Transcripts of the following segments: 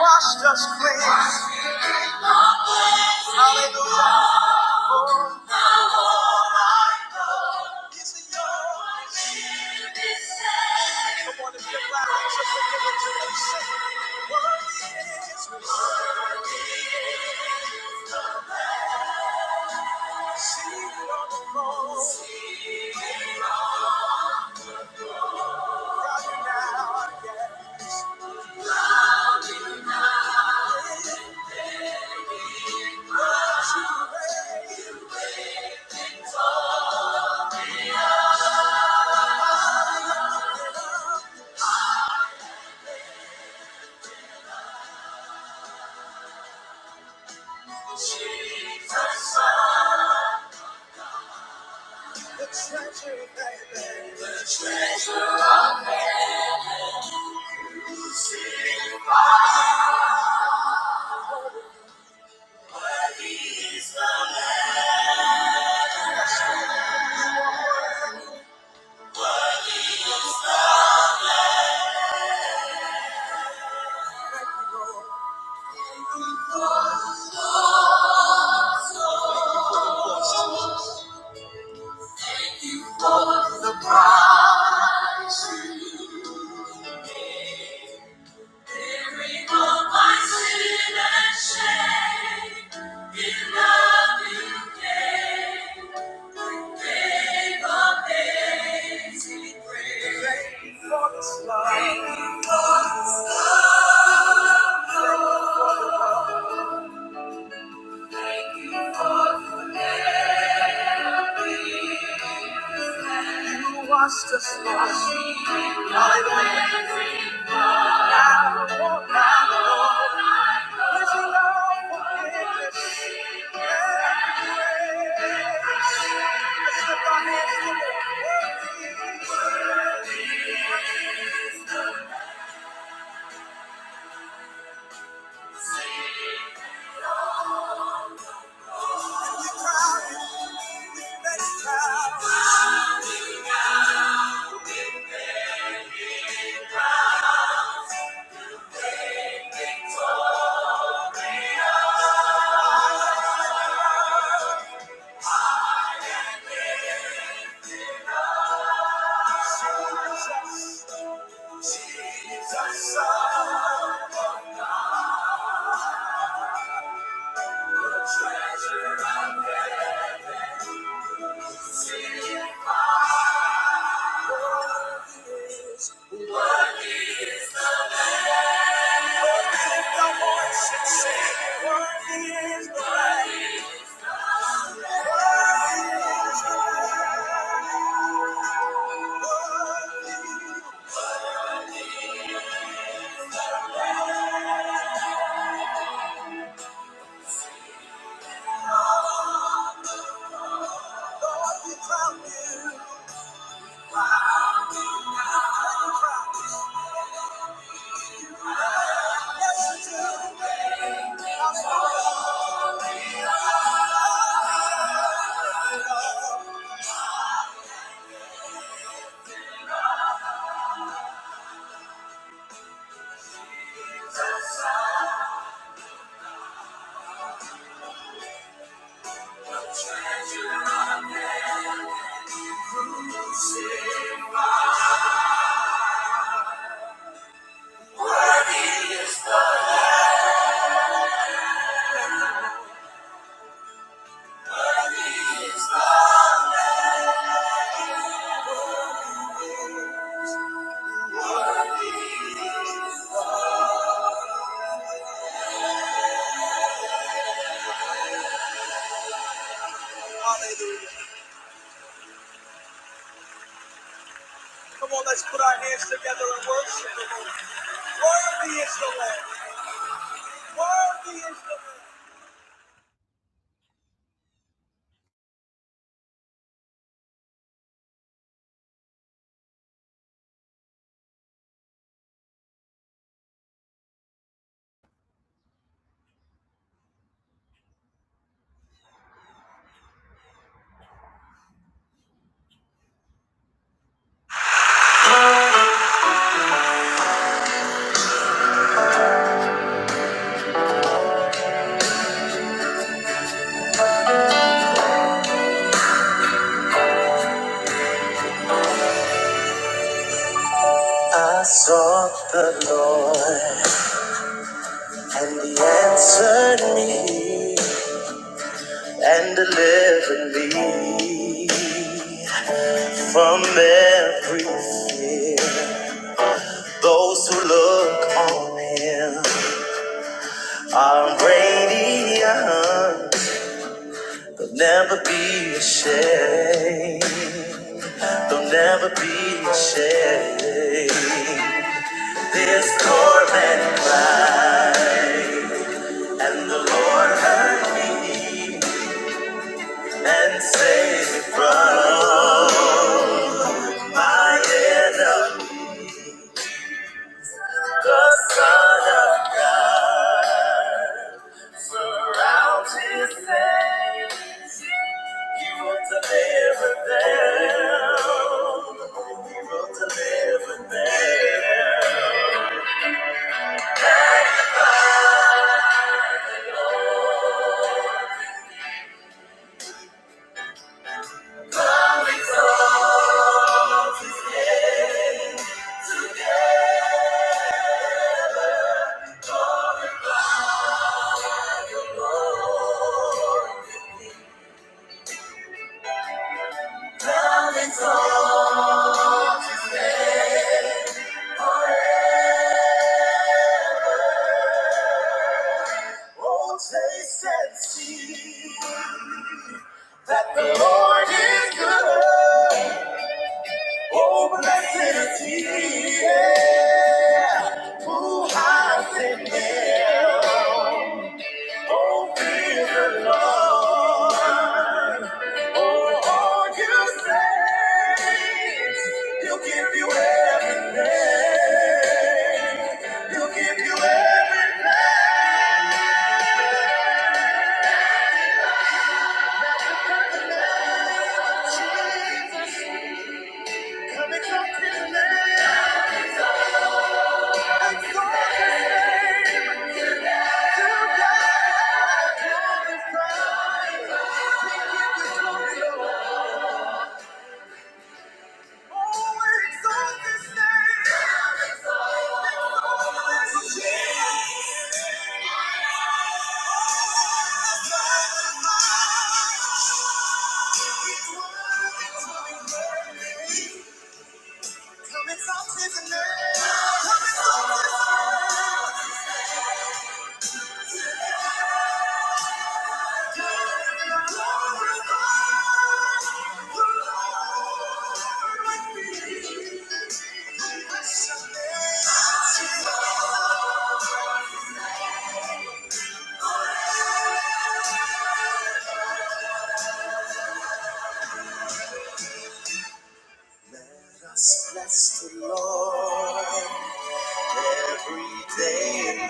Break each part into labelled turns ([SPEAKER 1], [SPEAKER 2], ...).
[SPEAKER 1] Washed us clean. Hallelujah. He's the Lord. Come on, if you're glad, raise your hands and say, Worthy is the Lord. Seated on the throne. Right now, yeah. Yes, you reign. The treasure of heaven. The treasure of heaven. You see my worthy is the Lord. Thank you for the price you paid. Bearing all my sin and shame. In love you gave. Washed us wash. Worthy is the Lamb. Worthy, worthy, Lord, we crown you. Hallelujah. Come on, let's put our hands together and worship the Lord. Worthy is the Lamb. Worthy is the Lamb. I sought the Lord, and He answered me and delivered me from every fear. Those who look on him are radiant. They'll never be ashamed. They'll never be ashamed. This poor man cried, and the Lord heard me and saved me from my enemy. The Son of God surrounds his saints. He wants to live with them. He wants to live with them. Oh, taste and see that the Lord is good. Oh, blessed is he. yeah, Who hides in him. Oh, fear the Lord. Oh, all you come in the name of Jesus, coming from his name. of Jesus. Let us bless the Lord every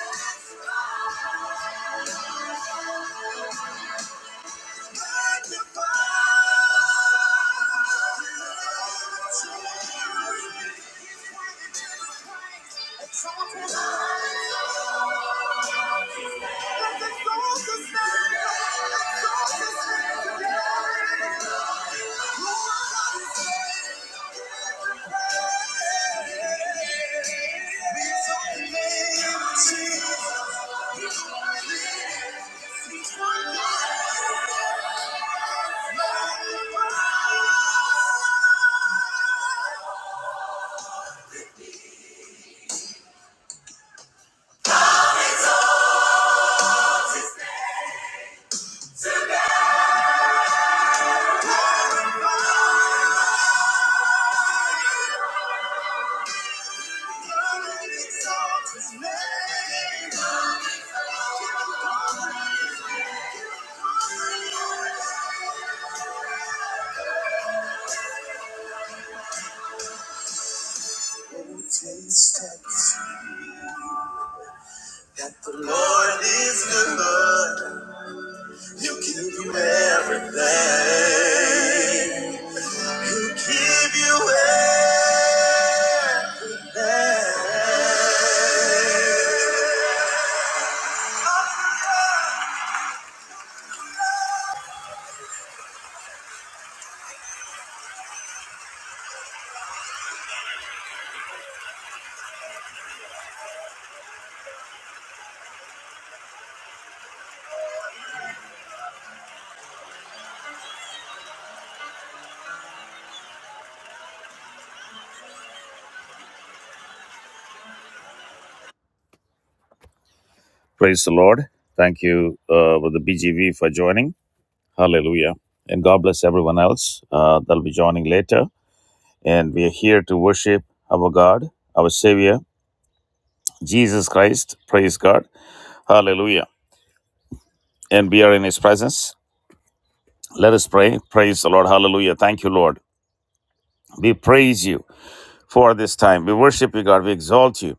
[SPEAKER 1] day. That the Lord is good. He'll give you everything. Who give you everything. Praise the Lord. Thank you, uh, Brother BGV, for joining. Hallelujah. And God bless everyone else uh, that'll be joining later. And we are here to worship our God, our Savior, Jesus Christ. Praise God. Hallelujah. And we are in His presence. Let us pray. Praise the Lord. Hallelujah. Thank you, Lord. We praise you for this time. We worship you, God. We exalt you.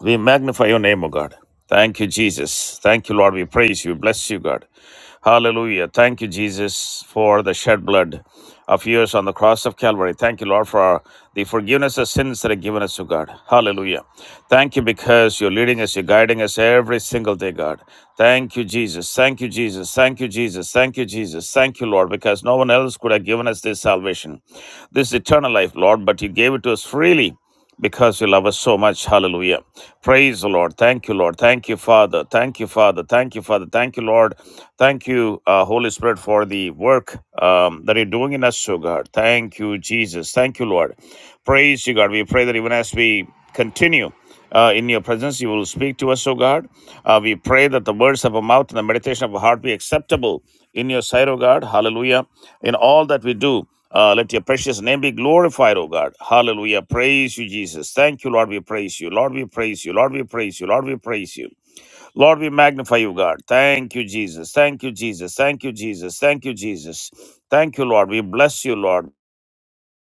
[SPEAKER 1] We magnify your name, O God. Thank you, Jesus. Thank you, Lord. We praise you. Bless you, God. Hallelujah. Thank you, Jesus, for the shed blood of yours on the cross of Calvary. Thank you, Lord, for the forgiveness of sins that are given us, O God. Hallelujah. Thank you because you're leading us, you're guiding us every single day, God. Thank you, Jesus. Thank you, Jesus. Thank you, Jesus. Thank you, Jesus. Thank you, Lord, because no one else could have given us this salvation, this eternal life, Lord, but you gave it to us freely because you love us so much. Hallelujah. Praise the Lord. Thank you, Lord. Thank you, Father. Thank you, Father. Thank you, Father. Thank you, Lord. Thank you, uh, Holy Spirit, for the work um, that you're doing in us, oh God. Thank you, Jesus. Thank you, Lord. Praise you, God. We pray that even as we continue. Uh, in your presence, you will speak to us, O God. Uh, we pray that the words of our mouth and the meditation of our heart be acceptable in your sight, O God. Hallelujah. In all that we do, uh, let your precious name be glorified, O God. Hallelujah. Praise you, Jesus. Thank you, Lord. We praise you. Lord, we praise you. Lord, we praise you. Lord, we praise you. Lord, we magnify you, God. Thank you, Jesus. Thank you, Jesus. Thank you, Jesus. Thank you, Jesus. Thank you, Lord. We bless you, Lord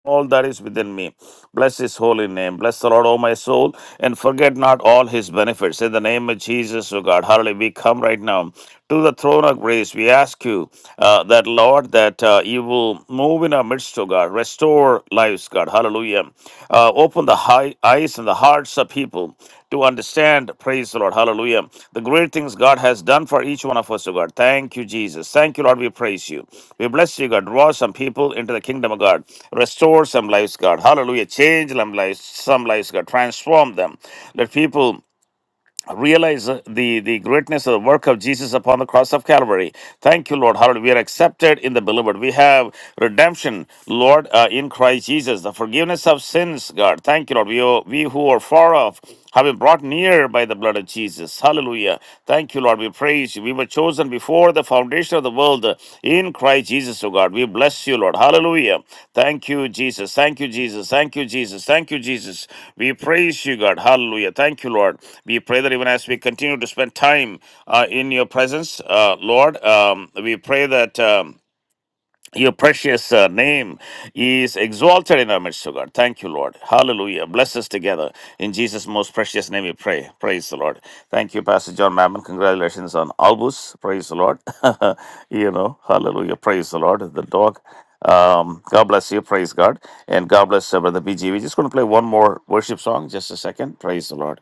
[SPEAKER 1] all that is within me. Bless his holy name. Bless the Lord, O my soul, and forget not all his benefits. In the name of Jesus, O God. Hallelujah. We come right now to the throne of grace. We ask you uh, that, Lord, that uh, you will move in our midst, O God. Restore lives, God. Hallelujah. Uh, open the heart high eyes and the hearts of people to understand. Praise the Lord. Hallelujah. The great things God has done for each one of us, oh God. Thank you, Jesus. Thank you, Lord. We praise you. We bless you, God. Draw some people into the kingdom of God. Restore some lives, God. Hallelujah. Change some lives, some lives, God. Transform them. Let people realize uh, the, the greatness of the work of Jesus upon the cross of Calvary. Thank you, Lord. Hallelujah. We are accepted in the beloved. We have redemption, Lord, uh, in Christ Jesus, the forgiveness of sins, God. Thank you, Lord. We, oh, we who are far off have been brought near by the blood of Jesus. Hallelujah. Thank you, Lord. We praise you. We were chosen before the foundation of the world in Christ Jesus, O God. We bless you, Lord. Hallelujah. Thank you, Jesus. Thank you, Jesus. Thank you, Jesus. Thank you, Jesus. We praise you, God. Hallelujah. Thank you, Lord. We pray that even as we continue to spend time uh, in your presence, uh, Lord, um, we pray that. Um, your precious uh, name is exalted in our midst, O God. Thank you, Lord. Hallelujah. Bless us together. In Jesus' most precious name we pray. Praise the Lord. Thank you, Pastor John Mammon. Congratulations on Albus. Praise the Lord. you know, hallelujah. Praise the Lord. The dog. Um, God bless you. Praise God. And God bless uh, Brother BG. We're just going to play one more worship song. Just a second. Praise the Lord.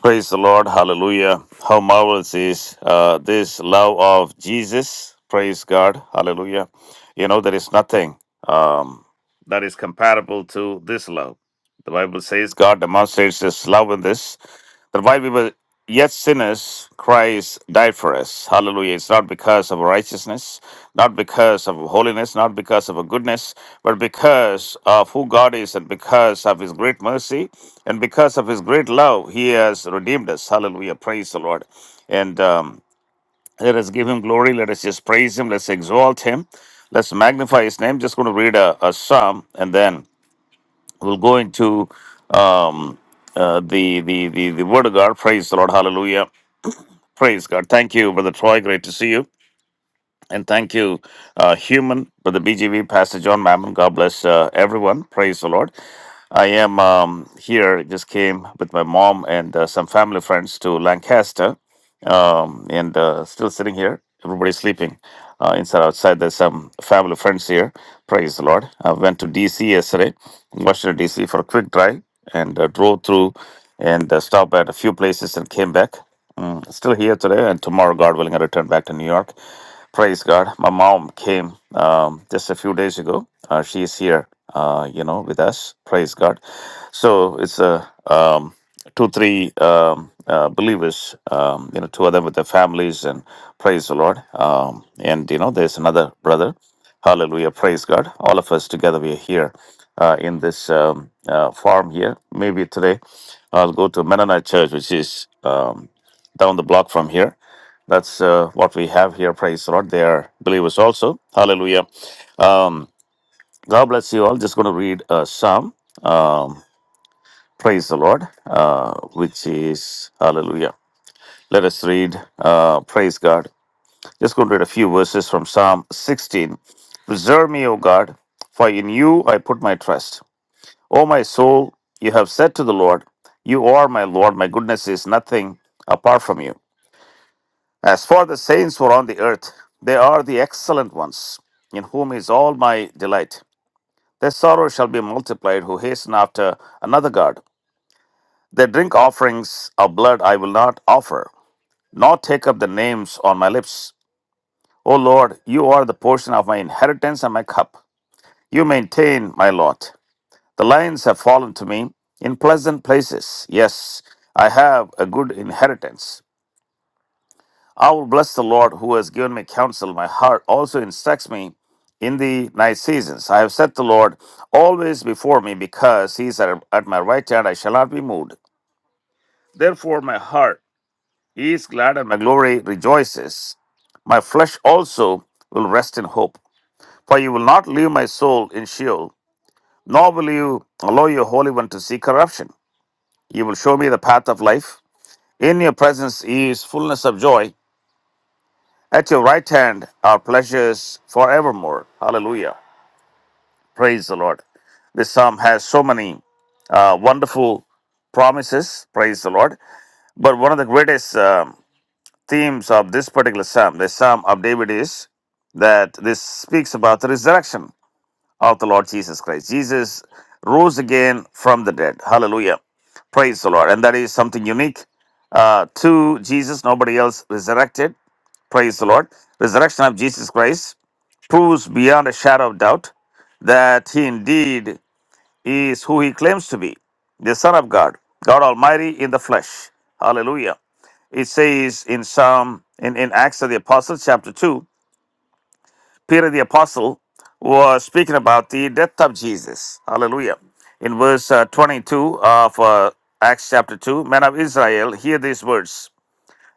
[SPEAKER 1] Praise the Lord. Hallelujah. How marvelous is uh, this love of Jesus. Praise God. Hallelujah. You know, there is nothing um, that is comparable to this love. The Bible says God demonstrates this love in this. That while we were Yet sinners, Christ died for us. Hallelujah. It's not because of righteousness, not because of holiness, not because of a goodness, but because of who God is and because of his great mercy and because of his great love, he has redeemed us. Hallelujah. Praise the Lord. And um, let us give him glory. Let us just praise him. Let's exalt him. Let's magnify his name. Just going to read a, a psalm and then we'll go into um, uh, the, the, the, the word of God. Praise the Lord. Hallelujah Praise God. Thank you, Brother Troy. Great to see you. And thank you, uh, human, Brother BGV, Pastor John Mammon. God bless uh, everyone. Praise the Lord. I am um, here, just came with my mom and uh, some family friends to Lancaster um, and uh, still sitting here. Everybody's sleeping uh, inside, outside. There's some family friends here. Praise the Lord. I went to DC yesterday, Washington, DC for a quick drive and uh, drove through and uh, stopped at a few places and came back. Mm, still here today, and tomorrow, God willing, I return back to New York. Praise God. My mom came um, just a few days ago. Uh, she is here, uh, you know, with us. Praise God. So it's a. Um, two, three um, uh, believers, um, you know, two of them with their families, and praise the Lord. Um, and, you know, there's another brother. Hallelujah. Praise God. All of us together, we are here uh, in this um, uh, farm here. Maybe today I'll go to Mennonite Church, which is um, down the block from here. That's uh, what we have here. Praise the Lord. They are believers also. Hallelujah. Um, God bless you all. Just going to read a psalm. Um, Praise the Lord, uh, which is hallelujah. Let us read, uh, praise God. Just going to read a few verses from Psalm 16. Preserve me, O God, for in you I put my trust. O my soul, you have said to the Lord, You are my Lord, my goodness is nothing apart from you. As for the saints who are on the earth, they are the excellent ones, in whom is all my delight. Their sorrow shall be multiplied who hasten after another God. They drink offerings of blood I will not offer, nor take up the names on my lips. O Lord, you are the portion of my inheritance and my cup. You maintain my lot. The lions have fallen to me in pleasant places. Yes, I have a good inheritance. I will bless the Lord who has given me counsel. My heart also instructs me in the night seasons. I have set the Lord always before me because he is at at my right hand. I shall not be moved. Therefore, my heart He is glad and my glory rejoices. My flesh also will rest in hope. For you will not leave my soul in Sheol, nor will you allow your Holy One to see corruption. You will show me the path of life. In your presence is fullness of joy. At your right hand are pleasures forevermore. Hallelujah. Praise the Lord. This psalm has so many uh, wonderful promises. Praise the Lord. But one of the greatest. um themes of this particular psalm, the Psalm of David, is that this speaks about the resurrection of the Lord Jesus Christ. Jesus rose again from the dead. Hallelujah. Praise the Lord. And that is something unique uh, to Jesus. Nobody else resurrected. Praise the Lord. Resurrection of Jesus Christ proves beyond a shadow of doubt that he indeed is who he claims to be the Son of God, God Almighty in the flesh. Hallelujah. It says in Psalm, in, in Acts of the Apostles, chapter 2, Peter the Apostle was speaking about the death of Jesus. Hallelujah. In verse uh, 22 of uh, Acts chapter 2, men of Israel, hear these words.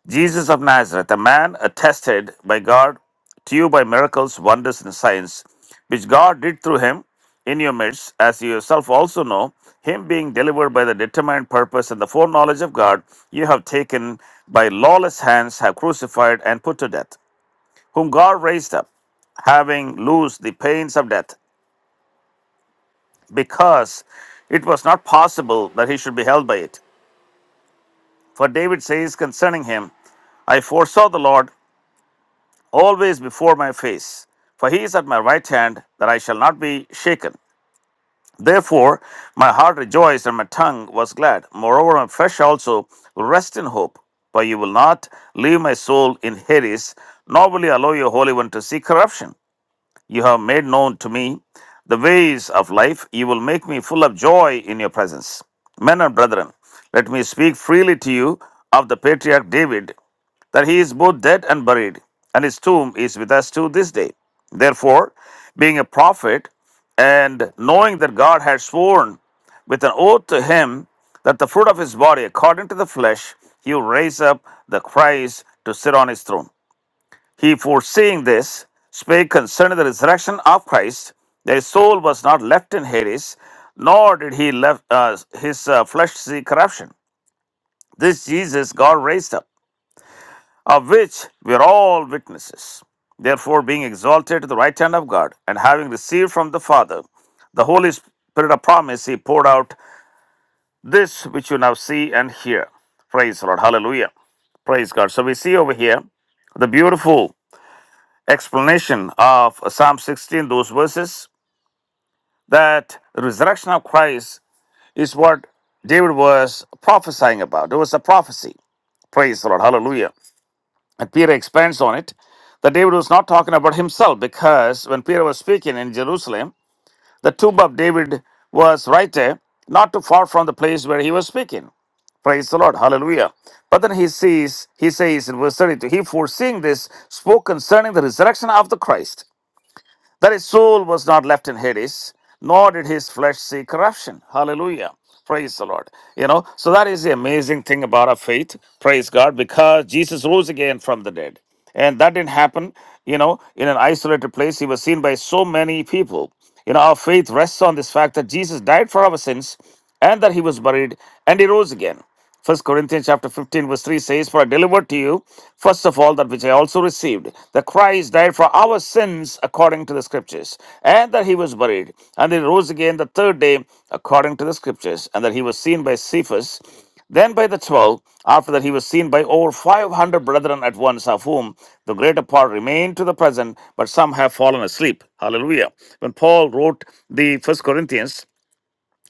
[SPEAKER 1] Jesus of Nazareth, a man attested by God to you by miracles, wonders, and signs, which God did through him in your midst, as you yourself also know, him being delivered by the determined purpose and the foreknowledge of God, you have taken by lawless hands, have crucified and put to death, whom God raised up, having loosed the pains of death, because it was not possible that he should be held by it. For David says concerning him, I foresaw the Lord always before my face. For he is at my right hand, that I shall not be shaken. Therefore, my heart rejoiced and my tongue was glad. Moreover, my flesh also will rest in hope. For you will not leave my soul in Hades, nor will you allow your Holy One to see corruption. You have made known to me the ways of life. You will make me full of joy in your presence. Men and brethren, let me speak freely to you of the patriarch David, that he is both dead and buried, and his tomb is with us to this day. Therefore, being a prophet, and knowing that God had sworn with an oath to him that the fruit of his body, according to the flesh, he would raise up the Christ to sit on his throne. He, foreseeing this, spake concerning the resurrection of Christ, that his soul was not left in Hades, nor did he left uh, his uh, flesh see corruption. This Jesus God raised up of which we are all witnesses. Therefore, being exalted to the right hand of God, and having received from the Father the Holy Spirit of promise, He poured out this which you now see and hear. Praise the Lord. Hallelujah. Praise God. So we see over here the beautiful explanation of Psalm 16, those verses, that the resurrection of Christ is what David was prophesying about. It was a prophecy. Praise the Lord. Hallelujah. And Peter expands on it that David was not talking about himself because when Peter was speaking in Jerusalem, the tomb of David was right there, not too far from the place where he was speaking. Praise the Lord. Hallelujah. But then he sees, he says in verse 32, he foreseeing this spoke concerning the resurrection of the Christ that his soul was not left in Hades, nor did his flesh see corruption. Hallelujah. Praise the Lord. You know, so that is the amazing thing about our faith. Praise God, because Jesus rose again from the dead. And that didn't happen, you know, in an isolated place. He was seen by so many people. You know, our faith rests on this fact that Jesus died for our sins and that he was buried and he rose again. First Corinthians chapter 15, verse 3 says, For I delivered to you, first of all, that which I also received, that Christ died for our sins according to the scriptures, and that he was buried, and he rose again the third day according to the scriptures, and that he was seen by Cephas, then by the twelve, after that he was seen by over five hundred brethren at once, of whom the greater part remain to the present, but some have fallen asleep. Hallelujah. When Paul wrote the first Corinthians,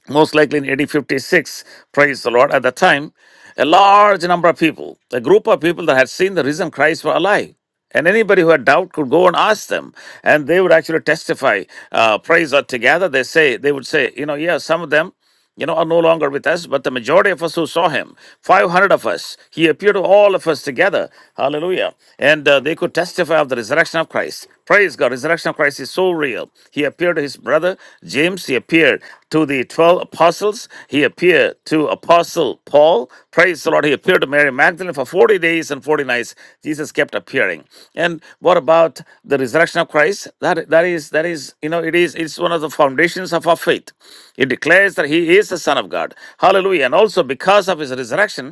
[SPEAKER 1] most likely in 1856, praise the Lord, at that time, a large number of people, a group of people that had seen the risen Christ were alive. And anybody who had doubt could go and ask them, and they would actually testify. Uh, praise God together. They say they would say, you know, yeah, some of them you know, are no longer with us, but the majority of us who saw him, 500 of us, he appeared to all of us together. Hallelujah. And uh, they could testify of the resurrection of Christ. Praise God. Resurrection of Christ is so real. He appeared to his brother James. He appeared to the 12 apostles. He appeared to Apostle Paul. Praise the Lord. He appeared to Mary Magdalene for 40 days and 40 nights. Jesus kept appearing. And what about the resurrection of Christ? Christ, that, that is that is you know it is it's one of the foundations of our faith. It declares that he is the Son of God. Hallelujah. And also because of his resurrection,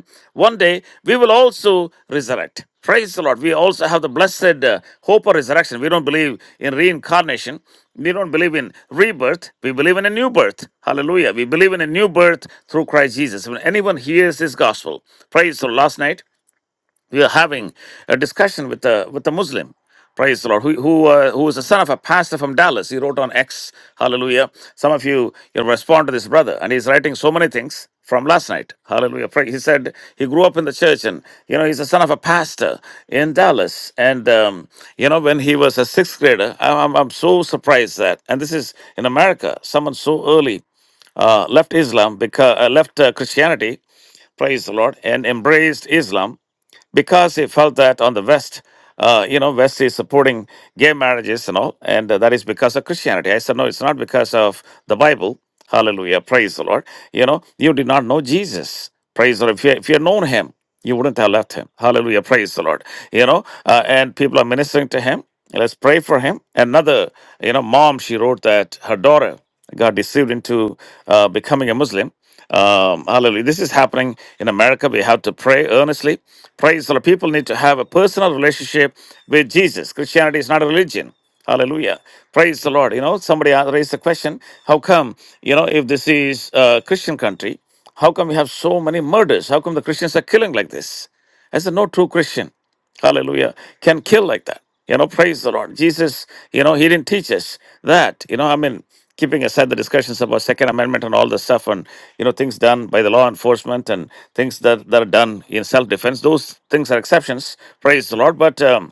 [SPEAKER 1] one day we will also resurrect. Praise the Lord. We also have the blessed uh, hope of resurrection. We don't believe in reincarnation. We don't believe in rebirth. We believe in a new birth. Hallelujah. We believe in a new birth through Christ Jesus. When anyone hears this gospel, praise the Lord. Last night, we are having a discussion with a with a Muslim, praise the Lord, who who, uh, who is the son of a pastor from Dallas. He wrote on X, Hallelujah. Some of you you know, respond to this brother, and he's writing so many things from last night. Hallelujah. Pray- He said he grew up in the church, and you know he's the son of a pastor in Dallas. And um, you know when he was a sixth grader, I'm, I'm I'm so surprised that, and this is in America, someone so early uh, left Islam because uh, left uh, Christianity, praise the Lord, and embraced Islam because he felt that on the West, uh, you know, West is supporting gay marriages and all, and uh, that is because of Christianity. I said, no, it's not because of the Bible. Hallelujah, praise the Lord. You know, you did not know Jesus. Praise the Lord. If you, if you had known him, you wouldn't have left him. Hallelujah, praise the Lord. You know, uh, and people are ministering to him. Let's pray for him. Another, you know, mom, she wrote that her daughter got deceived into uh, becoming a Muslim um, hallelujah. This is happening in America. We have to pray earnestly. Praise the Lord. People need to have a personal relationship with Jesus. Christianity is not a religion. Hallelujah. Praise the Lord. You know, somebody a- raised the question how come, you know, if this is a Christian country, how come we have so many murders? How come the Christians are killing like this? I said, no true Christian. Hallelujah. Can kill like that. You know, praise the Lord. Jesus, you know, he didn't teach us that. You know, I mean, keeping aside the discussions about Second Amendment and all the stuff and, you know, things done by the law enforcement and things that, that are done in self defense, those things are exceptions. Praise the Lord. But, um,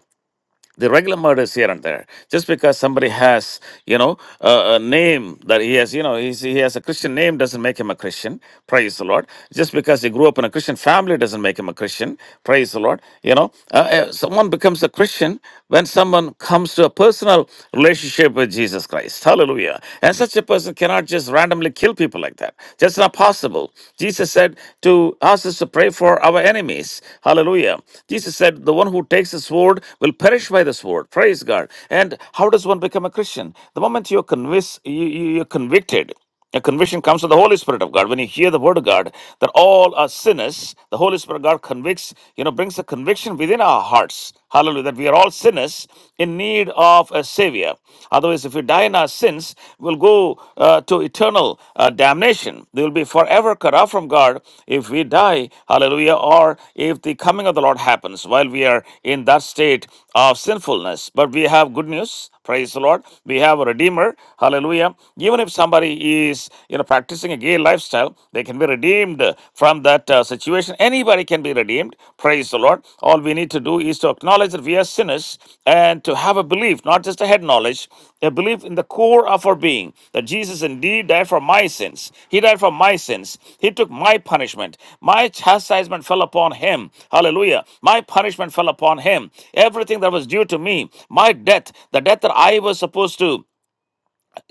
[SPEAKER 1] the regular murders here and there. Just because somebody has, you know, a, a name that he has, you know, he's, he has a Christian name doesn't make him a Christian. Praise the Lord. Just because he grew up in a Christian family doesn't make him a Christian. Praise the Lord. You know, uh, uh, someone becomes a Christian when someone comes to a personal relationship with Jesus Christ. Hallelujah. And such a person cannot just randomly kill people like that. Just not possible. Jesus said to ask us is to pray for our enemies. Hallelujah. Jesus said, The one who takes a sword will perish by the sword. Praise God. And how does one become a Christian? The moment you're convinced, you, you- you're convicted. A conviction comes from the Holy Spirit of God. When you hear the word of God, that all are sinners, the Holy Spirit of God convicts, you know, brings a conviction within our hearts. Hallelujah. That we are all sinners in need of of a savior. Otherwise, if we die in our sins, we'll go uh, to eternal uh, damnation. We will be forever cut off from God if we die, hallelujah, or if the coming of the Lord happens while we are in that state of sinfulness. But we have good news. Praise the Lord. We have a Redeemer. Hallelujah. Even if somebody is, you know, practicing a gay lifestyle, they can be redeemed from that uh, situation. Anybody can be redeemed. Praise the Lord. All we need to do is to acknowledge that we are sinners and to have a belief, not just a head knowledge, a belief in the core of our being that Jesus indeed died for my sins. He died for my sins. He took my punishment. My chastisement fell upon him. Hallelujah. My punishment fell upon him. Everything that was due to me, my death, the death that I was supposed to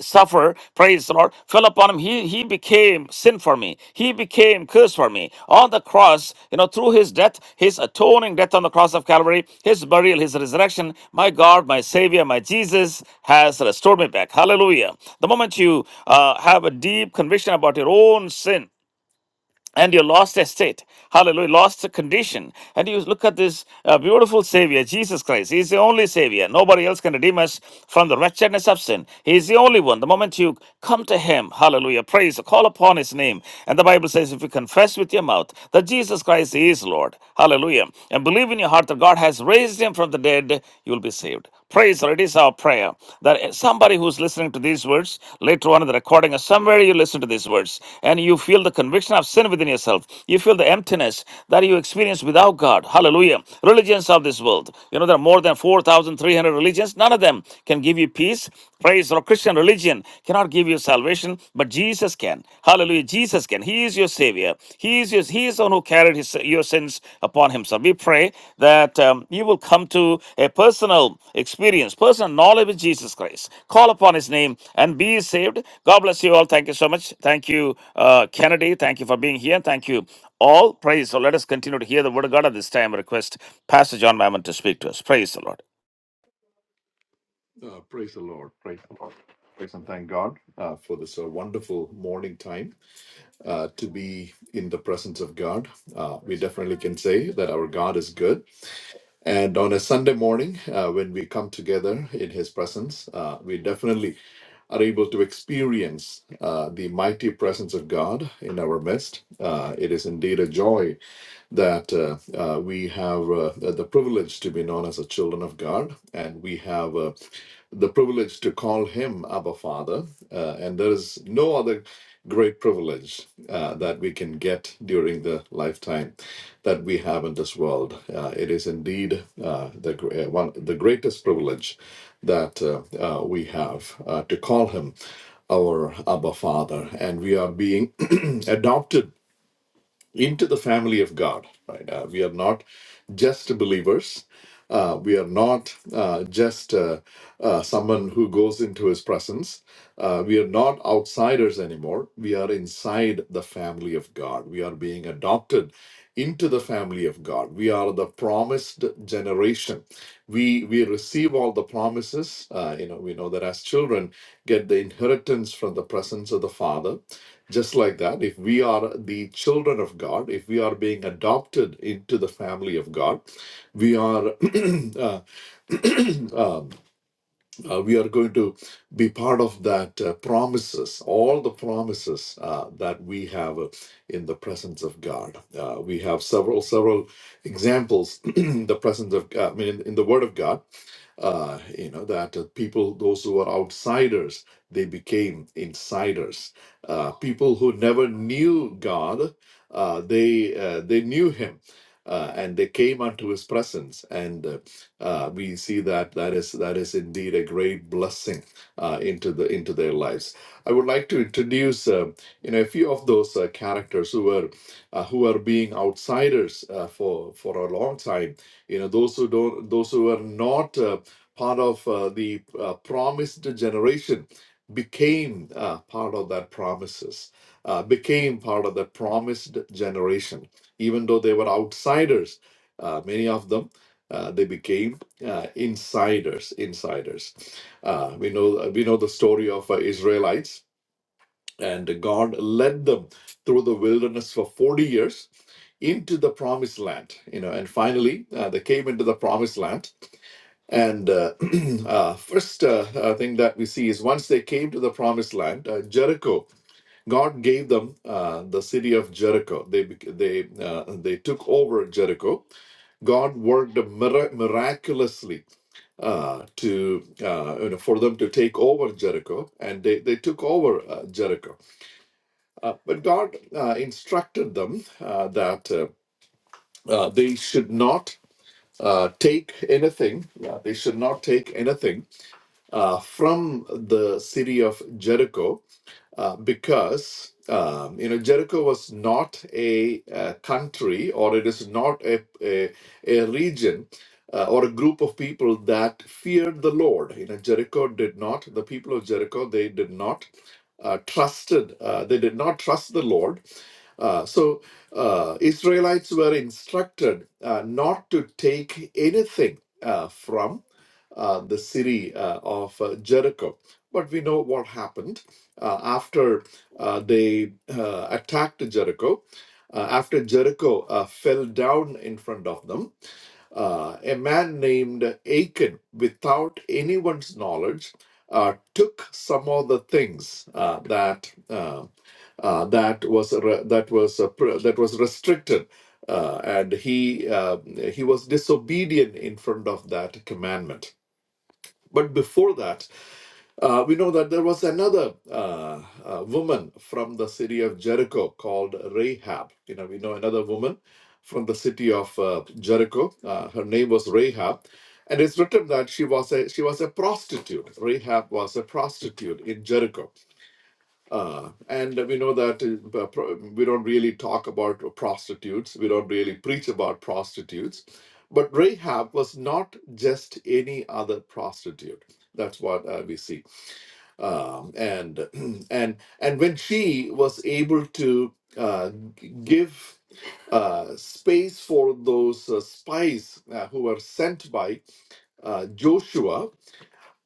[SPEAKER 1] suffer, praise the Lord, fell upon him. He he became sin for me. He became curse for me. On the cross, you know, through his death, his atoning death on the cross of Calvary, his burial, his resurrection, my God, my Savior, my Jesus has restored me back. Hallelujah. The moment you uh, have a deep conviction about your own sin, and your lost estate. Hallelujah, lost condition. And you look at this uh, beautiful Savior, Jesus Christ. He's the only Savior. Nobody else can redeem us from the wretchedness of sin. He's the only one. The moment you come to Him, hallelujah, praise, call upon His name. And the Bible says, if you confess with your mouth that Jesus Christ is Lord, hallelujah, and believe in your heart that God has raised Him from the dead, you'll you will be saved. Praise the Lord. It is our prayer that somebody who's listening to these words later on in the recording or somewhere you listen to these words and you feel the conviction of sin within yourself. You feel the emptiness that you experience without God. Hallelujah. Religions of this world. You know, there are more than 4,300 religions. None of them can give you peace. Praise or Christian religion cannot give you salvation, but Jesus can. Hallelujah. Jesus can. He is your Savior. He is your, He is the one who carried his, your sins upon Himself. We pray that um, you will come to a personal experience, personal knowledge with Jesus Christ. Call upon His name and be saved. God bless you all. Thank you so much. Thank you, uh, Kennedy. Thank you for being here. Thank you all. Praise. So let us continue to hear the word of God at this time. I request Pastor John Mammon to speak to us. Praise the Lord.
[SPEAKER 2] Uh, praise the Lord. Praise the Lord. Praise and thank God uh, for this uh, wonderful morning time uh, to be in the presence of God. Uh, we definitely can say that our God is good. And on a Sunday morning, uh, when we come together in His presence, uh, we definitely are able to experience uh, the mighty presence of God in our midst. Uh, it is indeed a joy that uh, uh, we have uh, the the privilege to be known as the children of God, and we have uh, the privilege to call Him Abba Father. Uh, and there is no other great privilege uh, that we can get during the lifetime that we have in this world. Uh, it is indeed uh, the gr- uh, one the greatest privilege that uh, uh, we have uh, to call him our Abba Father, and we are being adopted into the family of God. Right? Uh, we are not just believers. Uh, we are not uh, just uh, uh, someone who goes into His presence. Uh, we are not outsiders anymore. We are inside the family of God. We are being adopted into the family of God. We are the promised generation. We we receive all the promises. Uh, you know, we know that as children, get the inheritance from the presence of the Father just like that, if we are the children of God, if we are being adopted into the family of God, we are uh, um, uh, we are going to be part of that uh, promises, all the promises uh, that we have uh, in the presence of God. Uh, we have several several examples in the presence of God, I mean, in, in the Word of God uh, you know that uh, people those who were outsiders they became insiders uh, people who never knew god uh, they uh, they knew him uh, and they came unto his presence and uh, uh, we see that that is that is indeed a great blessing uh, into the into their lives i would like to introduce uh, you know a few of those uh, characters who were uh, who are being outsiders uh, for for a long time you know those who don't those who are not Uh, part of uh, the uh, promised generation became uh, part of that promises uh, became part of the promised generation even though they were outsiders uh, many of them uh, they became uh, insiders insiders uh, we know we know the story of uh, israelites and god led them through the wilderness for 40 years into the promised land you know and finally uh, they came into the promised land and uh, uh, first uh, uh, thing that we see is once they came to the promised land, uh, Jericho, God gave them uh, the city of Jericho. They bec- they uh, they took over Jericho. God worked mir- miraculously uh, to uh, you know, for them to take over Jericho, and they they took over uh, Jericho. Uh, but God uh, instructed them uh, that uh, uh, they should not uh, take anything. Uh, they should not take anything uh, from the city of Jericho uh, because um, you know Jericho was not a, uh country or it is not a a, a region uh, or a group of people that feared the Lord. You know Jericho did not. The people of Jericho they did not uh, trusted. Uh, they did not trust the Lord. Uh, so uh, Israelites were instructed uh, not to take anything uh, from uh, the city uh, of uh, Jericho. But we know what happened uh, after uh, they uh, attacked Jericho, uh, after Jericho uh, fell down in front of them, uh, a man named Achan, without anyone's knowledge, uh, took some of the things uh, that uh, uh, that was re- that was uh, pr- that was restricted, uh, and he uh, he was disobedient in front of that commandment. But before that, uh, we know that there was another uh, uh, woman from the city of Jericho called Rahab. You know, we know another woman from the city of uh, Jericho. Uh, her name was Rahab, and it's written that she was a she was a prostitute. Rahab was a prostitute in Jericho, uh, and we know that uh, uh, pro- we don't really talk about prostitutes. We don't really preach about prostitutes, but Rahab was not just any other prostitute. That's what uh, we see um, and and and when she was able to uh, g- give uh, space for those uh, spies uh, who were sent by uh, Joshua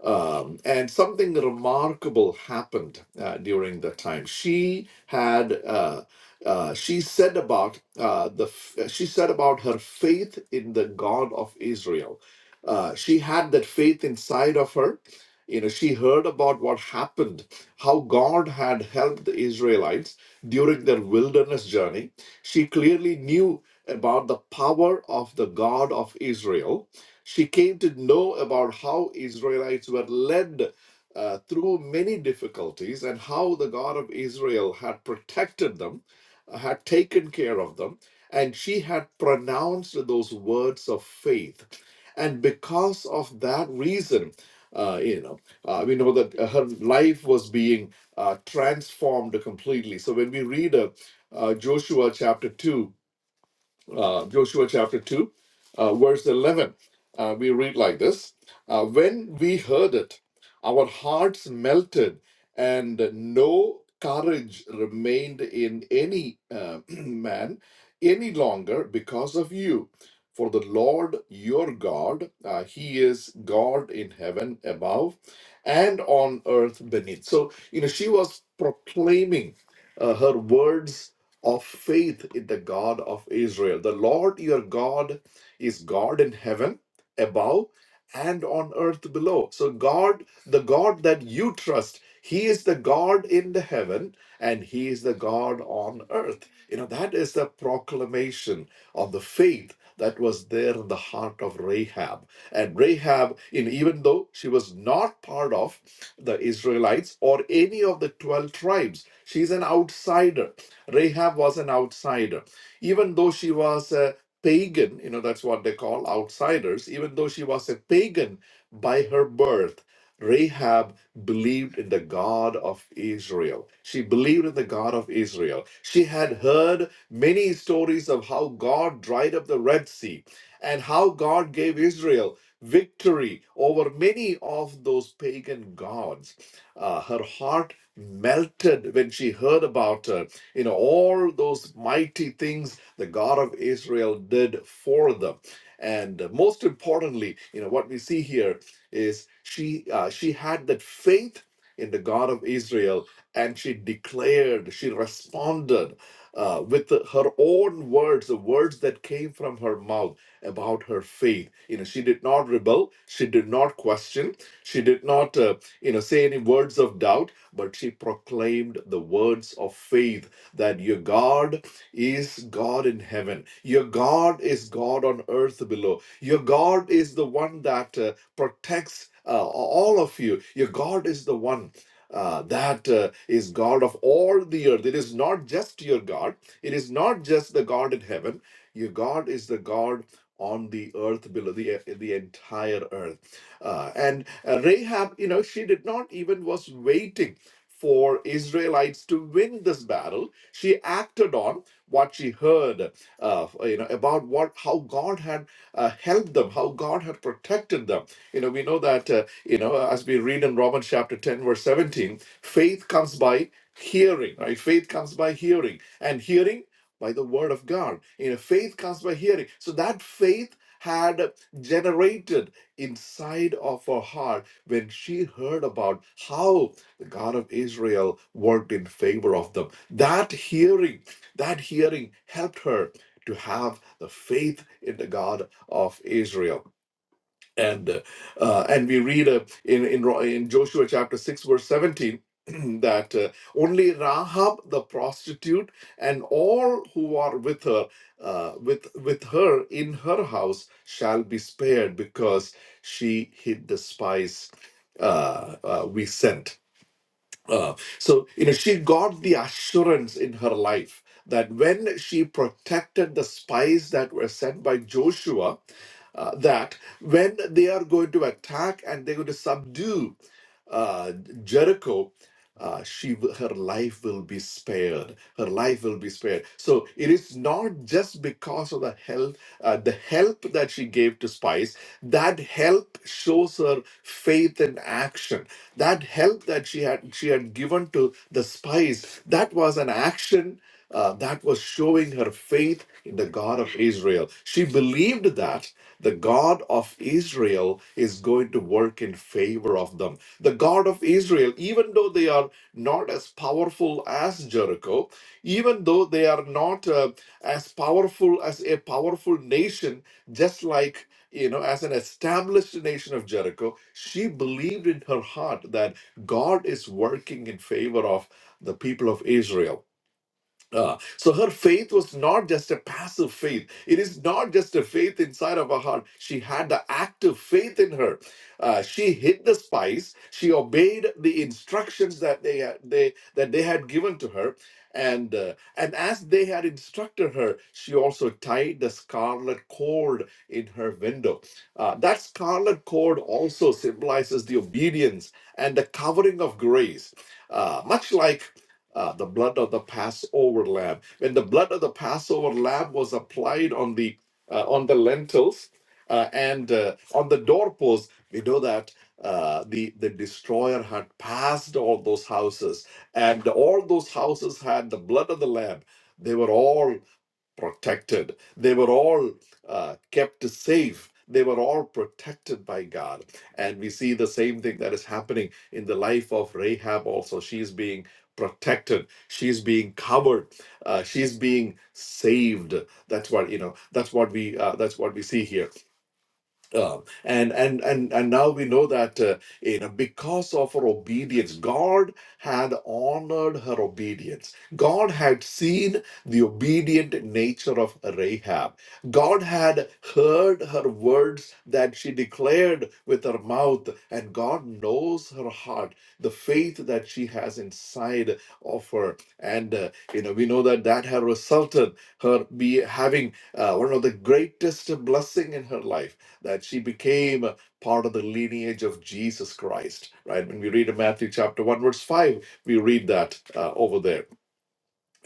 [SPEAKER 2] um, and something remarkable happened uh, during that time. She had uh, uh, she said about uh, the f- uh, she said about her faith in the God of Israel. Uh, she had that faith inside of her. You know, she heard about what happened, how God had helped the Israelites during their wilderness journey. She clearly knew about the power of the God of Israel she came to know about how Israelites were led uh, through many difficulties and how the God of Israel had protected them, uh, had taken care of them, and she had pronounced those words of faith. And because of that reason, uh, you know, uh, we know that uh, her life was being uh, transformed completely. So when we read uh, uh, Joshua chapter 2, uh, Joshua chapter 2, uh, verse 11. Uh, we read like this uh, When we heard it, our hearts melted, and no courage remained in any uh, man any longer because of you. For the Lord your God, uh, He is God in heaven above and on earth beneath. So, you know, she was proclaiming uh, her words of faith in the God of Israel. The Lord your God is God in heaven above and on earth below. So, God, the God that you trust, He is the God in the heaven and He is the God on earth. You know, that is the proclamation of the faith that was there in the heart of Rahab. And Rahab, in, even though she was not part of the Israelites or any of the 12 tribes, she's an outsider Rahab was an outsider. Even though she was a pagan, you know, that's what they call outsiders, even though she was a pagan by her birth, Rahab believed in the God of Israel. She believed in the God of Israel. She had heard many stories of how God dried up the Red Sea and how God gave Israel victory over many of those pagan gods. Uh, her heart melted when she heard about it you know, all those mighty things the God of Israel did for them. And most importantly, you know, what we see here is she uh, she had that faith in the God of Israel, and she declared, she responded uh, with her own words, the words that came from her mouth about her faith. You know, she did not rebel, she did not question, she did not, uh, you know, say any words of doubt, but she proclaimed the words of faith that your God is God in heaven. Your God is God on earth below. Your God is the one that uh, protects uh, all of you. Your God is the one. Uh, that uh, is God of all the earth. It is not just your God. It is not just the God in heaven. Your God is the God on the earth below, the, uh, the entire earth. Uh, and uh, Rahab, you know, she did not even was waiting for Israelites to win this battle she acted on what she heard, uh, you know, about what how God had uh, helped them, how God had protected them. You know, we know that uh, you know as we read in Romans chapter ten verse seventeen, faith comes by hearing, right? Faith comes by hearing, and hearing by the word of God. You know, faith comes by hearing. So that faith had generated inside of her heart when she heard about how the God of Israel worked in favor of them that hearing, that hearing helped her to have the faith in the God of Israel. And uh, uh, and we read uh, in, in Ro- in Joshua chapter six verse seventeen that uh, only Rahab the prostitute and all who are with her uh, with with her in her house shall be spared because she hid the spies uh, uh, we sent uh, so, you know, she got the assurance in her life that when she protected the spies that were sent by Joshua, uh, that when they are going to attack and they're going to subdue uh, Jericho, uh, she w- her life will be spared her life will be spared so it is not just because of the help uh, the help that she gave to spies that help shows her faith in action that help that she had she had given to the spies that was an action uh, that was showing her faith in the God of Israel. She believed that the God of Israel is going to work in favor of them the God of Israel, even though they are not as powerful as Jericho, even though they are not uh, as powerful as a powerful nation, just like you know, as an established nation of Jericho, she believed in her heart that God is working in favor of the people of Israel uh, so her faith was not just a passive faith. It is not just a faith inside of her heart. She had the active faith in her. Uh, she hid the spice. She obeyed the instructions that they had, they that they had given to her, and uh, and as they had instructed her, she also tied the scarlet cord in her window. Uh, that scarlet cord also symbolizes the obedience and the covering of grace, uh, much like uh, the blood of the Passover lamb. When the blood of the Passover lamb was applied on the uh, on the lentils uh, and uh, on the doorpost, we know that uh, the the destroyer had passed all those houses, and all those houses had the blood of the lamb. They were all protected. They were all uh, kept safe. They were all protected by God. And we see the same thing that is happening in the life of Rahab also. She's being protected. She's being covered. Uh, she's being saved. That's what you know. That's what we. Uh, that's what we see here um, and and and and now we know that uh, you know because of her obedience god had honored her obedience god had seen the obedient nature of rahab god had heard her words that she declared with her mouth and god knows her heart the faith that she has inside of her and uh, you know we know that that had resulted her be having uh, one of the greatest blessing in her life that she became a part of the lineage of Jesus Christ, right? When we read in Matthew chapter 1, verse 5, we read that uh, over there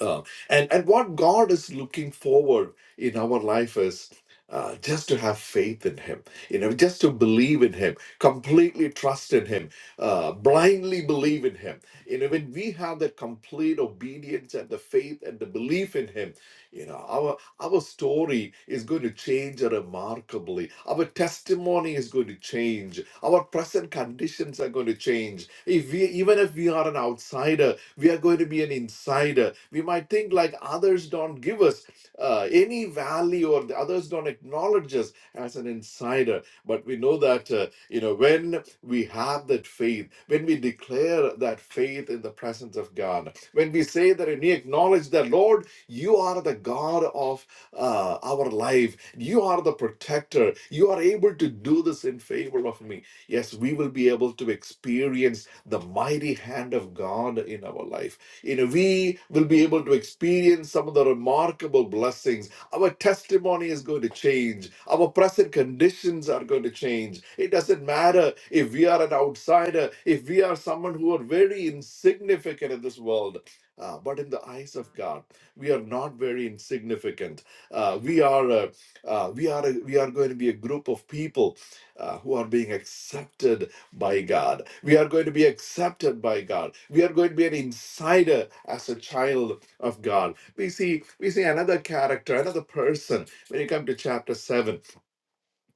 [SPEAKER 2] uh, and and what God is looking forward in our life is uh, just to have faith in Him, you know, just to believe in Him, completely trust in Him, uh, blindly believe in Him. You know, when we have that complete obedience and the faith and the belief in Him, you know, our our story is going to change remarkably. Our testimony is going to change. Our present conditions are going to change. If we even if we are an outsider we are going to be an insider. We might think like others don't give us uh, any value or the others don't acknowledge us as an insider. But we know that, uh, you know, when we have that faith, when we declare that faith in the presence of God, when we say that and we acknowledge that, Lord, you are the God of uh, our life, you are the protector, you are able to do this in favor of me Yes, we will be able to experience the mighty hand of God in our life. You know, we will be able to experience some of the remarkable blessings. Our testimony is going to change. Our present conditions are going to change. It doesn't matter if we are an outsider, if we are someone who are very insignificant in this world. Uh, but in the eyes of God, we are not very insignificant. Uh, we are a, uh, we are a, we are going to be a group of people uh, who are being accepted by God. We are going to be accepted by God. We are going to be an insider as a child of God. We see we see another character, another person when you come to chapter 7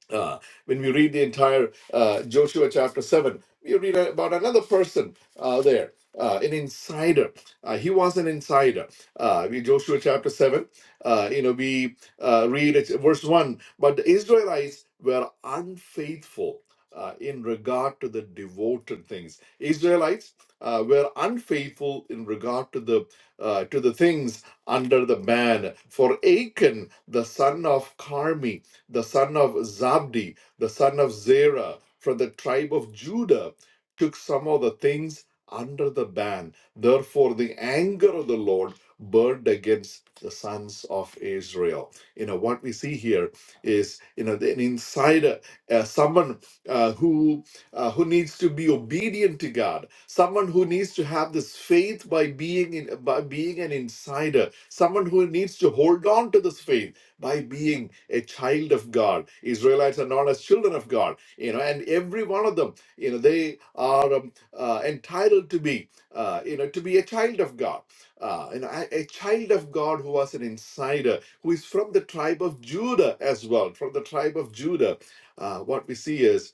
[SPEAKER 2] uh, when we read the entire uh, Joshua chapter 7, we read about another person uh, there, uh, an insider. Uh, he was an insider. Uh, we, Joshua chapter 7, uh, you know, we uh, read it, verse 1 But the Israelites were unfaithful. Uh, in regard to the devoted things, Israelites uh, were unfaithful in regard to the uh, to the things under the ban. For Achan, the son of Carmi, the son of Zabdi, the son of Zerah, from the tribe of Judah, took some of the things under the ban. Therefore, the anger of the Lord burned against the sons of Israel. You know, what we see here is, you know, an insider, uh, someone uh, who uh, who needs to be obedient to God, someone who needs to have this faith by being in, by being an insider, someone who needs to hold on to this faith by being a child of God. Israelites are known as children of God, you know, and every one of them, you know, they are um, uh, entitled to be, uh, you know, to be a child of God. Uh, and I, a child of God who was an insider, who is from the tribe of Judah as well, from the tribe of Judah. Uh, what we see is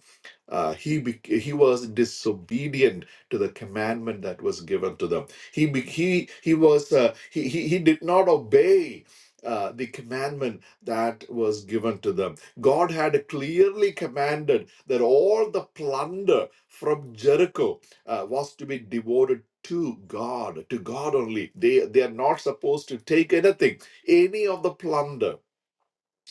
[SPEAKER 2] uh, he bec he was disobedient to the commandment that was given to them. He be- he he was uh, he, he he did not obey uh, the commandment that was given to them. God had clearly commanded that all the plunder from Jericho uh, was to be devoted to God, to God only. They, they are not supposed to take anything, any of the plunder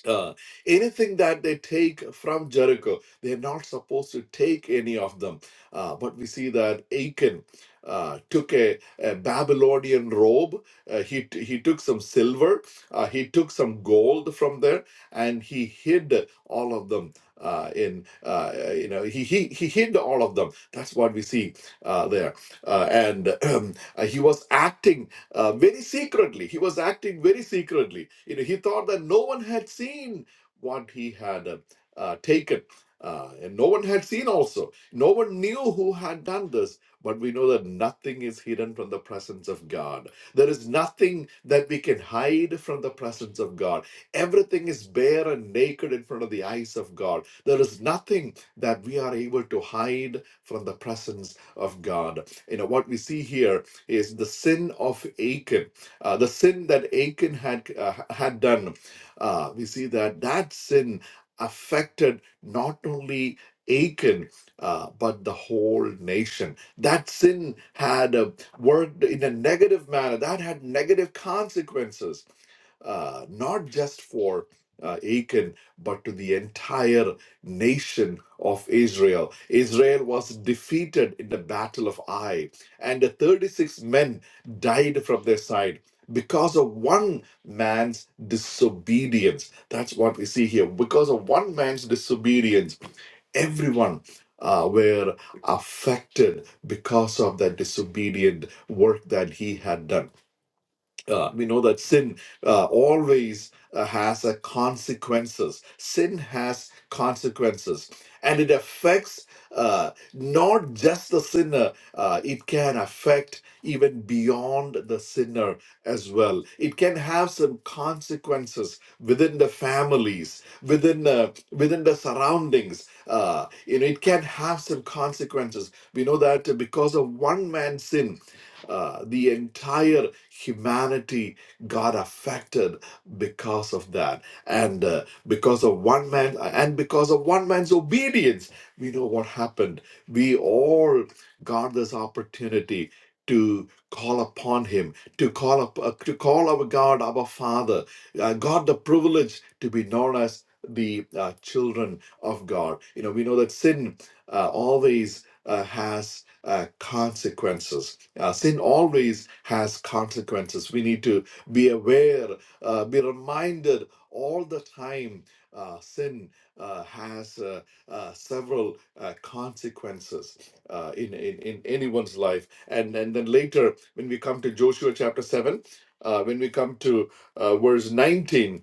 [SPEAKER 2] uh, anything that they take from Jericho, they're not supposed to take any of them. Uh, but we see that Achan uh, took a, a Babylonian robe. Uh, he he took some silver. Uh, he took some gold from there, and he hid all of them. Uh, in uh, you know he, he he hid all of them. That's what we see uh, there, uh, and uh, he was acting uh, very secretly. He was acting very secretly. You know, he thought that no one had seen what he had uh, uh, taken, uh, and no one had seen also. No one knew who had done this. But we know that nothing is hidden from the presence of God. There is nothing that we can hide from the presence of God. Everything is bare and naked in front of the eyes of God. There is nothing that we are able to hide from the presence of God. You know, what we see here is the sin of Achan, uh, the sin that Achan had uh, had done. Uh, we see that that sin affected not only Achan uh, but the whole nation. That sin had uh, worked in a negative manner. That had negative consequences, uh, not just for uh, Achan, but to the entire nation of Israel. Israel was defeated in the battle of Ai and the 36 men died from their side because of one man's disobedience. That's what we see here. Because of one man's disobedience, everyone uh, were affected because of that disobedient work that he had done uh, we know that sin uh, always uh, has a consequences sin has consequences and it affects uh, not just the sinner uh, it can affect even beyond the sinner as well it can have some consequences within the families within uh, within the surroundings uh, you know it can have some consequences we know that because of one man's sin uh, the entire humanity got affected because of that, and uh, because of one man, uh, and because of one man's obedience, we know what happened. We all got this opportunity to call upon Him, to call up, uh, to call our God, our Father. Uh, got the privilege to be known as the uh, children of God. You know, we know that sin uh, always. Uh, has uh, consequences. Uh, sin always has consequences. We need to be aware, uh, be reminded all the time. Uh, sin uh, has uh, uh, several uh, consequences uh, in, in in anyone's life, and and then later when we come to Joshua chapter seven, uh, when we come to uh, verse nineteen,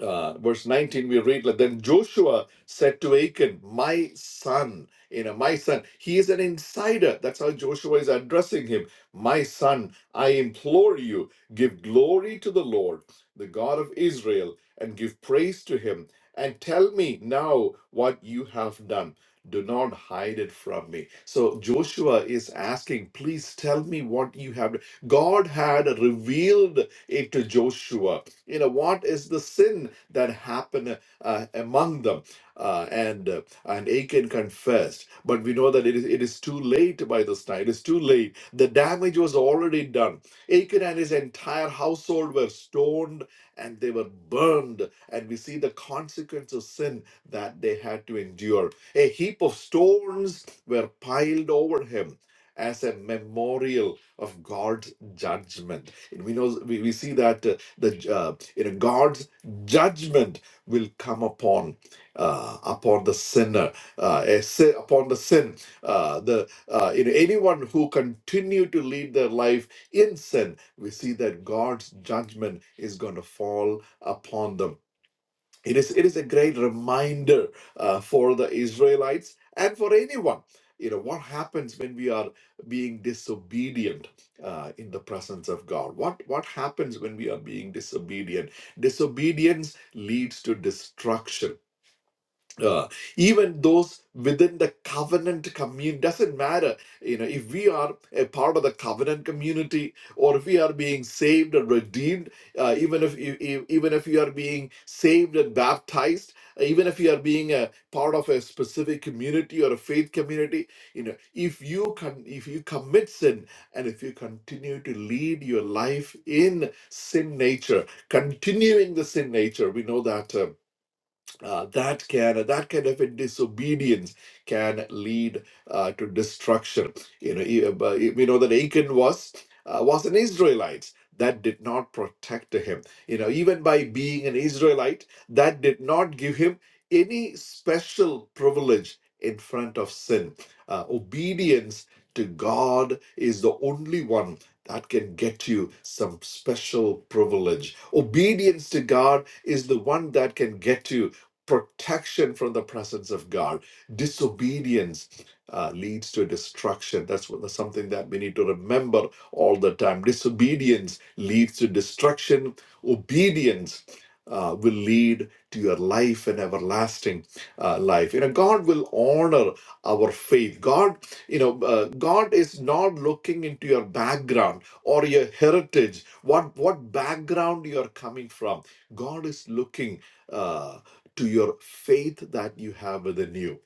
[SPEAKER 2] uh, verse 19 we read like then joshua said to achan my son you know my son he is an insider that's how joshua is addressing him my son i implore you give glory to the lord the god of israel and give praise to him and tell me now what you have done do not hide it from me so joshua is asking please tell me what you have done. god had revealed it to joshua you know what is the sin that happened uh, among them. Uh, and uh, and Achan confessed, but we know that it is it is too late by this time. It is too late. The damage was already done. Achan and his entire household were stoned and they were burned. And we see the consequence of sin that they had to endure. A heap of stones were piled over him as a memorial of God's judgment. And we know we, we see that uh, the uh, you know God's judgment will come upon uh, upon the sinner uh, a sin, upon the sin uh, the uh, you know, anyone who continue to lead their life in sin we see that god's judgment is going to fall upon them it is, it is a great reminder uh, for the Israelites and for anyone. You know, what happens when we are being disobedient uh, in the presence of God? What, what happens when we are being disobedient? Disobedience leads to destruction uh, even those within the covenant community doesn't matter you know if we are a part of the covenant community or if we are being saved and redeemed uh, even if you you- even if you are being saved and baptized uh, even if you are being a part of a specific community or a faith community you know if you can if you commit sin and if you continue to lead your life in sin nature continuing the sin nature we know that um, uh, that can that kind of a disobedience can lead uh, to destruction. You know, e- uh, but we know that Achan was uh, was an Israelite that did not protect him. You know, even by being an Israelite, that did not give him any special privilege in front of sin. Uh, obedience to God is the only one that can get you some special privilege. Obedience to God is the one that can get you protection from the presence of God. Disobedience uh, leads to destruction. That's, what, that's something that we need to remember all the time. Disobedience leads to destruction. Obedience uh, will lead to your life and everlasting uh, life. You know, God will honor our faith. God, you know, uh, God is not looking into your background or your heritage. What what background you are coming from? God is looking. Uh, to your faith that you have within you.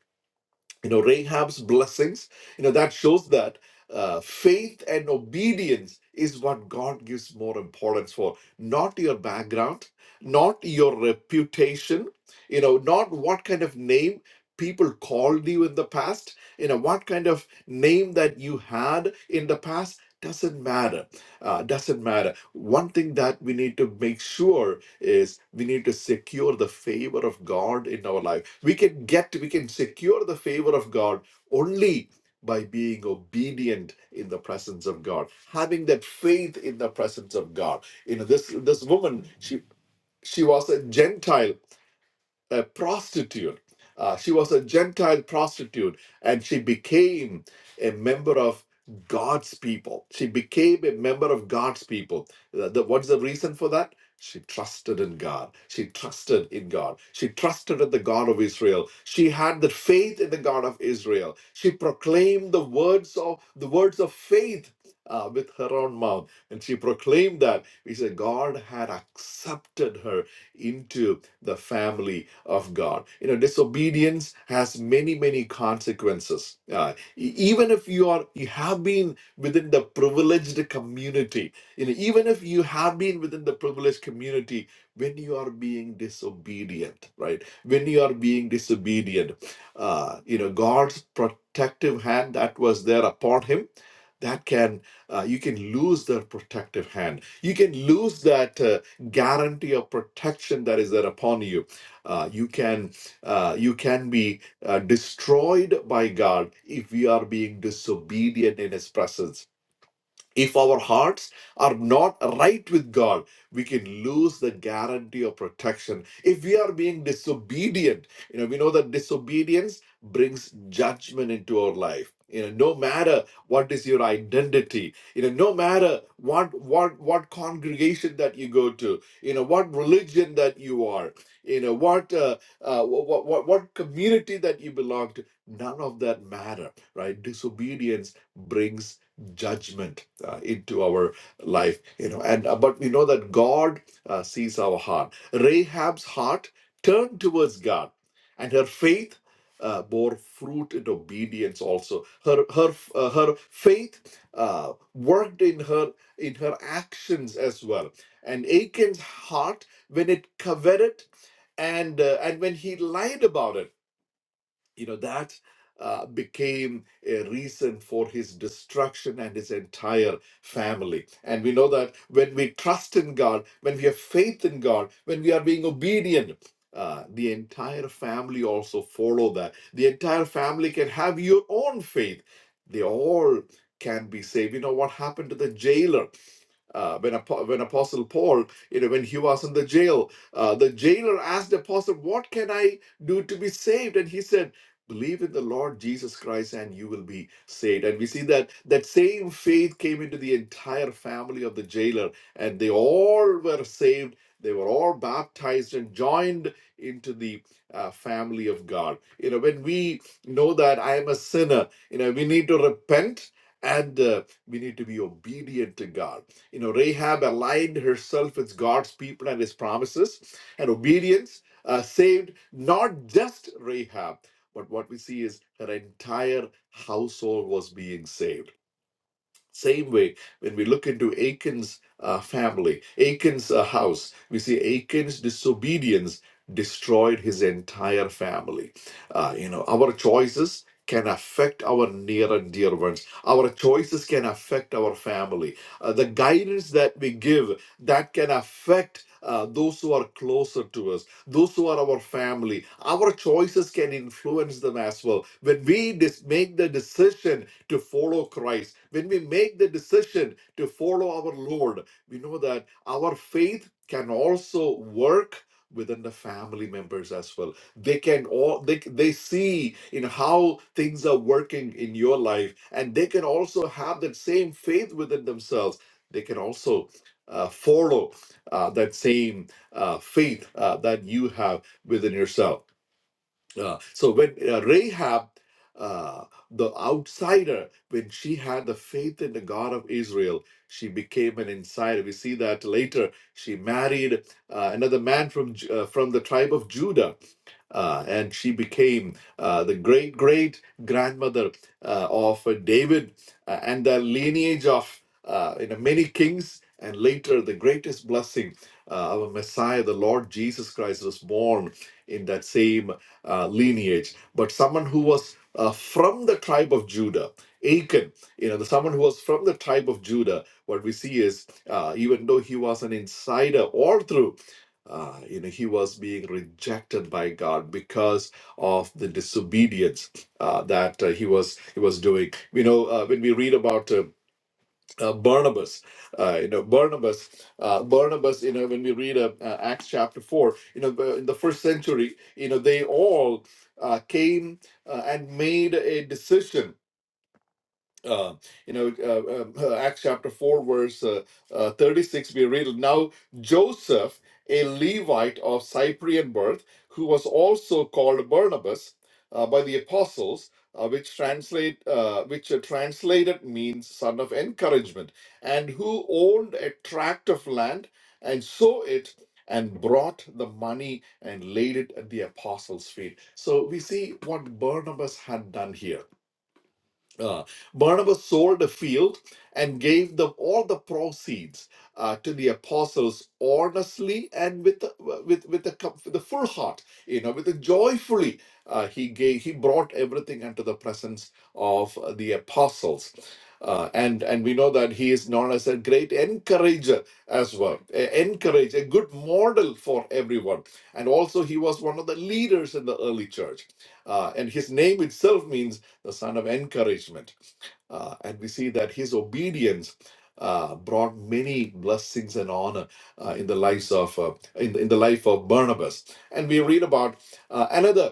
[SPEAKER 2] You know, Rahab's blessings, you know, that shows that uh, faith and obedience is what God gives more importance for, not your background, not your reputation, you know, not what kind of name people called you in the past, you know, what kind of name that you had in the past doesn't matter. Uh, doesn't matter. One thing that we need to make sure is we need to secure the favor of God in our life. We can get, we can secure the favor of God only by being obedient in the presence of God, having that faith in the presence of God. You know, this this woman, she she was a Gentile a prostitute. Uh, she was a Gentile prostitute and she became a member of God's people. She became a member of God's people. The- the- what's the reason for that? She trusted in God. She trusted in God. She trusted in the God of Israel. She had the faith in the God of Israel. She proclaimed the words of the words of faith uh, with her own mouth, and she proclaimed that. We said God had accepted her into the family of God. You know, disobedience has many, many consequences. Uh, e- even if you are you have been within the privileged community, you know, even if you have been within the privileged community, when you are being disobedient, right? When you are being disobedient, uh, you know, God's protective hand that was there upon him, that can uh, you can lose that protective hand. You can lose that. Uh, guarantee of protection that is there upon you. Uh, you can uh, you can be uh, destroyed by God if we are being disobedient in His presence if our hearts are not right with God, we can lose the guarantee of protection. If we are being disobedient, you know, we know that disobedience brings judgment into our life. You know, no matter what is your identity, you know, no matter what what what congregation that you go to, you know, what religion that you are, you know, what uh, uh, what what what community that you belong to, none of that matter, right? Disobedience brings judgment uh, into our life you know and uh, but we know that god uh, sees our heart rahab's heart turned towards god and her faith uh, bore fruit in obedience also her her uh, her faith uh, worked in her in her actions as well and achan's heart when it coveted and uh, and when he lied about it you know that uh, became a reason for his destruction and his entire family and we know that when we trust in god when we have faith in god when we are being obedient uh, the entire family also follow that the entire family can have your own faith they all can be saved you know what happened to the jailer uh, when Apo- when Apostle Paul, you know, when he was in the jail, uh, the jailer asked the apostle, "What can I do to be saved?" And he said, believe in the lord jesus christ and you will be saved and we see that that same faith came into the entire family of the jailer and they all were saved they were all baptized and joined into the uh, family of god you know when we know that i am a sinner you know we need to repent and uh, we need to be obedient to god you know rahab aligned herself with god's people and his promises and obedience uh, saved not just rahab but what we see is her entire household was being saved. Same way, when we look into Achan's uh, family, Achan's uh, house, we see Achan's disobedience destroyed his entire family. Uh, you know, our choices can affect our near and dear ones. Our choices can affect our family. Uh, the guidance that we give that can affect. Uh, those who are closer to us, those who are our family, our choices can influence them as well. When we dis- make the decision to follow Christ, when we make the decision to follow our Lord, we know that our faith can also work within the family members as well they can all they, they see in how things are working in your life and they can also have that same faith within themselves they can also uh, follow uh, that same uh, faith uh, that you have within yourself uh, so when uh, Rahab, uh, the outsider, when she had the faith in the God of Israel, she became an insider. We see that later. She married uh, another man from Ju- uh, from the tribe of Judah, uh, and she became uh, the great great grandmother uh, of uh, David uh, and the lineage of uh, you know many kings. And later, the greatest blessing, uh, our Messiah, the Lord Jesus Christ, was born in that same uh, lineage, but someone who was uh, from the tribe of Judah. Achan, you know, the someone who was from the tribe of Judah. What we see is, uh, even though he was an insider, all through, uh, you know, he was being rejected by God because of the disobedience uh, that uh, he was he was doing. You know, uh, when we read about uh, uh, Barnabas, uh, you know Barnabas, uh, Barnabas. You know when we read uh, uh, Acts chapter four, you know the- in the first century, you know they all uh, came uh, and made a decision uh, you know, uh, uh, uh, Acts chapter 4, verse uh, uh, 36, we read, Now Joseph, a Levite of Cyprian birth, who was also called Barnabas uh, by the apostles, uh, which translate uh, which uh, translated means son of encouragement, and who owned a tract of land and sold it and brought the money and laid it at the apostles' feet. So we see what Barnabas had done here uh, Barnabas sold a field and gave them all the proceeds uh, to the apostles honestly and with the, with with the com- with the full heart, you know, with the joyfully. Uh, he gave he brought everything unto the presence of the apostles. Uh, and and we know that he is known as a great encourager as well, a encourage a good model for everyone. And also he was one of the leaders in the early church. Uh, and his name itself means the son of encouragement. Uh, and we see that his obedience uh, brought many blessings and honor uh, in the lives of uh, in, in the life of Barnabas. And we read about uh, another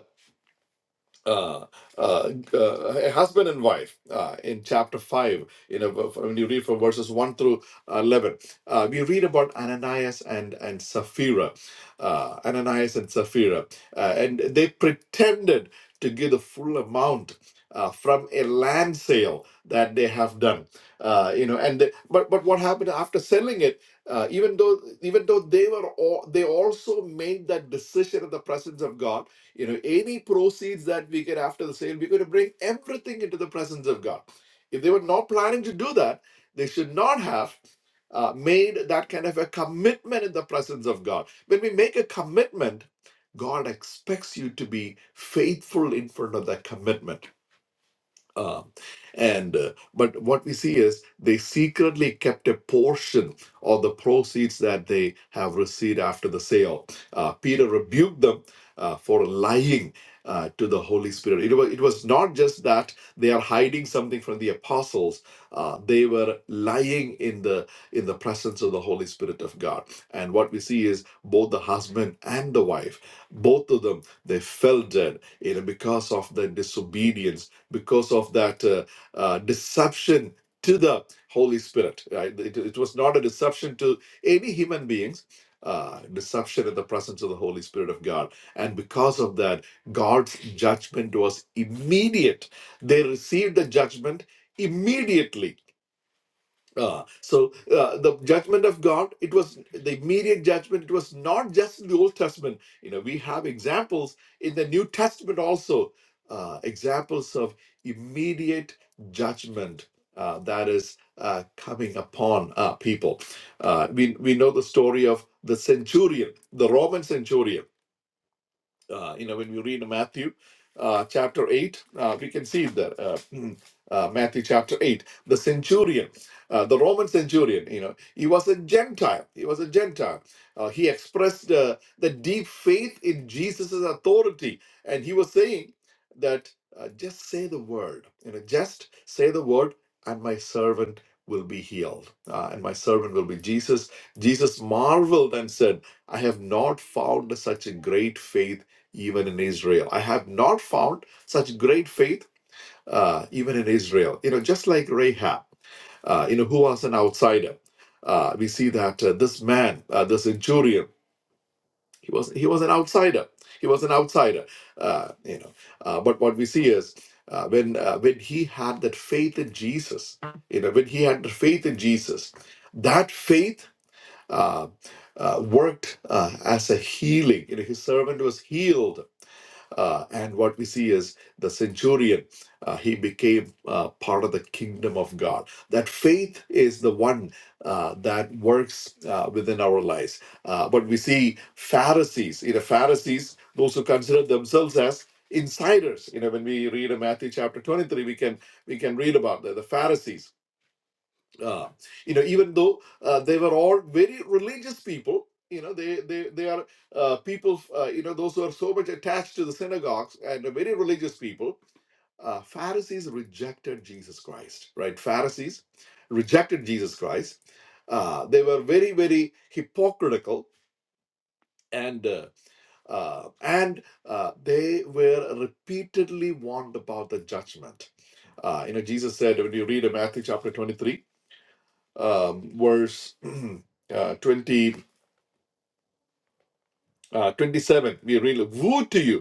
[SPEAKER 2] uh, uh, g- uh, husband and wife uh, in chapter 5 you know v- when you read from verses 1 through 11 uh, we read about ananias and and sapphira uh, ananias and sapphira uh, and they pretended to give the full amount uh, from a land sale that they have done uh, you know and they, but but what happened after selling it uh, even though even though they were all, they also made that decision in the presence of god you know, any proceeds that we get after the sale, we're going to bring everything into the presence of God. If they were not planning to do that, they should not have uh, made that kind of a commitment in the presence of God. When we make a commitment, God expects you to be faithful in front of that commitment. Um, and uh, but what we see is they secretly kept a portion of the proceeds that they have received after the sale. Uh, Peter rebuked them uh, for lying uh, to the Holy Spirit. It was it was not just that they are hiding something from the apostles; uh, they were lying in the in the presence of the Holy Spirit of God. And what we see is both the husband and the wife, both of them, they fell dead, you know, because of their disobedience because of that uh, uh, deception to the Holy Spirit. Right? It, it was not a deception to any human beings, uh, deception in the presence of the Holy Spirit of God. And because of that, God's judgment was immediate. They received the judgment immediately uh, so uh, the judgment of God, it was the immediate judgment. It was not just in the Old Testament. You know, we have examples in the New Testament also, uh, examples of immediate judgment uh, that is uh, coming upon uh, people. Uh, we we know the story of the centurion, the Roman centurion uh, you know, when we read Matthew uh, chapter 8, uh, we can see it there. Uh, mm, uh, Matthew chapter 8, the centurion, uh, the Roman centurion, you know, he was a Gentile. He was a Gentile. Uh, he expressed uh, the deep faith in Jesus' authority. And he was saying that uh, just say the word, you know, just say the word, and my servant will be healed. Uh, and my servant will be Jesus. Jesus marveled and said, I have not found such a great faith even in Israel. I have not found such great faith uh, even in Israel. You know, just like Rahab, uh, you know, who was an outsider. Uh, we see that uh, this man, uh, this centurion, he was he was an outsider. He was an outsider. Uh, you know, uh, but what we see is uh, when uh, when he had that faith in Jesus, you know, when he had the faith in Jesus, that faith. Uh, uh, worked uh, as a healing. You know, his servant was healed uh, and what we see is the centurion, uh, he became uh, part of the kingdom of God. That faith is the one uh, that works uh, within our lives. Uh, but we see Pharisees, you know, Pharisees, those who consider themselves as insiders. You know, when we read in Matthew chapter 23, we can we can read about the, the Pharisees uh, you know even though uh, they were all very religious people you know they they, they are uh, people uh, you know those who are so much attached to the synagogues and are very religious people uh, pharisees rejected jesus christ right pharisees rejected jesus christ uh, they were very very hypocritical and uh, uh, and uh, they were repeatedly warned about the judgment uh, you know jesus said when you read in matthew chapter 23 um, verse uh, 20, uh, 27. We read, Woe to you!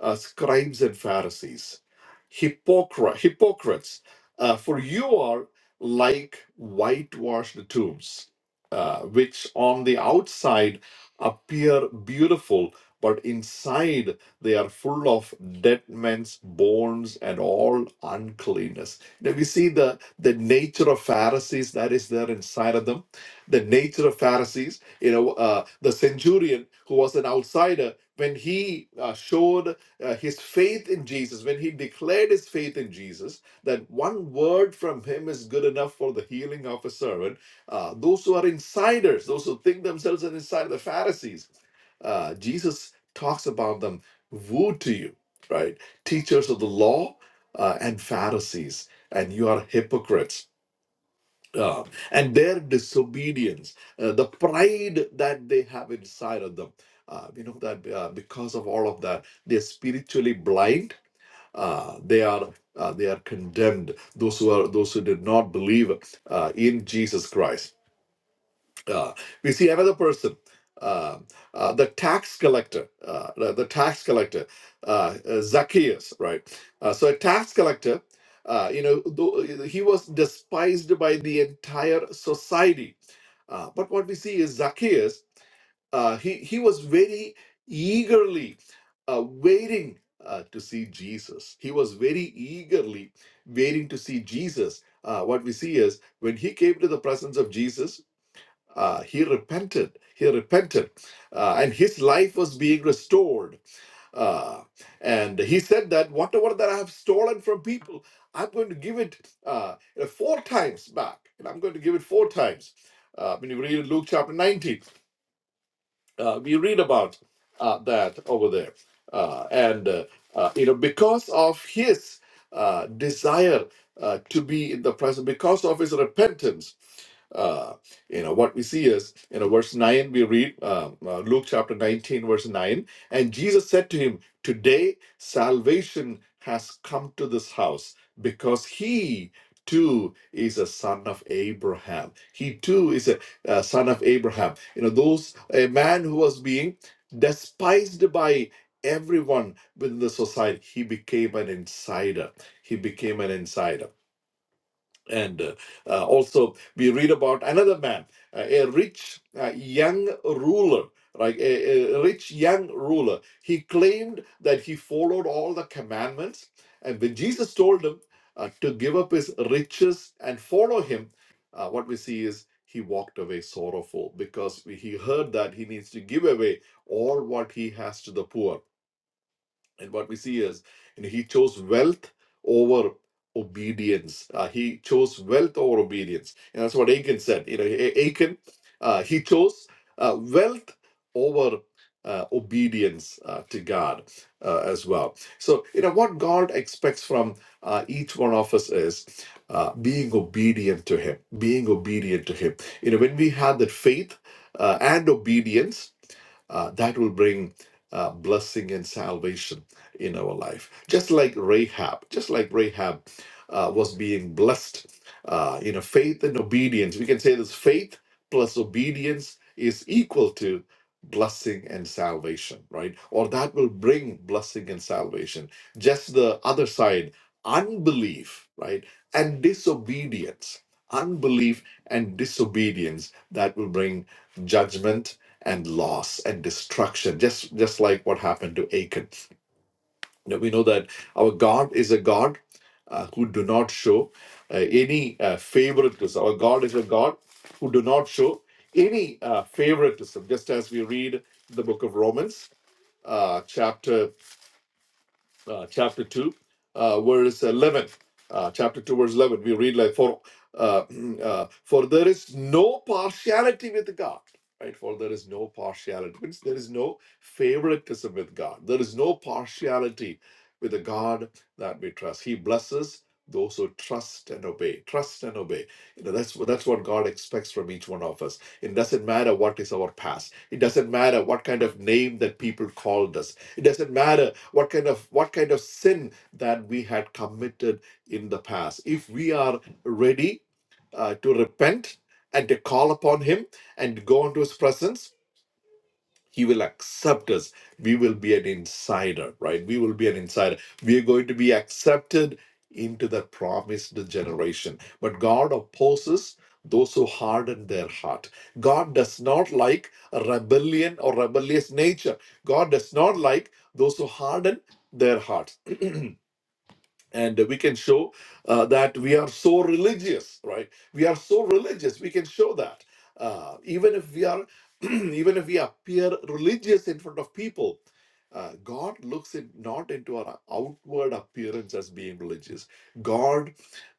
[SPEAKER 2] uh, scribes and Pharisees, hypocrite, hypocrites, uh, for you are like whitewashed tombs, uh, which on the outside appear beautiful, but inside they are full of dead men's bones and all uncleanness. Now we see the, the nature of Pharisees that is there inside of them. The nature of Pharisees, you know, uh, the centurion who was an outsider, when he uh, showed uh, his faith in Jesus, when he declared his faith in Jesus, that one word from him is good enough for the healing of a servant, uh, those who are insiders, those who think themselves an insider, the Pharisees, uh, Jesus talks about them, woe to you, right? Teachers of the law uh, and Pharisees, and you are hypocrites uh, and their disobedience, uh, the pride that they have inside of them. Uh, we know that uh, because of all of that, they're spiritually blind. Uh, they are uh, they are condemned. Those who are those who did not believe uh, in Jesus Christ uh, we see another person uh, uh, the tax collector uh, the, the tax collector uh, uh, zacchaeus right uh, so a tax collector uh, you know though he was despised by the entire society uh, but what we see is zacchaeus uh, he, he was very eagerly uh, waiting uh, to see jesus he was very eagerly waiting to see jesus uh, what we see is when he came to the presence of jesus uh, he repented. He repented, uh, and his life was being restored. Uh, and he said that whatever that I have stolen from people, I'm going to give it uh, you know, four times back, and I'm going to give it four times. Uh, when you read Luke chapter 19, uh, we read about uh, that over there, uh, and uh, uh, you know because of his uh, desire uh, to be in the presence, because of his repentance uh, you know what we see is you know verse nine we read uh, uh, Luke chapter nineteen verse nine, and Jesus said to him, "Today salvation has come to this house because he." too is a son of abraham he too is a, a son of abraham you know those a man who was being despised by everyone within the society he became an insider he became an insider and uh, uh, also we read about another man uh, a rich uh, young ruler like a, a rich young ruler he claimed that he followed all the commandments and when jesus told him uh, to give up his riches and follow him uh, what we see is he walked away sorrowful because he heard that he needs to give away all what he has to the poor and what we see is, you know, he chose wealth over obedience. Uh, he chose wealth over obedience, and that's what Achan said. You know, A- Achan, uh, he chose uh, wealth over uh, obedience uh, to God uh, as well. So, you know, what God expects from uh, each one of us is uh, being obedient to Him. Being obedient to Him. You know, when we have that faith uh, and obedience uh, that will bring uh, blessing and salvation in our life. Just like Rahab, just like Rahab uh, was being blessed, uh, you know, faith and obedience. We can say this faith plus obedience is equal to blessing and salvation, right? Or that will bring blessing and salvation. Just the other side, unbelief, right? And disobedience. Unbelief and disobedience that will bring judgment and loss and destruction just just like what happened to achan Now, we know that our god is a god uh, who do not show uh, any uh, favoritism our god is a god who do not show any uh, favoritism just as we read the book of romans uh, chapter uh, chapter 2, uh, verse 11. Uh, chapter 2, verse 11, we read like, for, uh, uh, for there is no partiality with God. Right? For there is no partiality. Means there is no favoritism with God. There is no partiality with the God that we trust. He blesses those who trust and obey. Trust and obey. You know, that's, what- that's what God expects from each one of us. It doesn't matter what is our past. It doesn't matter what kind of name that people called us it doesn't matter what kind of what kind of sin that we had committed in the past. If we are ready uh, to repent and to call upon Him and go into His presence, he will accept us. We will be an insider, right? We will be an insider. We are going to be accepted into the promised generation. But God opposes those who harden their heart. God does not like a rebellion or rebellious nature. God does not like those who harden their hearts and we can show uh, that we are so religious right we are so religious we can show that uh, even if we are even if we appear religious in front of people uh, god looks in, not into our outward appearance as being religious god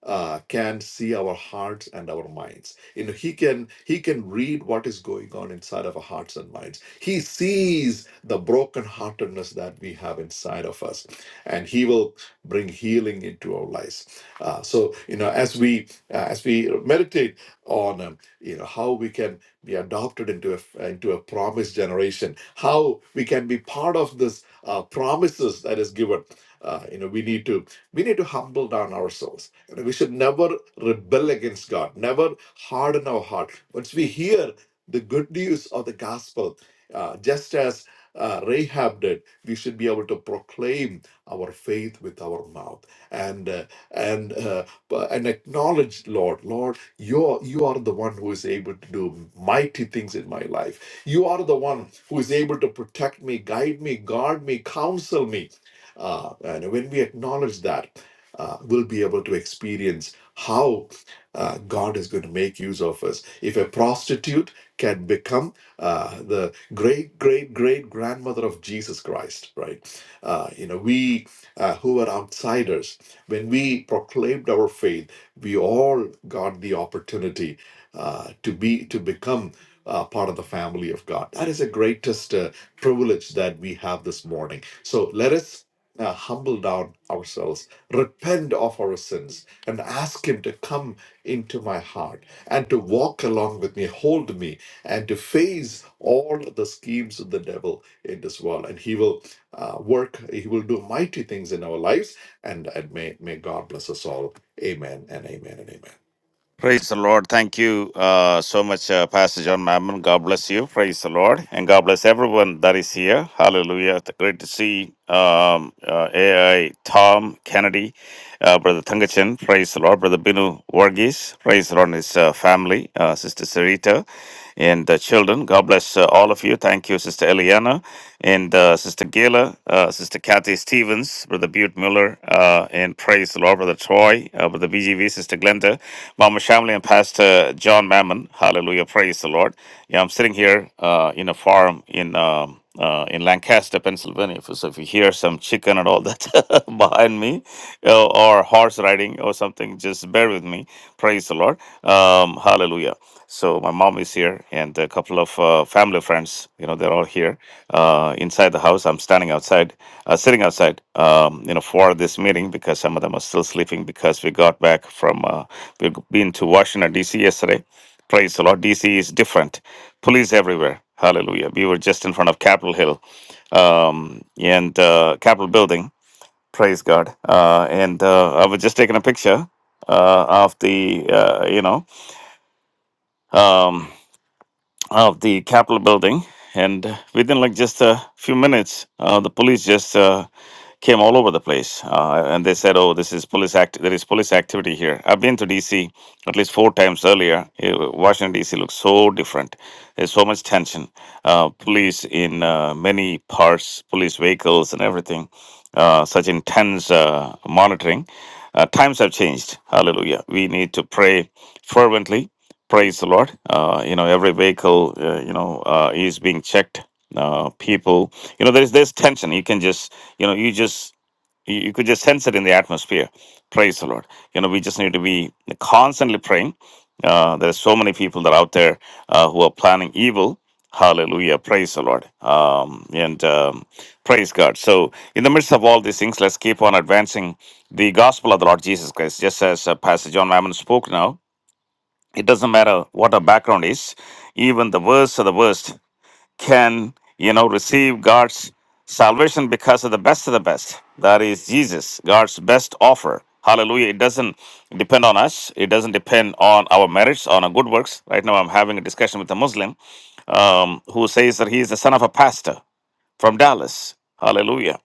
[SPEAKER 2] uh, can see our hearts and our minds you know he can he can read what is going on inside of our hearts and minds he sees the brokenheartedness that we have inside of us and he will bring healing into our lives. Uh, so you know, as we uh, as we meditate on um, you know how we can be adopted into a into a promised generation, how we can be part of this uh, promises that is given. Uh, you know, we need to we need to humble down ourselves. You know, we should never rebel against God, never harden our heart. Once we hear the good news of the gospel, uh, just as uh, Rahab did, we should be able to proclaim our faith with our mouth and uh, and uh, and acknowledge lord lord you are, you are the one who is able to do mighty things in my life you are the one who is able to protect me guide me guard me counsel me uh, and when we acknowledge that uh, we'll be able to experience how uh, God is going to make use of us. If a prostitute can become uh, the great, great, great grandmother of Jesus Christ, right? Uh, you know, we uh, who were outsiders, when we proclaimed our faith, we all got the opportunity uh, to be to become uh, part of the family of God. That is the greatest uh, privilege that we have this morning. So let us uh, humble down ourselves, repent of our sins, and ask Him to come into my heart and to walk along with me, hold me, and to face all the schemes of the devil in this world. And He will uh, work, He will do mighty things in our lives. And, and may, may God bless us all. Amen and amen and amen.
[SPEAKER 1] Praise the Lord. Thank you uh, so much, uh, Pastor John Mammon. God bless you. Praise the Lord. And God bless everyone that is here. Hallelujah. It's Great to see um, uh, AI Tom Kennedy, uh, Brother Thangachan. Praise the Lord. Brother Binu Varghese. Praise the Lord and his uh, family, uh, Sister Sarita and the children. God bless uh, all of you. Thank you, Sister Eliana and uh, Sister Gayla, uh, Sister Kathy Stevens, Brother Butte Miller, uh, and praise the Lord, Brother Troy, uh, Brother BGV, Sister Glenda, Mama Shamley, and Pastor John Mammon. Hallelujah. Praise the Lord. Yeah, I'm sitting here uh, in a farm in. Um, uh, in Lancaster, Pennsylvania. If- So if you hear some chicken and all that behind me, uh, or horse riding or something, just bear with me. Praise the Lord. Um, hallelujah. So my mom is here, and a couple of uh, family friends. You know, they're all here uh, inside the house. I'm standing outside, uh, sitting outside. Um, you know, for this meeting because some of them are still sleeping because we got back from uh, we've been to Washington D.C. yesterday Praise the Lord. DC is different. Police everywhere. Hallelujah. We were just in front of Capitol Hill um, and uh, Capitol Building. Praise God. Uh, and uh, I was just taking a picture uh, of the, uh, you know, um, of the Capitol building. And within like just a few minutes, uh, the police just uh, came all over the place, uh, and they said, "Oh, this is police act. There is police activity here." I've been to DC at least four times earlier. Eh, Washington DC looks so different. There's so much tension. Uh, police in uh, many parts, police vehicles, and everything. Uh, such intense uh, monitoring. Uh, times have changed. Hallelujah. We need to pray fervently Praise the Lord. Uh, you know, every vehicle, uh, you know, uh, is being checked. Uh, people, you know, there's there's tension. You can just, you know, you just you, you could just sense it in the atmosphere. Praise the Lord. You know, we just need to be constantly praying. Uh, there are so many people that are out there uh, who are planning evil. Hallelujah. Praise the Lord. Um, and um, praise God. So, in the midst of all these things, let's keep on advancing the gospel of the Lord Jesus Christ, just as uh, Pastor John Mammon spoke now it doesn't matter what our background is even the worst of the worst can you know receive god's salvation because of the best of the best that is jesus god's best offer hallelujah it doesn't depend on us it doesn't depend on our merits on our good works right now i'm having a discussion with a muslim um, who says that he is the son of a pastor from dallas hallelujah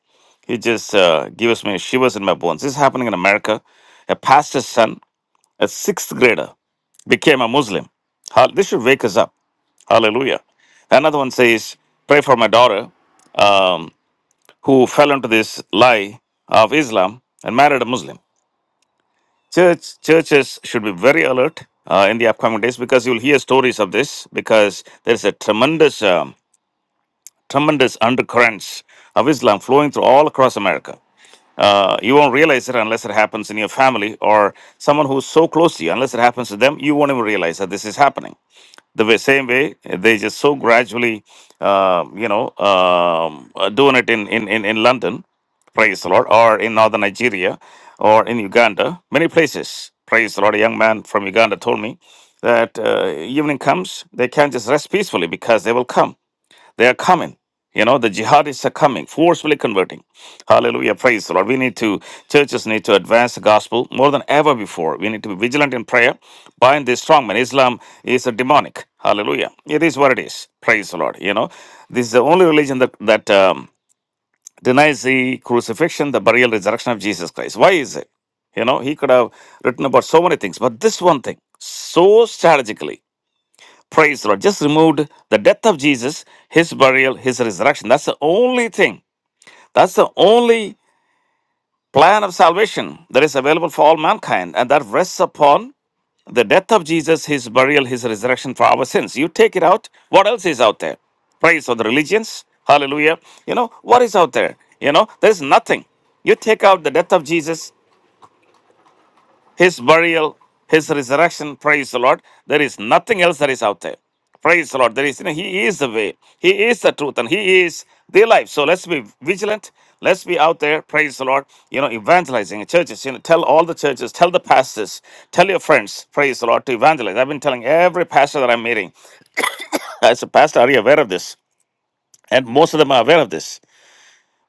[SPEAKER 1] he just uh, gives me shivers in my bones this is happening in america a pastor's son a sixth grader became a Muslim. Hal- This should wake us up. Hallelujah. Another one says, Pray for my daughter um, who fell into this lie of Islam and married a Muslim. Church, churches should be very alert uh, in the upcoming days because you'll hear stories of this because there's a tremendous, um, tremendous undercurrents of Islam flowing through all across America. Uh, you won't realize it unless it happens in your family or someone who's so close to you. Unless it happens to them, you won't even realize that this is happening. the way, same way they just so gradually uh, you know um, uh, doing it in, in, in, in london praise the lord or in northern nigeria or in uganda many places praise the lord a young man from uganda told me that uh, evening comes they can't just rest peacefully because they will come they are coming. You know, the jihadists are coming, forcefully converting. Hallelujah. Praise the Lord. We need to, churches need to advance the gospel more than ever before. We need to be vigilant in prayer. Bind this strongman. Islam is a demonic. Hallelujah. It is what it is. Praise the Lord. You know, this is the only religion that, that um, denies the crucifixion, the burial, resurrection of Jesus Christ. Why is it? You know, he could have written about so many things, but this one thing, so strategically. Praise the Lord. Just removed the death of Jesus, his burial, his resurrection. That's the only thing. That's the only plan of salvation that is available for all mankind. And that rests upon the death of Jesus, his burial, his resurrection for our sins. You take it out, what else is out there? Praise for the religions. Hallelujah. You know, what is out there? You know, there's nothing. You take out the death of Jesus, his burial, his resurrection. Praise the Lord. There is nothing else that is out there. Praise the Lord. There is, you know, He is the way, He is the truth, and He is the life. So let's be vigilant. Let's be out there. Praise the Lord. You know, evangelizing churches. You know, tell all the churches, tell the pastors, tell your friends. Praise the Lord to evangelize. I've been telling every pastor that I'm meeting. As a pastor, are you aware of this? And most of them are aware of this.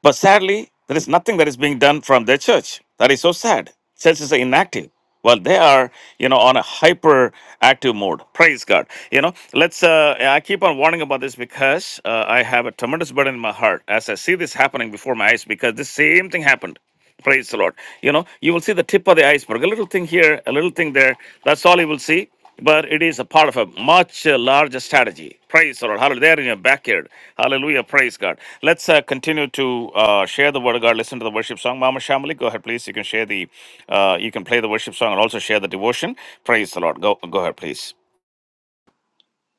[SPEAKER 1] But sadly, there is nothing that is being done from their church. That is so sad. Churches are inactive. Well, they are, you know, on a hyper active mode. Praise God. You know, let's. Uh, I keep on warning about this because uh, I have a tremendous burden in my heart as I see this happening before my eyes. Because the same thing happened. Praise the Lord. You know, you will see the tip of the iceberg, a little thing here, a little thing there. That's all you will see but it is a part of a much uh, larger strategy. Praise the Lord. Hallelujah. There in your backyard. Hallelujah. Praise God. Let's uh, continue to uh, share the word of God. Listen to the worship song. Mama Shamali, go ahead, please. You can share the, uh, you can play the worship song and also share the devotion. Praise the Lord. Go, go ahead, please.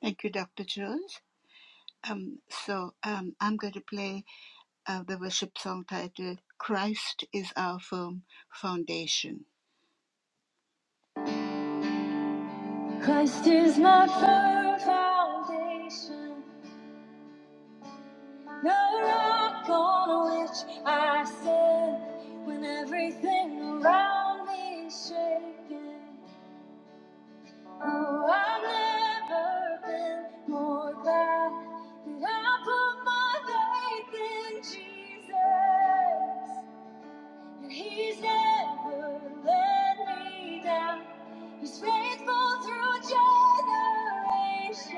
[SPEAKER 3] Thank you, Dr. Jones. Um, so um, I'm going to play uh, the worship song titled Christ is Our Firm Foundation. Christ is my firm foundation, the rock on which I stand when everything around me is shaken. Oh, I've never been more glad that I put my faith in Jesus. And He's never let me down. He's faithful through generations.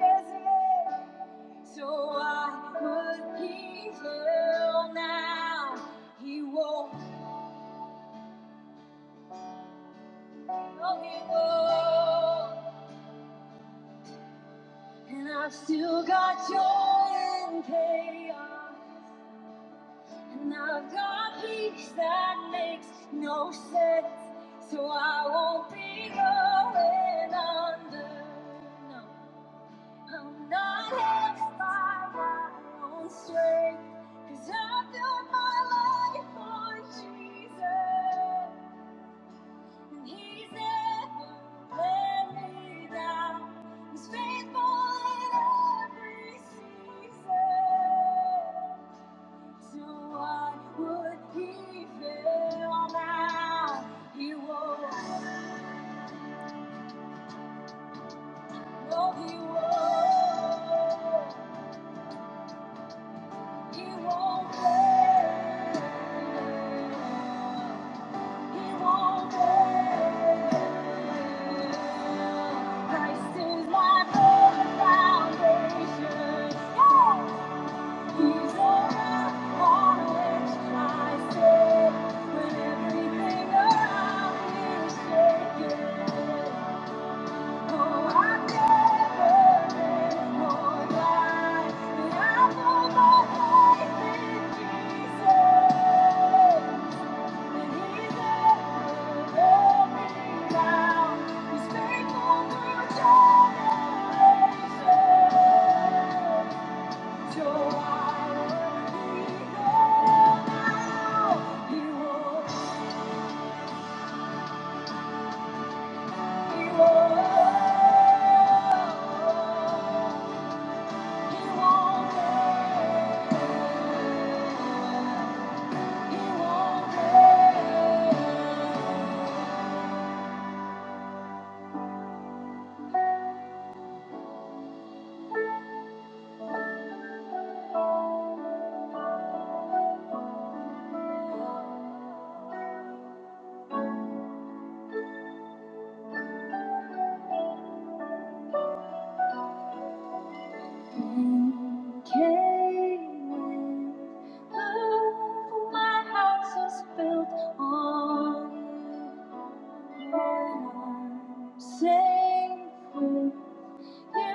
[SPEAKER 3] Yes, he is. So why would he fail now? He won't. No, he won't. And I've still got joy in chaos. And I've got peace that makes no sense, so I won't be going under. No, I'm not held by my own strength, cause I've got my life on Jesus. And He's never let me down, He's faithful in every season. So why would he fail now? He won't. No, he won't. He won't fail. He won't fail. Christ is my firm foundation. Yeah. He's faithful through time. Safe with Yeah.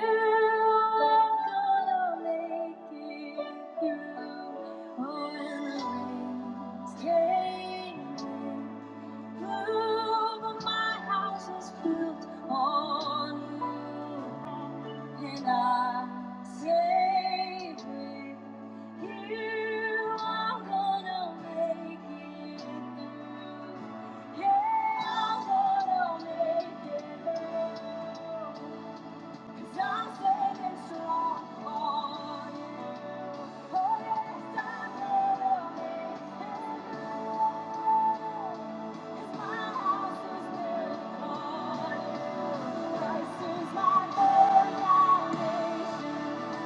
[SPEAKER 3] When everything around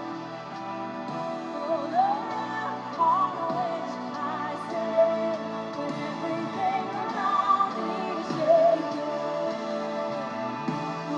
[SPEAKER 3] me is shaking He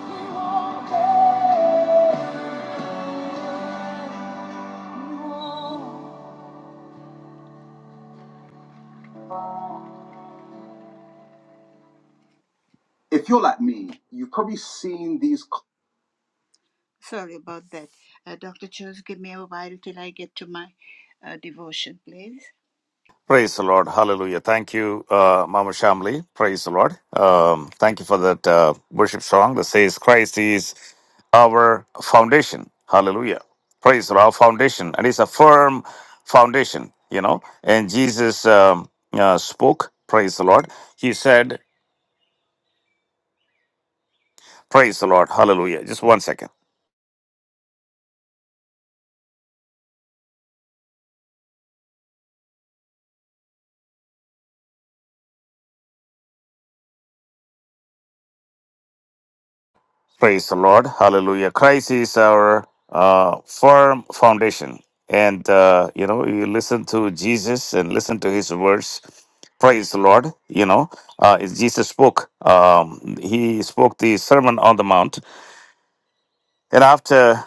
[SPEAKER 3] Thank you. If you're like me, you've probably seen these. co- Sorry about that. Uh, Dr. Chose, give me a while till I get to my uh, devotion, please.
[SPEAKER 1] Praise the Lord. Hallelujah. Thank you, uh, Mama Shamli. Praise the Lord. Um, thank you for that uh, worship song that says, Christ is our foundation. Hallelujah. Praise the Lord, our foundation. And it's a firm foundation, you know. And Jesus um, uh, spoke. Praise the Lord. He said, Praise the Lord. Hallelujah. Just one second. Praise the Lord. Hallelujah. Christ is our uh, firm foundation. And, uh, you know, you listen to Jesus and listen to his words. Praise the Lord. You know, uh, it's Jesus spoke. Um, he spoke the Sermon on the Mount. And after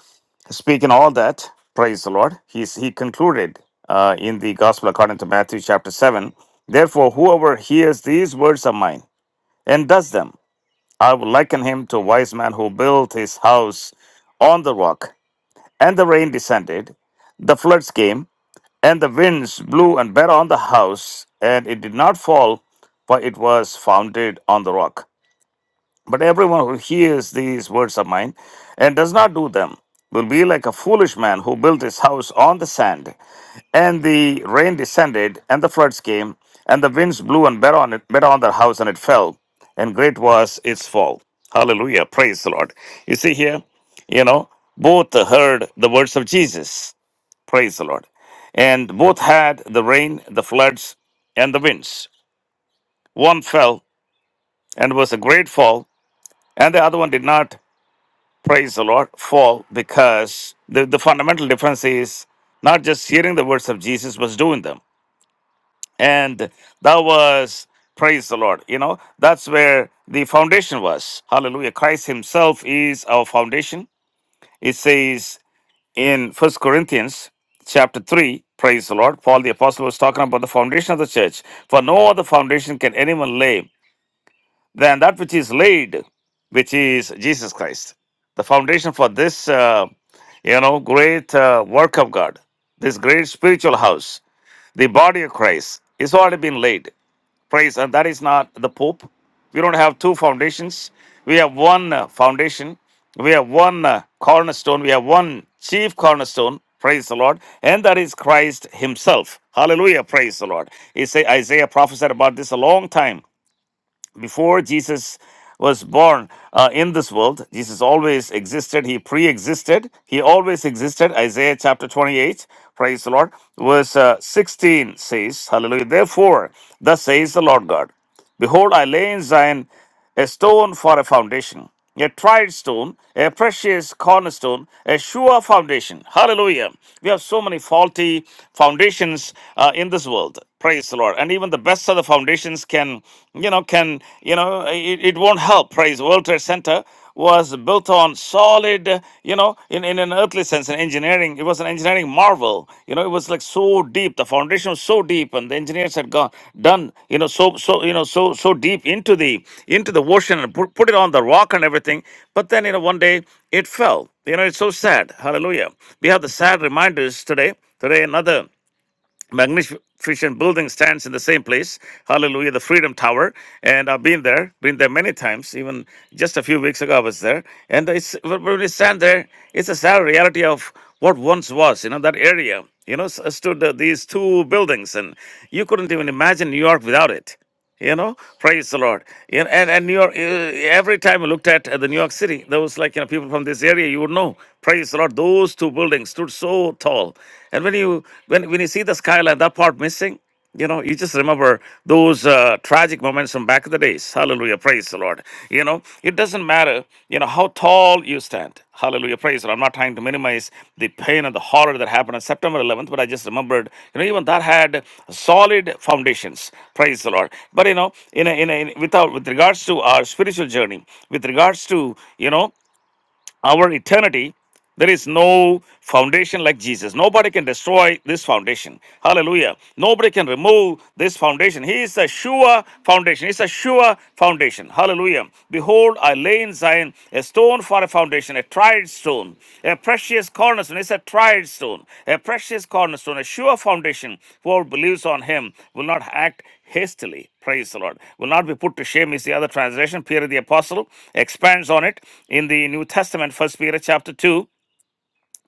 [SPEAKER 1] speaking all that, praise the Lord, he, he concluded uh, in the Gospel according to Matthew chapter 7 Therefore, whoever hears these words of mine and does them, I would liken him to a wise man who built his house on the rock, and the rain descended, the floods came, and the winds blew and beat on the house, and it did not fall, for it was founded on the rock. But everyone who hears these words of mine and does not do them will be like a foolish man who built his house on the sand. And the rain descended, and the floods came, and the winds blew and beat on it, beat on their house, and it fell. And great was its fall. Hallelujah. Praise the Lord. You see here, you know, both heard the words of Jesus. Praise the Lord. And both had the rain, the floods, and the winds. One fell and was a great fall, and the other one did not, praise the Lord, fall because the, the fundamental difference is not just hearing the words of Jesus, but doing them. And that was, praise the Lord. You know, that's where the foundation was. Hallelujah. Christ Himself is our foundation. It says in First Corinthians chapter 3, praise the Lord, Paul the Apostle was talking about the foundation of the church. For no other foundation can anyone lay than that which is laid, which is Jesus Christ. The foundation for this, uh, you know, great uh, work of God, this great spiritual house, the body of Christ, is already been laid. Praise, and that is not the Pope. We don't have two foundations. We have one uh, foundation. We have one uh, cornerstone. We have one chief cornerstone. Praise the Lord. And that is Christ Himself. Hallelujah. Praise the Lord. He say Isaiah prophesied about this a long time before Jesus was born uh, in this world, Jesus always existed. He pre existed. He always existed. Isaiah chapter 28, praise the Lord, verse uh, 16 says, Hallelujah. Therefore, thus says the Lord God, Behold, I lay in Zion a stone for a foundation, a tried stone, a precious cornerstone, a sure foundation. Hallelujah. We have so many faulty foundations uh, in this world. Praise the Lord. And even the best of the foundations can, you know, can, you know, it, it won't help. Praise World Trade Center was built on solid, you know, in, in an earthly sense, in engineering. It was an engineering marvel. You know, it was like so deep. The foundation was so deep, and the engineers had gone done, you know, so so you know, so so deep into the into the ocean and put, put it on the rock and everything. But then, you know, one day it fell. You know, it's so sad. Hallelujah. We have the sad reminders today. Today, another magnificent building stands in the same place hallelujah the freedom tower and i've been there been there many times even just a few weeks ago i was there and it's when we stand there it's a sad reality of what once was you know that area you know s- stood uh, these two buildings and you couldn't even imagine new york without it you know praise the lord and and, and new york uh, every time i looked at uh, the new york city there was like you know people from this area you would know praise the lord those two buildings stood so tall and when you when, when you see the skyline that part missing you know you just remember those uh, tragic moments from back in the days hallelujah praise the lord Lord. You know, it doesn't matter, you know, how tall you stand. Hallelujah. Praise the Lord. I'm not trying to minimize the pain and the horror that happened on September 11th, but I just remembered, you know, even that had solid foundations. Praise the Lord. But, you know, in a, in a, in, without, with regards to our spiritual journey, with regards to, you know, our eternity, there is no foundation like Jesus. Nobody can destroy this foundation. Hallelujah. Nobody can remove this foundation. He is a sure foundation. He's a sure foundation. Hallelujah. Behold, I lay in Zion a stone for a foundation, a tried stone, a precious cornerstone. It's a tried stone, a precious cornerstone, a sure foundation. Whoever believes on him will not act hastily. Praise the Lord. Will not be put to shame is the other translation. Peter the Apostle expands on it in the New Testament, First Peter chapter 2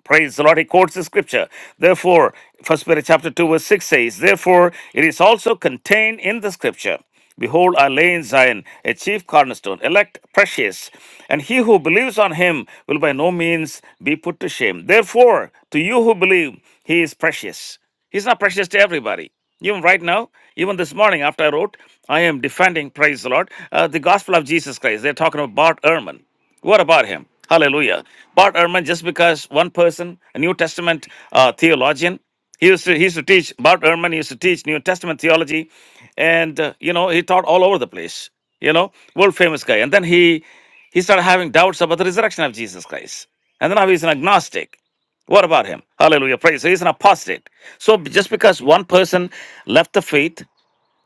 [SPEAKER 1] Praise the Lord. He quotes the scripture. Therefore, First Peter chapter 2, verse 6 says, Therefore, it is also contained in the scripture. Behold, I lay in Zion a chief cornerstone, elect, precious, and he who believes on him will by no means be put to shame. Therefore, to you who believe, he is precious. He's not precious to everybody. Even right now, even this morning after I wrote, I am defending, praise the Lord, uh, the gospel of Jesus Christ. They're talking about Bart Ehrman. What about him? Hallelujah. Bart Ehrman, just because one person, a New Testament uh, theologian, he used to he used to teach. Bart Ehrman used to teach New Testament theology, and uh, you know he taught all over the place. You know, world famous guy. And then he he started having doubts about the resurrection of Jesus Christ. And then now he's an agnostic. What about him? Hallelujah. Praise. So he's an apostate. So b- just because one person left the faith,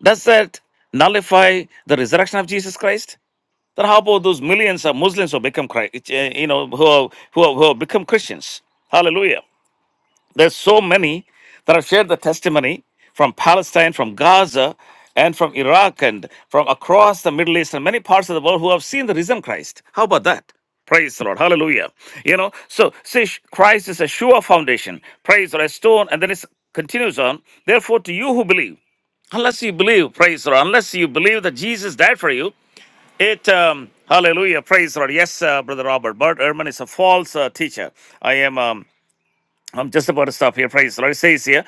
[SPEAKER 1] does that nullify the resurrection of Jesus Christ? Then how about those millions of Muslims who become Christ, eh, you know, who have, who have, who have become Christians? Hallelujah. There's so many that have shared the testimony from Palestine, from Gaza, and from Iraq, and from across the Middle East and many parts of the world who have seen the risen Christ. How about that? Praise the Lord. Hallelujah. You know, so see, Christ is a sure foundation. Praise or a stone, and then it continues on. Therefore, to you who believe, unless you believe, praise the Lord, unless you believe that Jesus died for you, it um, hallelujah, praise the Lord. Yes, uh, brother Robert. Bert Ehrman is a false uh, teacher. I am. Um, I'm just about to stop here. Praise the Lord. It says here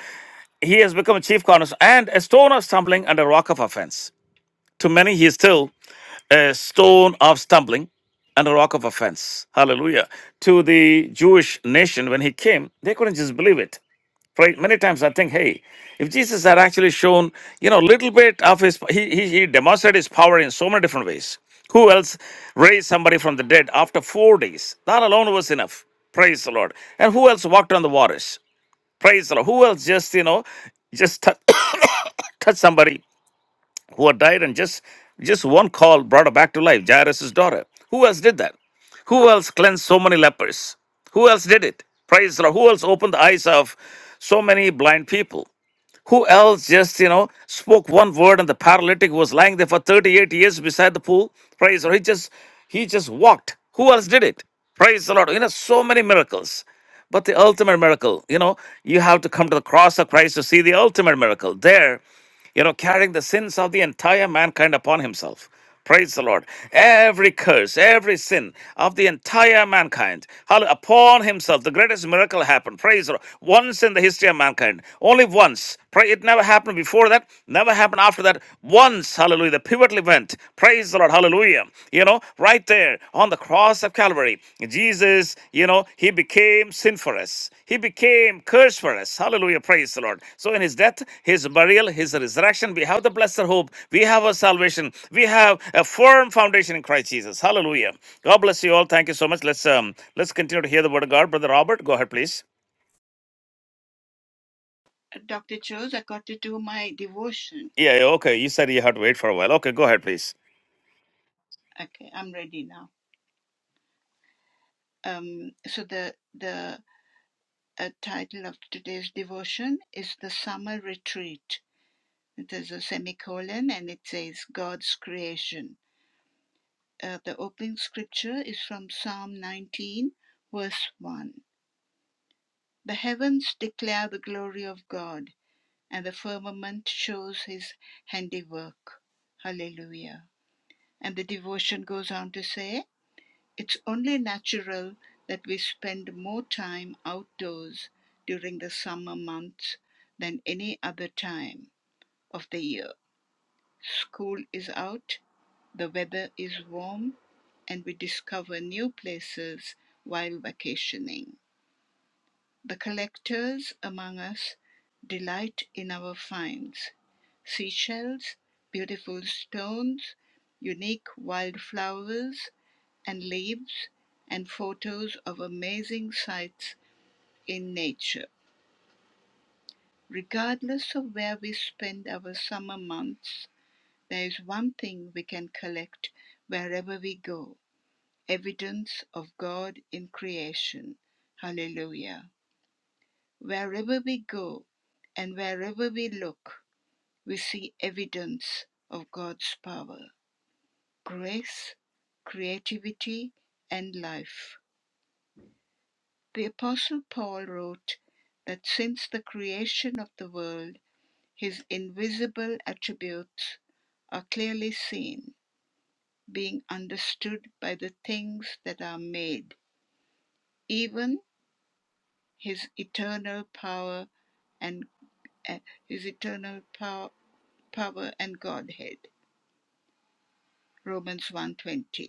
[SPEAKER 1] he has become a chief cornerstone and a stone of stumbling and a rock of offense. To many, he is still a stone of stumbling and a rock of offense. Hallelujah. To the Jewish nation, when he came, they couldn't just believe it. Right? Many times I think, hey, if Jesus had actually shown, you know, a little bit of his, he, he, he demonstrated his power in so many different ways. Who else raised somebody from the dead after four days? That alone was enough. Praise the Lord. And who else walked on the waters? Praise the Lord. Who else just, you know, just touch touched somebody who had died and just just one call brought her back to life, Jairus' daughter. Who else did that? Who else cleansed so many lepers? Who else did it? Praise the Lord. Who else opened the eyes of so many blind people? Who else just, you know, spoke one word and the paralytic was lying there for 38 years beside the pool? Praise the Lord. He just he just walked. Who else did it? Praise the Lord. You know, so many miracles. But the ultimate miracle, you know, you have to come to the cross of Christ to see the ultimate miracle. There, you know, carrying the sins of the entire mankind upon himself. Praise the Lord. Every curse, every sin of the entire mankind hall- upon himself. The greatest miracle happened. Praise the Lord. Once in the history of mankind. Only once. Pray it never happened before that, never happened after that. Once, hallelujah. The pivotal event. Praise the Lord. Hallelujah. You know, right? Right there on the cross of Calvary, Jesus, you know, he became sin for us. He became curse for us. Hallelujah. Praise the Lord. So in his death, his burial, his resurrection, we have the blessed hope. We have our salvation. We have a firm foundation in Christ Jesus. Hallelujah. God bless you all. Thank you so much. Let's um let's continue to hear the word of God. Brother Robert, go ahead, please.
[SPEAKER 3] Uh, Dr. Chose, I got to do my devotion.
[SPEAKER 1] Yeah, yeah, okay. You said you had to wait for a while. Okay, go ahead, please.
[SPEAKER 3] Okay, I'm ready now. Um, so the the uh, title of today's devotion is the summer retreat. There's a semicolon and it says God's creation. uh, the opening scripture is from Psalm 19, verse 1. The heavens declare the glory of God, and the firmament shows his handiwork. Hallelujah. And the devotion goes on to say, It's only natural that we spend more time outdoors during the summer months than any other time of the year. School is out, the weather is warm, and we discover new places while vacationing. The collectors among us delight in our finds seashells, beautiful stones, unique wildflowers and leaves, and photos of amazing sights in nature. Regardless of where we spend our summer months, There is one thing we can collect wherever we go evidence of God in creation. Hallelujah. Wherever we go and wherever we look, we see evidence of God's power, grace, creativity, and life. The Apostle Paul wrote that since the creation of the world, his invisible attributes are clearly seen being understood by the things that are made, even his eternal power and uh, his eternal power, power and godhead. Romans 1:20.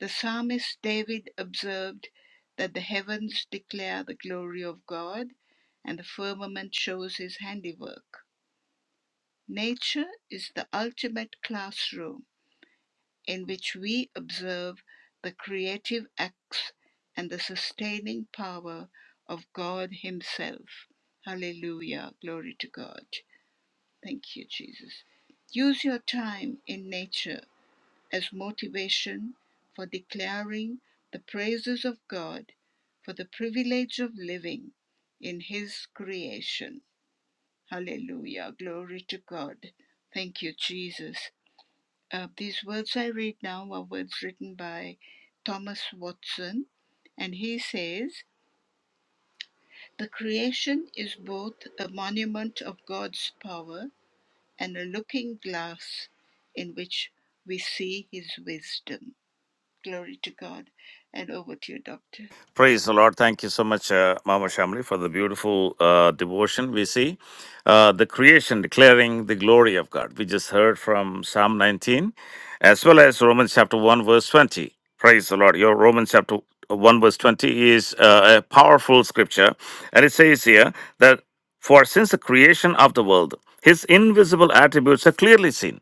[SPEAKER 3] The psalmist David observed that the heavens declare the glory of God and the firmament shows his handiwork. Nature is the ultimate classroom in which we observe the creative acts and the sustaining power of God Himself. Hallelujah. Glory to God. Thank you, Jesus. Use your time in nature as motivation for declaring the praises of God for the privilege of living in His creation. Hallelujah. Glory to God. Thank you, Jesus. Uh, these words I read now are words written by Thomas Watson, and he says, The creation is both a monument of God's power and a looking glass in which we see his wisdom. Glory to God. And over to you, Doctor.
[SPEAKER 1] Praise the Lord. Thank you so much, uh, Mama Shamli, for the beautiful uh, devotion. We see uh, the creation declaring the glory of God. We just heard from Psalm 19 as well as Romans chapter 1, verse 20. Praise the Lord. Your Romans chapter uh, 1, verse 20 is uh, a powerful scripture. And it says here that for since the creation of the world, his invisible attributes are clearly seen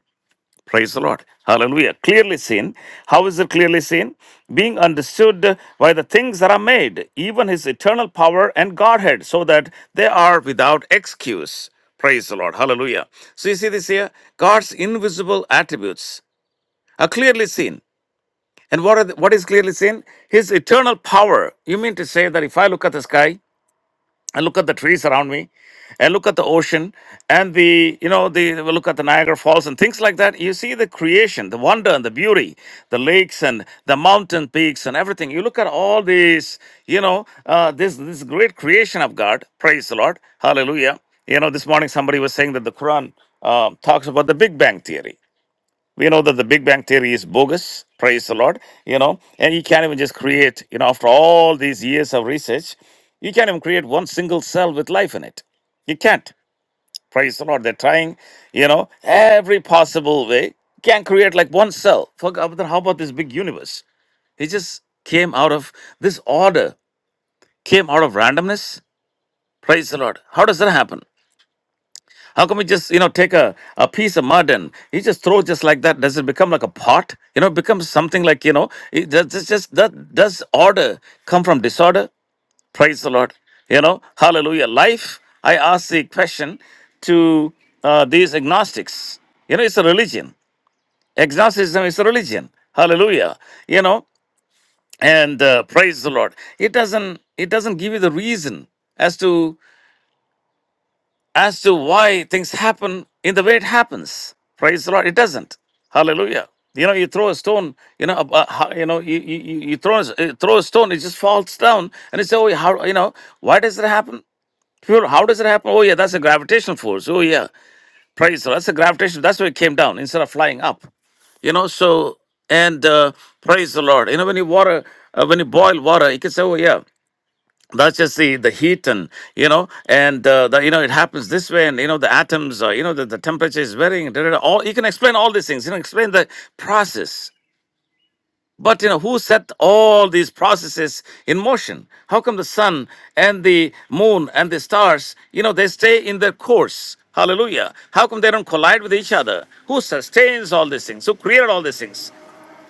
[SPEAKER 1] Praise the Lord. Hallelujah. Clearly seen. How is it clearly seen? Being understood by the things that are made, even his eternal power and Godhead, so that they are without excuse. Praise the Lord. Hallelujah. So you see this here? God's invisible attributes are clearly seen. And what, are the, what is clearly seen? His eternal power. You mean to say that if I look at the sky, I look at the trees around me. I look at the ocean and the, you know, the we look at the Niagara Falls and things like that. You see the creation, the wonder and the beauty, the lakes and the mountain peaks and everything. You look at all these, you know, uh, this this great creation of God. Praise the Lord, Hallelujah. You know, this morning somebody was saying that the Quran uh, talks about the Big Bang theory we know that the big bang theory is bogus praise the lord you know and you can't even just create you know after all these years of research you can't even create one single cell with life in it you can't praise the lord they're trying you know every possible way can't create like one cell Fuck, uh, then how about this big universe it just came out of this order came out of randomness praise the lord how does that happen How come we just, you know, take a, a piece of mud and you just throw just like that? Does it become like a pot? You know, it becomes something like, you know, it, does, does, just, that, does order come from disorder? Praise the Lord. You know, hallelujah. Life, I ask the question to uh, these agnostics. You know, it's a religion. Agnosticism is a religion. Hallelujah. You know, and uh, praise the Lord. It doesn't, it doesn't give you the reason as to as to why things happen in the way it happens. Praise the Lord. It doesn't. Hallelujah. You know, you throw a stone. You know, ab- uh, ho- you know, you you, you you throw a, s- uh, throw a stone. It just falls down, and you say, "Oh, how you know? Why does it happen? People, how does it happen? Oh, yeah, that's a gravitational force. Oh, yeah, praise the Lord. That's a gravitational. That's why it came down instead of flying up. You know, so and uh, praise the Lord. You know, when you water, uh, when you boil water, you can say, "Oh, yeah." that's just the the heat and you know and uh, the, you know it happens this way and you know the atoms uh, you know the, the temperature is varying da, da, da. all you can explain all these things you know explain the process but you know who set all these processes in motion how come the sun and the moon and the stars you know they stay in their course hallelujah how come they don't collide with each other who sustains all these things who created all these things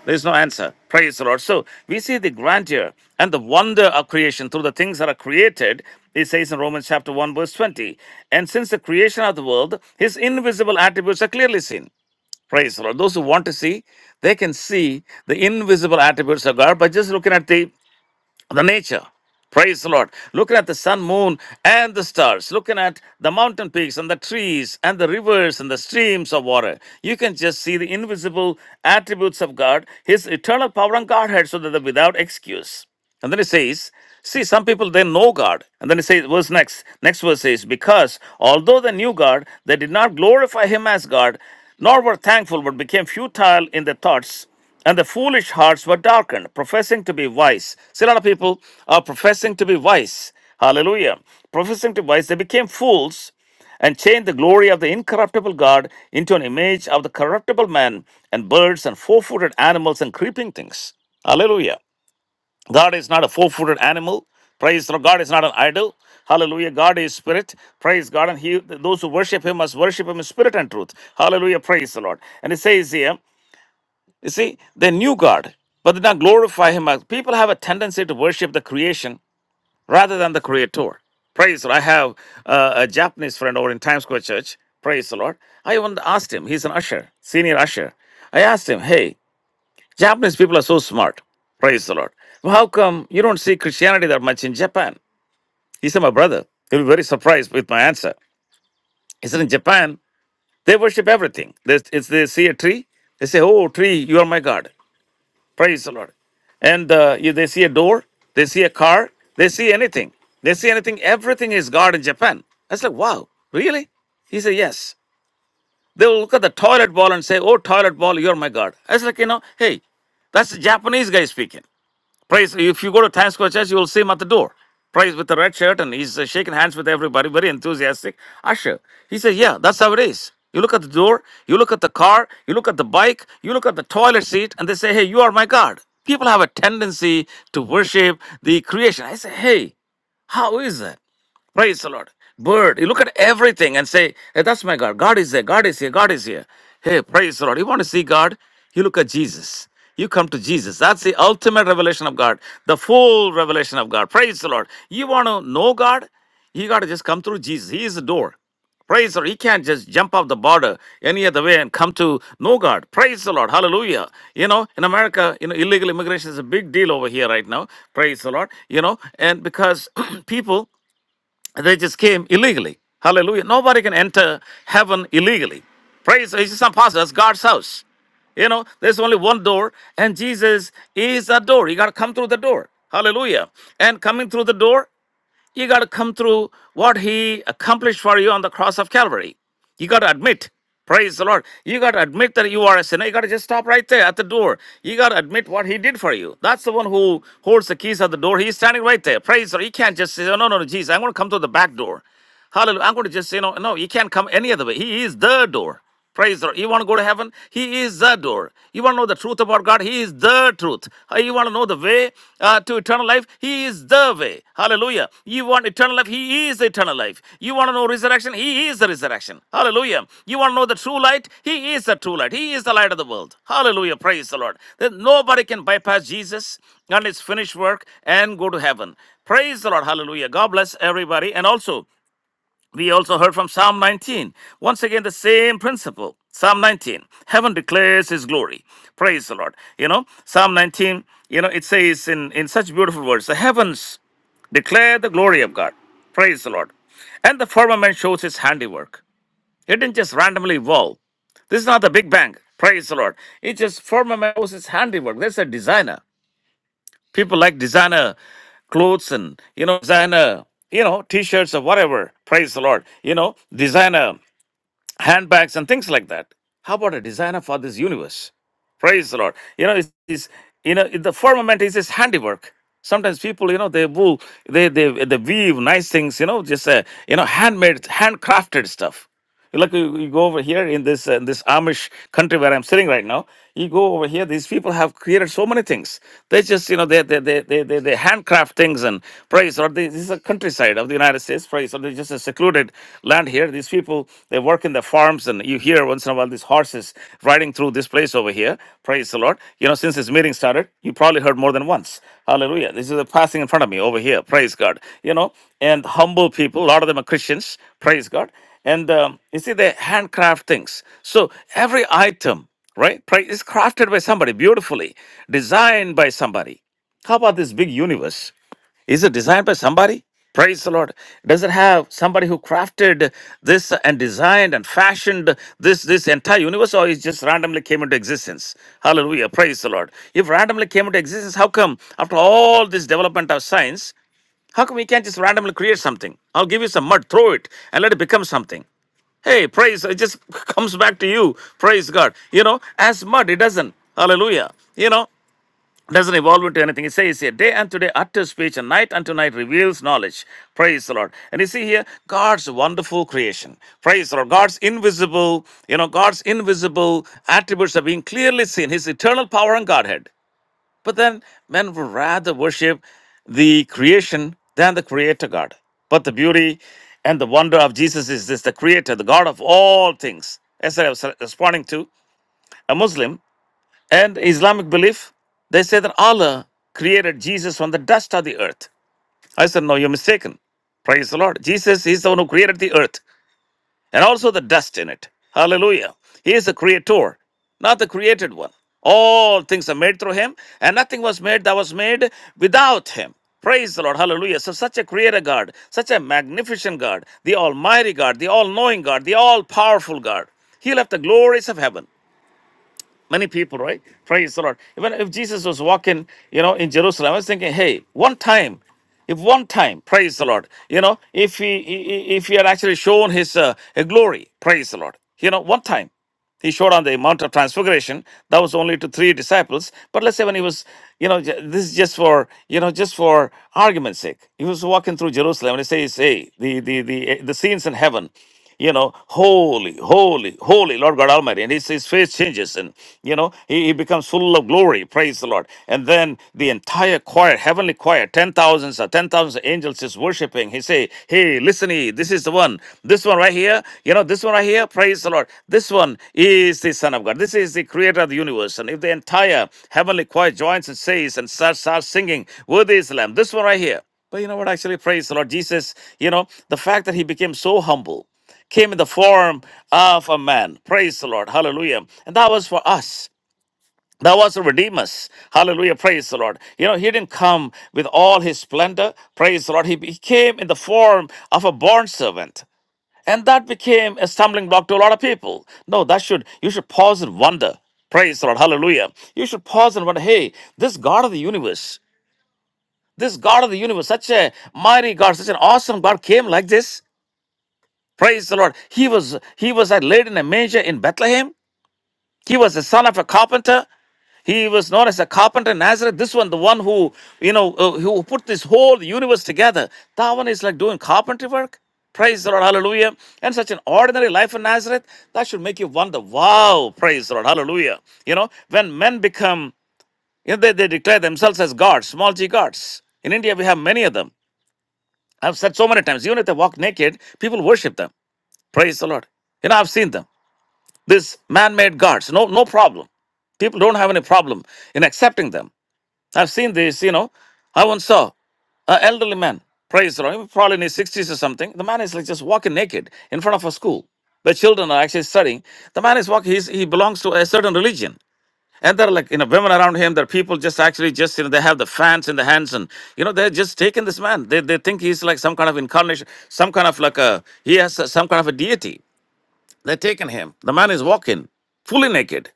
[SPEAKER 1] there is no answer. Praise the Lord. So we see the grandeur and the wonder of creation through the things that are created. It says in Romans chapter 1, verse 20. And since the creation of the world, his invisible attributes are clearly seen. Praise the Lord. Those who want to see, they can see the invisible attributes of God by just looking at the the nature. Praise the Lord. Looking at the sun, moon, and the stars, looking at the mountain peaks and the trees and the rivers and the streams of water, you can just see the invisible attributes of God, His eternal power and Godhead, so that they're without excuse. And then it says, see, some people they know God. And then it says, verse next, next verse says, because although they knew God, they did not glorify him as God, nor were thankful, but became futile in their thoughts, and the foolish hearts were darkened, professing to be wise. See, a lot of people are professing to be wise. Hallelujah. Professing to be wise, they became fools and changed the glory of the incorruptible God into an image of the corruptible man and birds and four footed animals and creeping things. Hallelujah. God is not a four footed animal. Praise the Lord. God is not an idol. Hallelujah. God is spirit. Praise God. And he, those who worship him must worship him in spirit and truth. Hallelujah. Praise the Lord. And it says here, you see, they knew God, but did not glorify him. As People have a tendency to worship the creation rather than the creator. Praise the Lord. I have uh, a Japanese friend over in Times Square Church. Praise the Lord. I even asked him, he's an usher, senior usher. I asked him, hey, Japanese people are so smart. Praise the Lord. Well, how come you don't see Christianity that much in Japan? He said, My brother, you'll be very surprised with my answer. He said, In Japan, they worship everything. They, it's, they see a tree, they say, Oh, tree, you are my God. Praise the Lord. And uh, if they see a door, they see a car, they see anything. They see anything, everything is God in Japan. I said, Wow, really? He said, Yes. They will look at the toilet bowl and say, Oh, toilet bowl, you're my God. I was like, You know, hey, that's the Japanese guy speaking. Praise. If you go to Times Square Church, you will see him at the door. Praise with the red shirt, and he's uh, shaking hands with everybody, very enthusiastic. Usher. He says, "Yeah, that's how it is." You look at the door, you look at the car, you look at the bike, you look at the toilet seat, and they say, "Hey, you are my God." People have a tendency to worship the creation. I say, "Hey, how is that?" Praise the Lord. Bird, you look at everything and say, hey, that's my God. God is there. God is here. God is here. Hey, praise the Lord. You want to see God? You look at Jesus. You come to Jesus. That's the ultimate revelation of God, the full revelation of God. Praise the Lord. You want to know God? You got to just come through Jesus. He is the door. Praise the Lord. He can't just jump off the border any other way and come to know God. Praise the Lord. Hallelujah. You know, in America, you know, illegal immigration is a big deal over here right now. Praise the Lord. You know, and because people they just came illegally. Hallelujah. Nobody can enter heaven illegally. Praise it's not possible. That's God's house. You know, there's only one door, and Jesus is a door. You got to come through the door. Hallelujah. And coming through the door you got to come through what He accomplished for you on the cross of Calvary. You got to admit, praise the Lord. You got to admit that you are a sinner. You got to just stop right there at the door. You got to admit what He did for you. That's the one who holds the keys at the door. He's standing right there. Praise the Lord. You can't just say, oh, no, no, no, Jesus, I'm going to come through the back door. Hallelujah. I'm going to just say, no, no, you can't come any other way. He is the door. Praise the Lord. You want to go to heaven? He is the door. You want to know the truth about God? He is the truth. Uh, You want to know the way uh, to eternal life? He is the way. Hallelujah. You want eternal life? He is eternal life. You want to know resurrection? He is the resurrection. Hallelujah. You want to know the true light? He is the true light. He is the light of the world. Hallelujah. Praise the Lord. That nobody can bypass Jesus and his finished work and go to heaven. Praise the Lord. Hallelujah. God bless everybody. And also, we also heard from Psalm 19. Once again, the same principle. Psalm 19. Heaven declares his glory. Praise the Lord. You know, Psalm 19, you know, it says in, in such beautiful words, the heavens declare the glory of God. Praise the Lord. And the firmament shows his handiwork. It didn't just randomly evolve. This is not the Big Bang. Praise the Lord. It just firmament shows his handiwork. There's a designer. People like designer clothes and you know designer you know t-shirts or whatever. Praise the Lord. You know designer handbags and things like that. How about a designer for this universe? Praise the Lord. You know it's, it's you know the firmament is his handiwork. Sometimes people, you know, they will they they they weave nice things, you know, just uh, you know, handmade, handcrafted stuff. You Look, you, you go over here in this uh, in this Amish country where I'm sitting right now. You go over here; these people have created so many things. They just, you know, they they they they they, they handcraft things and praise. Or they, this is a countryside of the United States, praise. Or they just a secluded land here. These people they work in the farms, and you hear once in a while these horses riding through this place over here. Praise the Lord. You know, since this meeting started, you probably heard more than once. Hallelujah. This is a passing in front of me over here. Praise God. You know, and humble people. A lot of them are Christians. Praise God and um, you see they handcraft things so every item right pri- is crafted by somebody beautifully designed by somebody how about this big universe is it designed by somebody praise the lord does it have somebody who crafted this and designed and fashioned this this entire universe or it just randomly came into existence hallelujah praise the lord if randomly came into existence how come after all this development of science how come we can't just randomly create something? I'll give you some mud, throw it, and let it become something. Hey, praise, it just comes back to you. Praise God. You know, as mud, it doesn't. Hallelujah. You know, doesn't evolve into anything. It says here, day unto day utter speech, and night unto night reveals knowledge. Praise the Lord. And you see here, God's wonderful creation. Praise the Lord. God's invisible, you know, God's invisible attributes are being clearly seen. His eternal power and Godhead. But then men would rather worship the creation than the creator God. But the beauty and the wonder of Jesus is this the creator, the God of all things. As I was responding to a Muslim and Islamic belief, they say that Allah created Jesus from the dust of the earth. I said, No, you're mistaken. Praise the Lord. Jesus is the one who created the earth and also the dust in it. Hallelujah. He is the creator, not the created one. All things are made through him, and nothing was made that was made without him. Praise the Lord. Hallelujah. So, such a creator God, such a magnificent God, the Almighty God, the All knowing God, the All powerful God. He left the glories of heaven Many people, right? Praise the Lord. Even if Jesus was walking, you know, in Jerusalem, I was thinking, hey, one time, if one time, praise the Lord, you know, if he i- i- if he had actually shown his uh, glory, praise the Lord, you know, one time he showed on the Mount of Transfiguration. That was only to three disciples. But let's say when he was, you know, ju- this is just for, you know, just for argument's sake. He was walking through Jerusalem and he says, hey, the, the, the, the scenes in heaven, you know, holy, holy, holy Lord God Almighty. And his, his face changes and, you know, he, he becomes full of glory. Praise the Lord. And then the entire choir choir, heavenly choir, ten thousands, uh, ten thousands angels is worshiping. He say, "Hey, listen, ye, this is the one. This one right here. You know, this one right here. Praise the Lord. This one is the Son of God. This is the Creator of the universe." And if the entire heavenly choir joins and says and starts, starts singing, "Worthy is the Lamb," this one right here. But you know what? Actually, praise the Lord. Jesus, you know, the fact that he became so humble came in the form of a man. Praise the Lord. Hallelujah. And that was for us. Thou was a redeemer. Hallelujah. Praise the Lord. You know, he didn't come with all his splendor. Praise the Lord. He, he came in the form of a born servant. And that became a stumbling block to a lot of people. No, that should, you should pause and wonder. Praise the Lord. Hallelujah. You should pause and wonder, hey, this God of the universe, this God of the universe, such a mighty God, such an awesome God came like this. Praise the Lord. He was, he was uh, laid in a manger in Bethlehem. He was the son of a carpenter. He was known as a carpenter in Nazareth. This one, the one who, you know, uh, who put this whole universe together. That one is like doing carpentry work. Praise the Lord, hallelujah. And such an ordinary life in Nazareth, that should make you wonder, wow, praise the Lord, hallelujah. You know, when men become, you know, they, they declare themselves as gods, small g gods. In India, we have many of them. I've said so many times, even if they walk naked, people worship them. Praise the Lord. You know, I've seen them. These man-made gods, no, no problem. People don't have any problem in accepting them. I've seen this, you know. I once saw an elderly man, praise the Lord, probably in his 60s or something. The man is like just walking naked in front of a school. The children are actually studying. The man is walking, he's, he belongs to a certain religion. And there are like, you know, women around him, there are people just actually just, you know, they have the fans in the hands and, you know, they're just taking this man. They, they think he's like some kind of incarnation, some kind of like a, he has some kind of a deity. They're taking him. The man is walking fully naked.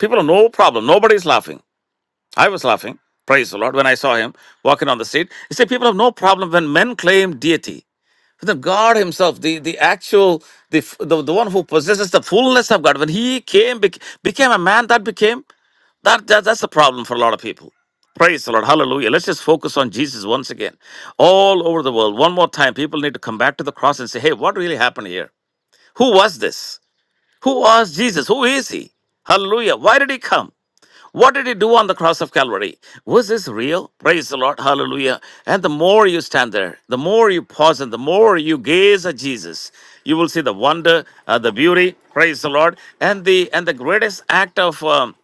[SPEAKER 1] People have no problem. Nobody's laughing. I was laughing, praise the Lord, when I saw him walking on the street. You see, people have no problem when men claim deity. But God Himself, the, the actual, the, f- the the one who possesses the fullness of God, when He came, bec- became a man, that became, that, that that's the problem for a lot of people. Praise the Lord. Hallelujah. Let's just focus on Jesus once again. All over the world, one more time, people need to come back to the cross and say, hey, what really happened here? Who was this? Who was Jesus? Who is He? Hallelujah. Why did He come? What did he do on the cross of Calvary? Was this real? Praise the Lord. Hallelujah. And the more you stand there, the more you pause and the more you gaze at Jesus, you will see the wonder, uh, the beauty, praise the Lord, and the and the greatest act of um,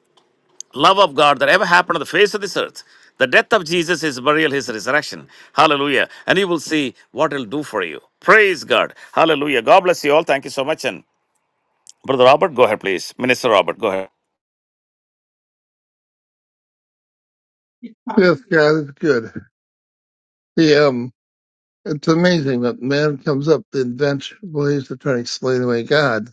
[SPEAKER 1] love of God that ever happened on the face of this earth. The death of Jesus, his burial, his resurrection. Hallelujah. And you will see what it'll do for you. Praise God. Hallelujah. God bless you all. Thank you so much. And Brother Robert, go ahead, please. Minister Robert, go ahead.
[SPEAKER 4] Yes, God is good. The um, it's amazing that man comes up with invention ways to try to explain away God.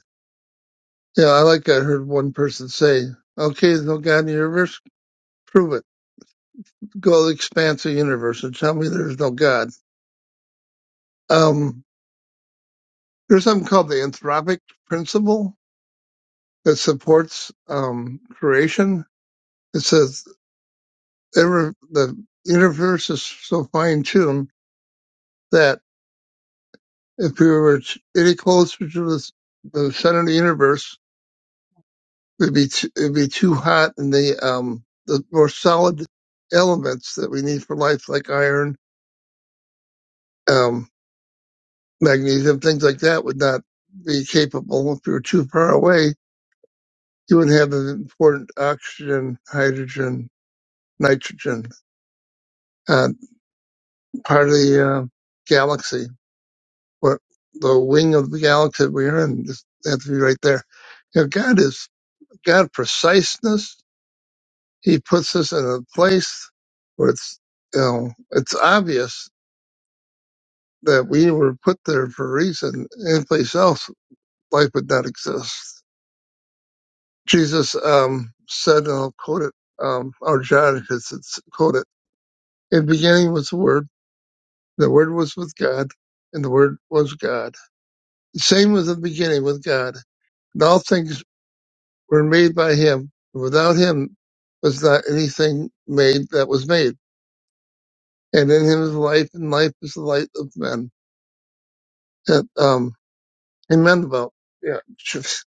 [SPEAKER 4] Yeah, I like I heard one person say, "Okay, there's no God in the universe. Prove it. Go to the expanse of the universe and tell me there's no God." Um, there's something called the anthropic principle that supports um creation. It says ever the universe is so fine tuned that if we were any closer to the, the center of the universe It'd be too, it'd be too hot, and the um the more solid elements that we need for life, like iron, um, magnesium, things like that, would not be capable. If you were too far away, you wouldn't have the important oxygen, hydrogen, nitrogen, uh, part of the uh, galaxy. or the wing of the galaxy we're in just have to be right there. You know, God is God preciseness he puts us in a place where it's you know it's obvious that we were put there for a reason. Any place else, life would not exist. Jesus um, said, and I'll quote it, um, or John, because it's quote it." In the beginning was the Word. The Word was with God, and the Word was God. Same was the beginning with God. And all things were made by Him. Without Him was not anything made that was made. And in Him is life, and life is the light of men that um, in Mandeville, you Jesus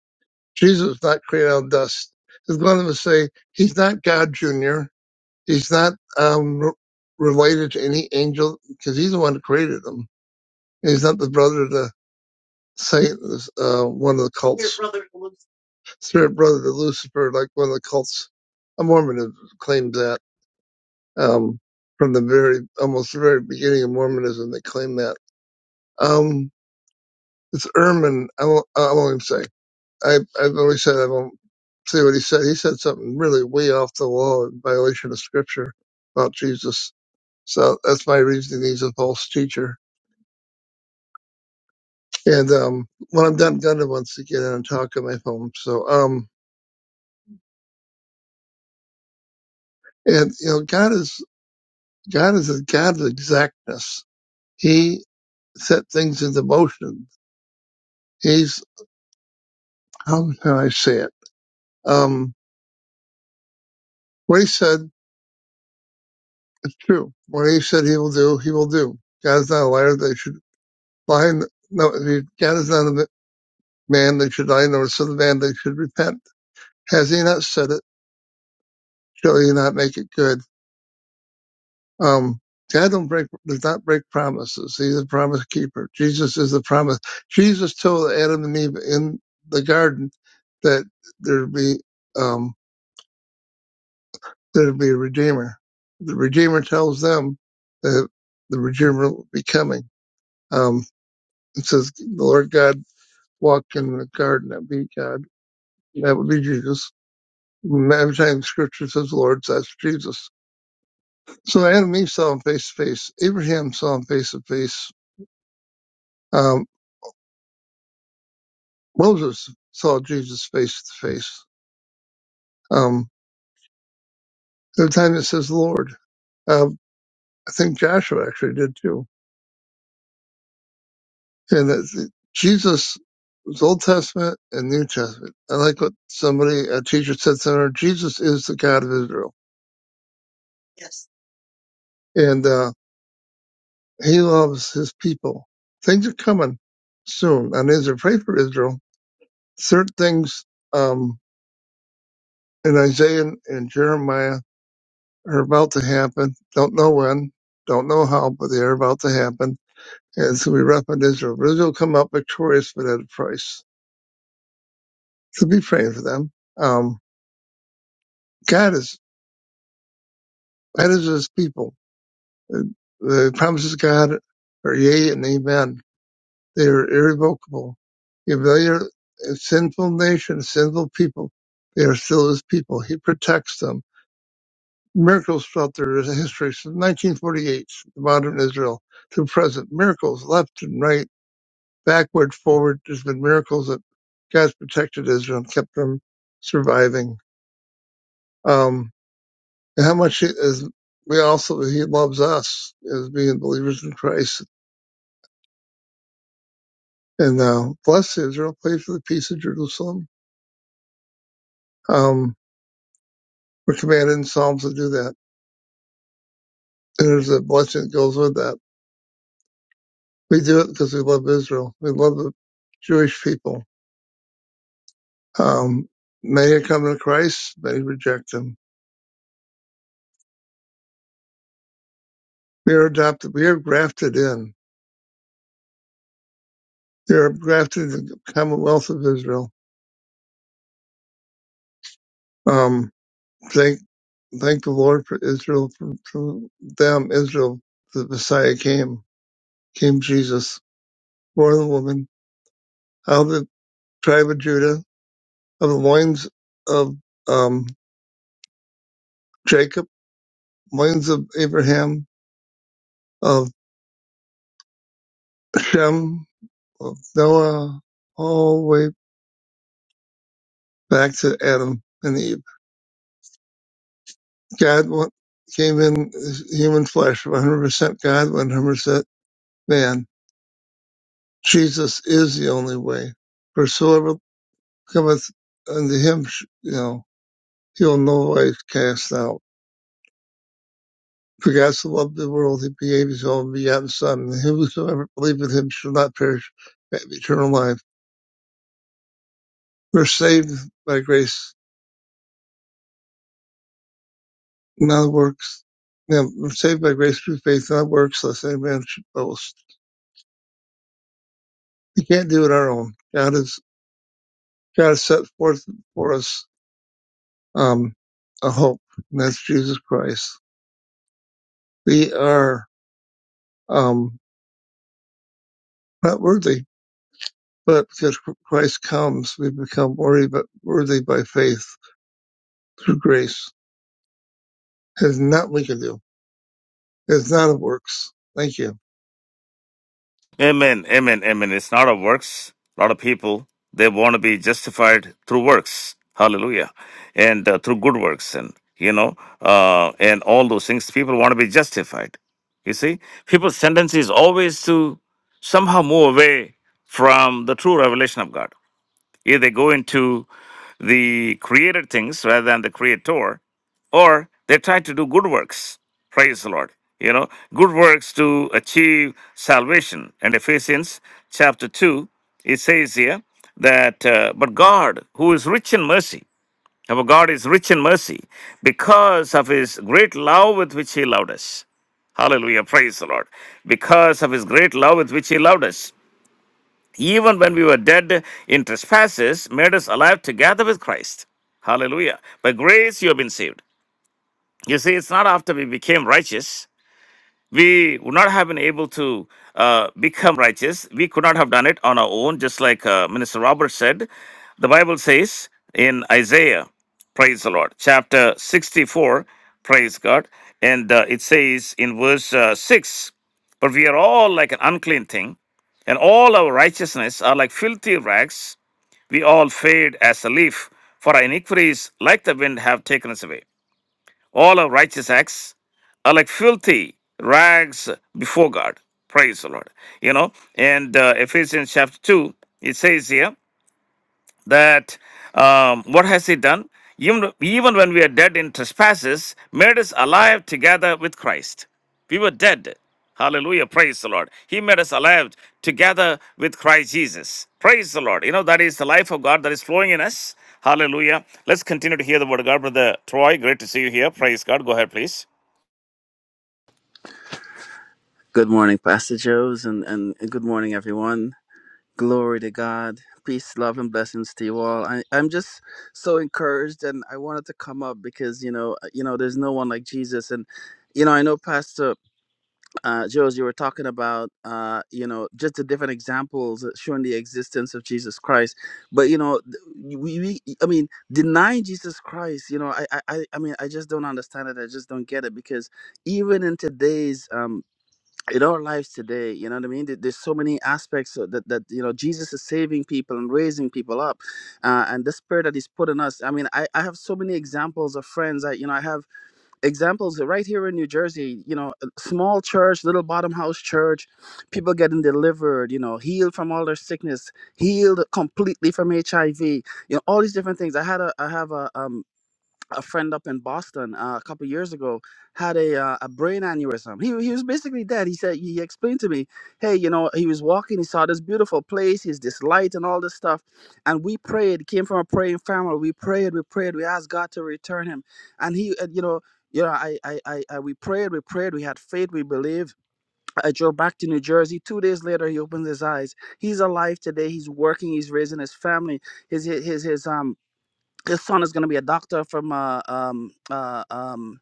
[SPEAKER 4] is not created out of dust. As Glenn would say, he's not God Junior. He's not um, re- related to any angel because he's the one who created him. He's not the brother to Satan, uh, one of the cults. Spirit brother to Lucifer, Spirit brother to Lucifer, like one of the cults. A Mormonism claims that um, from the very, almost the very beginning of Mormonism, they claim that. Um, it's Ehrman, I won't, I won't even say. I, I've always said I don't see what he said. He said something really way off the wall in violation of scripture about Jesus. So that's my reasoning. He's a false teacher. And, um, when I'm done, Gunda wants to get in and talk on my phone. So, um, and, you know, God is, God is a God of exactness. He set things into motion. He's, how can I say it? Um, what he said is true. What he said he will do, he will do. God is not a liar. They should lie. No, God is not. Man that should die, nor son of man that should repent. Has he not said it? Shall he not make it good? Um, God don't break, does not break promises. He's a promise keeper. Jesus is the promise. Jesus told Adam and Eve in the garden that there'd be, um, there'd be a redeemer. The redeemer tells them that the redeemer will be coming. Um, it says the Lord God walked in the garden. That'd be God. That would be Jesus. Every time scripture says Lord, that's Jesus So Adam and Eve saw him face to face. Abraham saw him face to face. Um, Moses saw Jesus face to face. Um, every time it says Lord, um, I think Joshua actually did too. And that Jesus was Old Testament and New Testament. I like what somebody, a teacher said somewhere, Jesus is the God of Israel and, uh, he loves his people. Things are coming soon on Israel. Pray for Israel. Certain things, um, in Isaiah and Jeremiah are about to happen. Don't know when, don't know how, but they are about to happen. And it's going to be rough on Israel. But Israel will come out victorious, but at a price. So be praying for them. Um, God is, God is his people. The the promises of God are yea and amen. They are irrevocable. If they are a sinful nation, sinful people, they are still his people. He protects them. Miracles throughout their history since 1948, modern Israel to present. Miracles left and right backward, forward. There's been miracles that God's protected Israel and kept them surviving. Um, and how much he is we also He loves us as being believers in Christ. And uh, bless Israel, pray for the peace of Jerusalem. Um, we're commanded in Psalms to do that. And there's a blessing that goes with that. We do it because we love Israel. We love the Jewish people. Um, many are coming to Christ, many reject him. We are adopted. We are grafted in They're grafted in the Commonwealth of Israel. Um, thank, thank the Lord for Israel. For, for them, Israel, the Messiah came, came Jesus, born of woman, out of the tribe of Judah, of the loins of um, Jacob, loins of Abraham, of Shem, of Noah, all the way back to Adam and Eve. God wa- came in as human flesh, 100% God, 100% man Jesus is the only way. whosoever cometh unto him, you know, he will no way cast out. For God so loved the world, he gave his own begotten Son, and whosoever believeth in him shall not perish, but have eternal life. We're saved by grace, not works. You know, we're saved by grace through faith, not works, lest any man should boast. We can't do it our own. God is God has set forth for us um, a hope, and that's Jesus Christ. We are. um, not worthy. But because Christ comes, we become worthy, but worthy by faith through grace. It is not we can do. It is not of works. Thank you.
[SPEAKER 1] Amen, amen, amen. It's not of works. A lot of people they want to be justified through works. Hallelujah, and uh, through good works, and you know, uh, and all those things. People want to be justified. You see, people's tendency is always to somehow move away from the true revelation of God. Either they go into the created things rather than the creator, or they try to do good works. Praise the Lord. You know, good works to achieve salvation. And Ephesians chapter 2, it says here that, uh, but God, who is rich in mercy, our God is rich in mercy because of his great love with which he loved us. Hallelujah. Praise the Lord. Because of his great love with which he loved us even when we were dead in trespasses, made us alive together with Christ. Hallelujah. By grace you have been saved. You see, it's not after we became righteous we would not have been able to uh, become righteous. We could not have done it on our own, just like uh, Minister Robert said. The Bible says in Isaiah, praise the Lord, chapter 64, praise God, and uh, it says in verse uh, 6 But we are all like an unclean thing, and all our righteousness are like filthy rags. We all fade as a leaf, for our iniquities, like the wind, have taken us away. All our righteous acts are like filthy rags before God. Praise the Lord. You know, and uh, Ephesians chapter 2, it says here, that um, what has he done? Even, even when we are dead in trespasses, made us alive together with Christ. We were dead. Hallelujah. Praise the Lord. He made us alive together with Christ Jesus. Praise the Lord. You know, that is the life of God that is flowing in us. Hallelujah. Let's continue to hear the word of God. Brother Troy, great to see you here. Praise God. Go ahead, please.
[SPEAKER 5] Good morning, Pastor Joes, and, and good morning, everyone. Glory to God. Peace, love, and blessings to you all. I, I'm just so encouraged, and I wanted to come up because you know, uh, you know, there's no one like Jesus, and you know, I know Pastor uh, Joes, you were talking about, uh, you know, just the different examples that showing the existence of Jesus Christ, but you know, th- we, we I mean, denying Jesus Christ, you know, I, I, I I mean, I just don't understand it. I just don't get it because even in today's um, in our lives today you know what i mean There- there's so many aspects of that that you know jesus is saving people and raising people up uh, and the spirit that he's put in us i mean I, I have so many examples of friends i you know i have examples right here in new jersey you know a small church little bottom house church people getting delivered you know healed from all their sickness healed completely from hiv you know all these different things i had a i have a um a friend up in Boston uh, a couple years ago had a uh, a brain aneurysm. He he was basically dead. He said he explained to me, hey, you know, he was walking, he saw this beautiful place, he's this light and all this stuff, and we prayed. Came from a praying family. We prayed, we prayed, we asked God to return him, and he, uh, you know. You know, I, I, I, I, we prayed, we prayed, we had faith, we believed. I drove back to New Jersey. Two days later, he opens his eyes. He's alive today. He's working. He's raising his family. His, his, his, um, his son is going to be a doctor from uh, um, uh, um,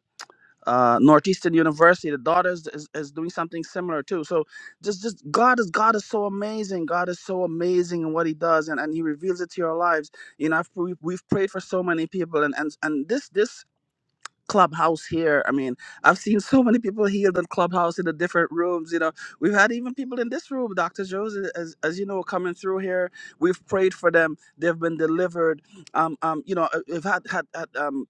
[SPEAKER 5] uh, Northeastern University. The daughter is, is, is doing something similar too. So just just God is God is so amazing. God is so amazing in what He does, and, and He reveals it to your lives. You know, I've, we've, we've prayed for so many people, and and and this this clubhouse here i mean i've seen so many people healed in clubhouse in the different rooms you know we've had even people in this room dr jones as, as you know coming through here we've prayed for them they've been delivered um um you know uh, we've had had, had um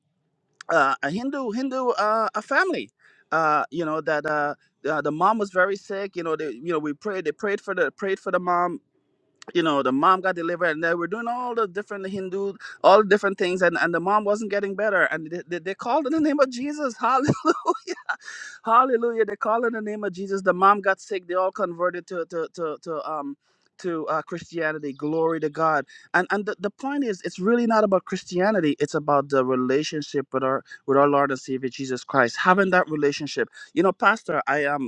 [SPEAKER 5] uh, a hindu hindu uh a family uh you know that uh uh, the mom was very sick you know they you know we prayed they prayed for the prayed for the mom you know the mom got delivered and they were doing all the different hindu all the different things and, and the mom wasn't getting better and they, they, they called in the name of jesus hallelujah hallelujah they called in the name of jesus the mom got sick they all converted to to to, to um to uh, christianity glory to god and and the, the point is it's really not about christianity it's about the relationship with our with our lord and savior jesus christ having that relationship you know pastor i am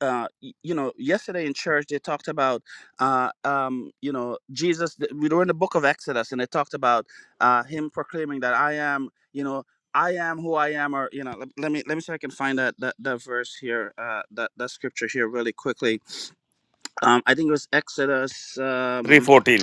[SPEAKER 5] uh, y- you know, yesterday in church they talked about, uh, um, you know, Jesus. th- We were in the book of Exodus, and they talked about uh, him proclaiming that I am, you know, I am who I am, or you know, let, let me let me see if I can find that that, that verse here, uh, that that scripture here, really quickly. Um, I think it was Exodus. Um,
[SPEAKER 1] 314.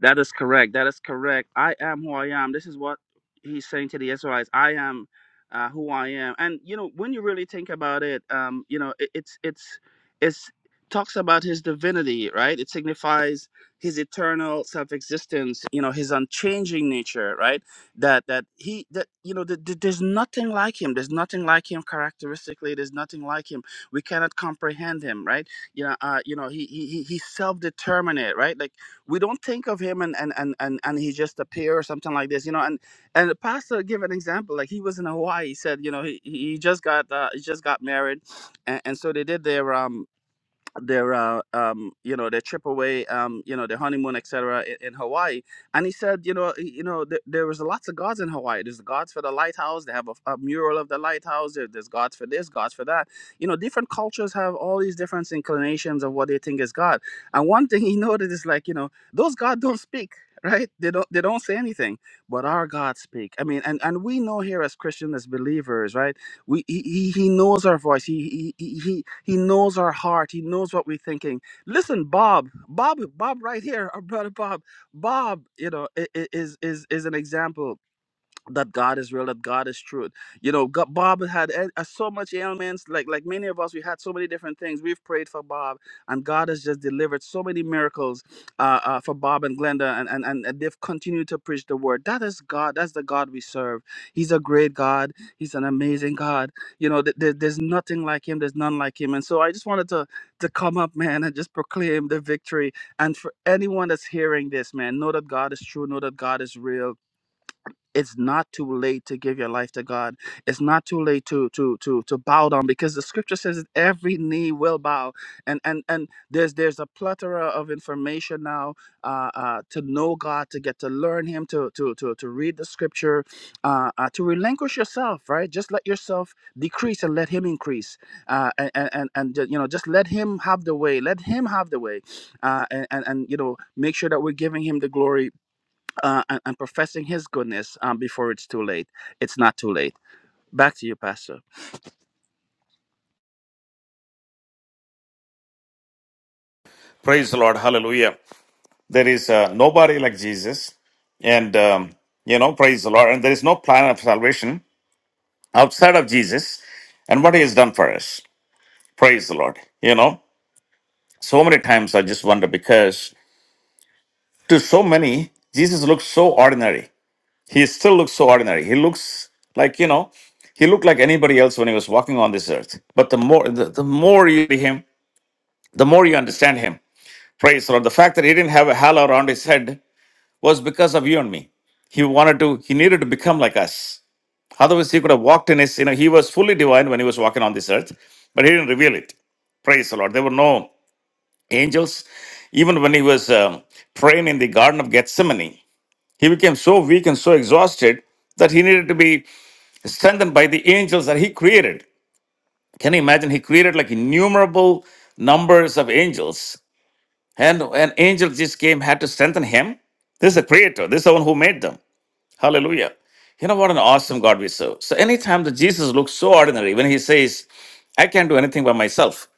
[SPEAKER 5] that is correct. That is correct. I am who I am. This is what he's saying to the Israelites. I am uh, who I am. And you know, when you really think about it, um, you know, it, it's it's it's talks about his divinity, right? It signifies his eternal self-existence. You know, his unchanging nature, right? That that he that you know, th- th- there's nothing like him. There's nothing like him characteristically. There's nothing like him. We cannot comprehend him, right? You know, uh, you know, he he he- he's self-determinate, right? Like we don't think of him and and and and, and he just appear or something like this you know and and the pastor give an example like he was in hawaii he said you know he, he he just got uh, he just got married and, and so they did their um their uh, um, you know their trip away um, you know their honeymoon etc in, in hawaii and he said you know you know th- there was lots of gods in hawaii there's gods for the lighthouse they have a, a mural of the lighthouse there, there's gods for this gods for that you know different cultures have all these different inclinations of what they think is god and one thing he noted is like you know those gods don't speak right they don't they don't say anything but our god speak i mean and and we know here as christians as believers right we he, he he knows our voice he, he he he he knows our heart he knows what we're thinking listen bob bob bob right here our brother bob bob you know i- i- is is is an example that God is real, that God is truth. You know, God, Bob had e- uh, so much ailments, like like many of us, we had so many different things. We've prayed for Bob, and God has just delivered so many miracles uh, uh, for Bob and Glenda, and, and and and they've continued to preach the word. That is God. That's the God we serve. He's a great God. He's an amazing God. You know, th- there- there's nothing like Him. There's none like Him. And so I just wanted to to come up, man, and just proclaim the victory. And for anyone that's hearing this, man, know that God is true. Know that God is real it's not too late to give your life to God. It's not too late to to to to bow down because the scripture says that every knee will bow. And and and there's there's a plethora of information now uh, uh, to know God, to get to learn Him, to to to to read the scripture, uh, uh, to relinquish yourself. Right, just let yourself decrease and let Him increase. Uh, and and and and, ju- you know just let Him have the way. Let Him have the way. Uh, and, and and you know make sure that we're giving Him the glory uh, and, and professing His goodness um, before it's too late. It's not too late. Back to you, Pastor.
[SPEAKER 1] Praise the Lord. Hallelujah. There is uh, nobody like Jesus. And, um, you know, praise the Lord. And there is no plan of salvation outside of Jesus and what he has done for us. Praise the Lord. You know, so many times I just wonder because to so many, Jesus looks so ordinary. He still looks so ordinary. He looks like, you know, he looked like anybody else when he was walking on this earth. But the more the, the more you see him, the more you understand him. Praise the Lord. The fact that he didn't have a halo around his head was because of you and me. He wanted to, he needed to become like us. Otherwise, he could have walked in his, you know, he was fully divine when he was walking on this earth, but he didn't reveal it. Praise the Lord. There were no angels. Even when he was um, praying in the Garden of Gethsemane, he became so weak and so exhausted that he needed to be strengthened by the angels that he created. Can you imagine? He created like innumerable numbers of angels, and an angel just came, had to strengthen him. This is the creator, this is the one who made them. Hallelujah. You know what an awesome God we serve. So anytime that Jesus looks so ordinary, when he says, I can't do anything by myself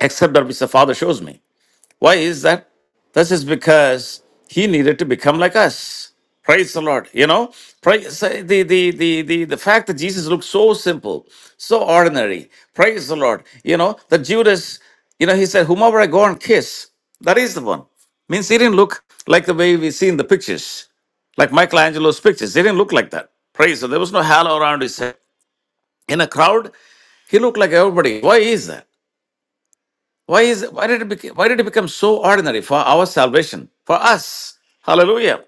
[SPEAKER 1] except that which the Father shows me. Why is that? This is because he needed to become like us. Praise the Lord. You know, praise say the, the the the the fact that Jesus looks so simple, so ordinary. Praise the Lord. You know, that Judas, you know, he said, Whomever I go and kiss, that is the one. Means he didn't look like the way we see in the pictures like Michelangelo's pictures. They didn't look like that. Praise. So there was no halo around his head. In a crowd, he looked like everybody. Why is that? Why is why did it become, why did it become so ordinary for our salvation? For us. Hallelujah.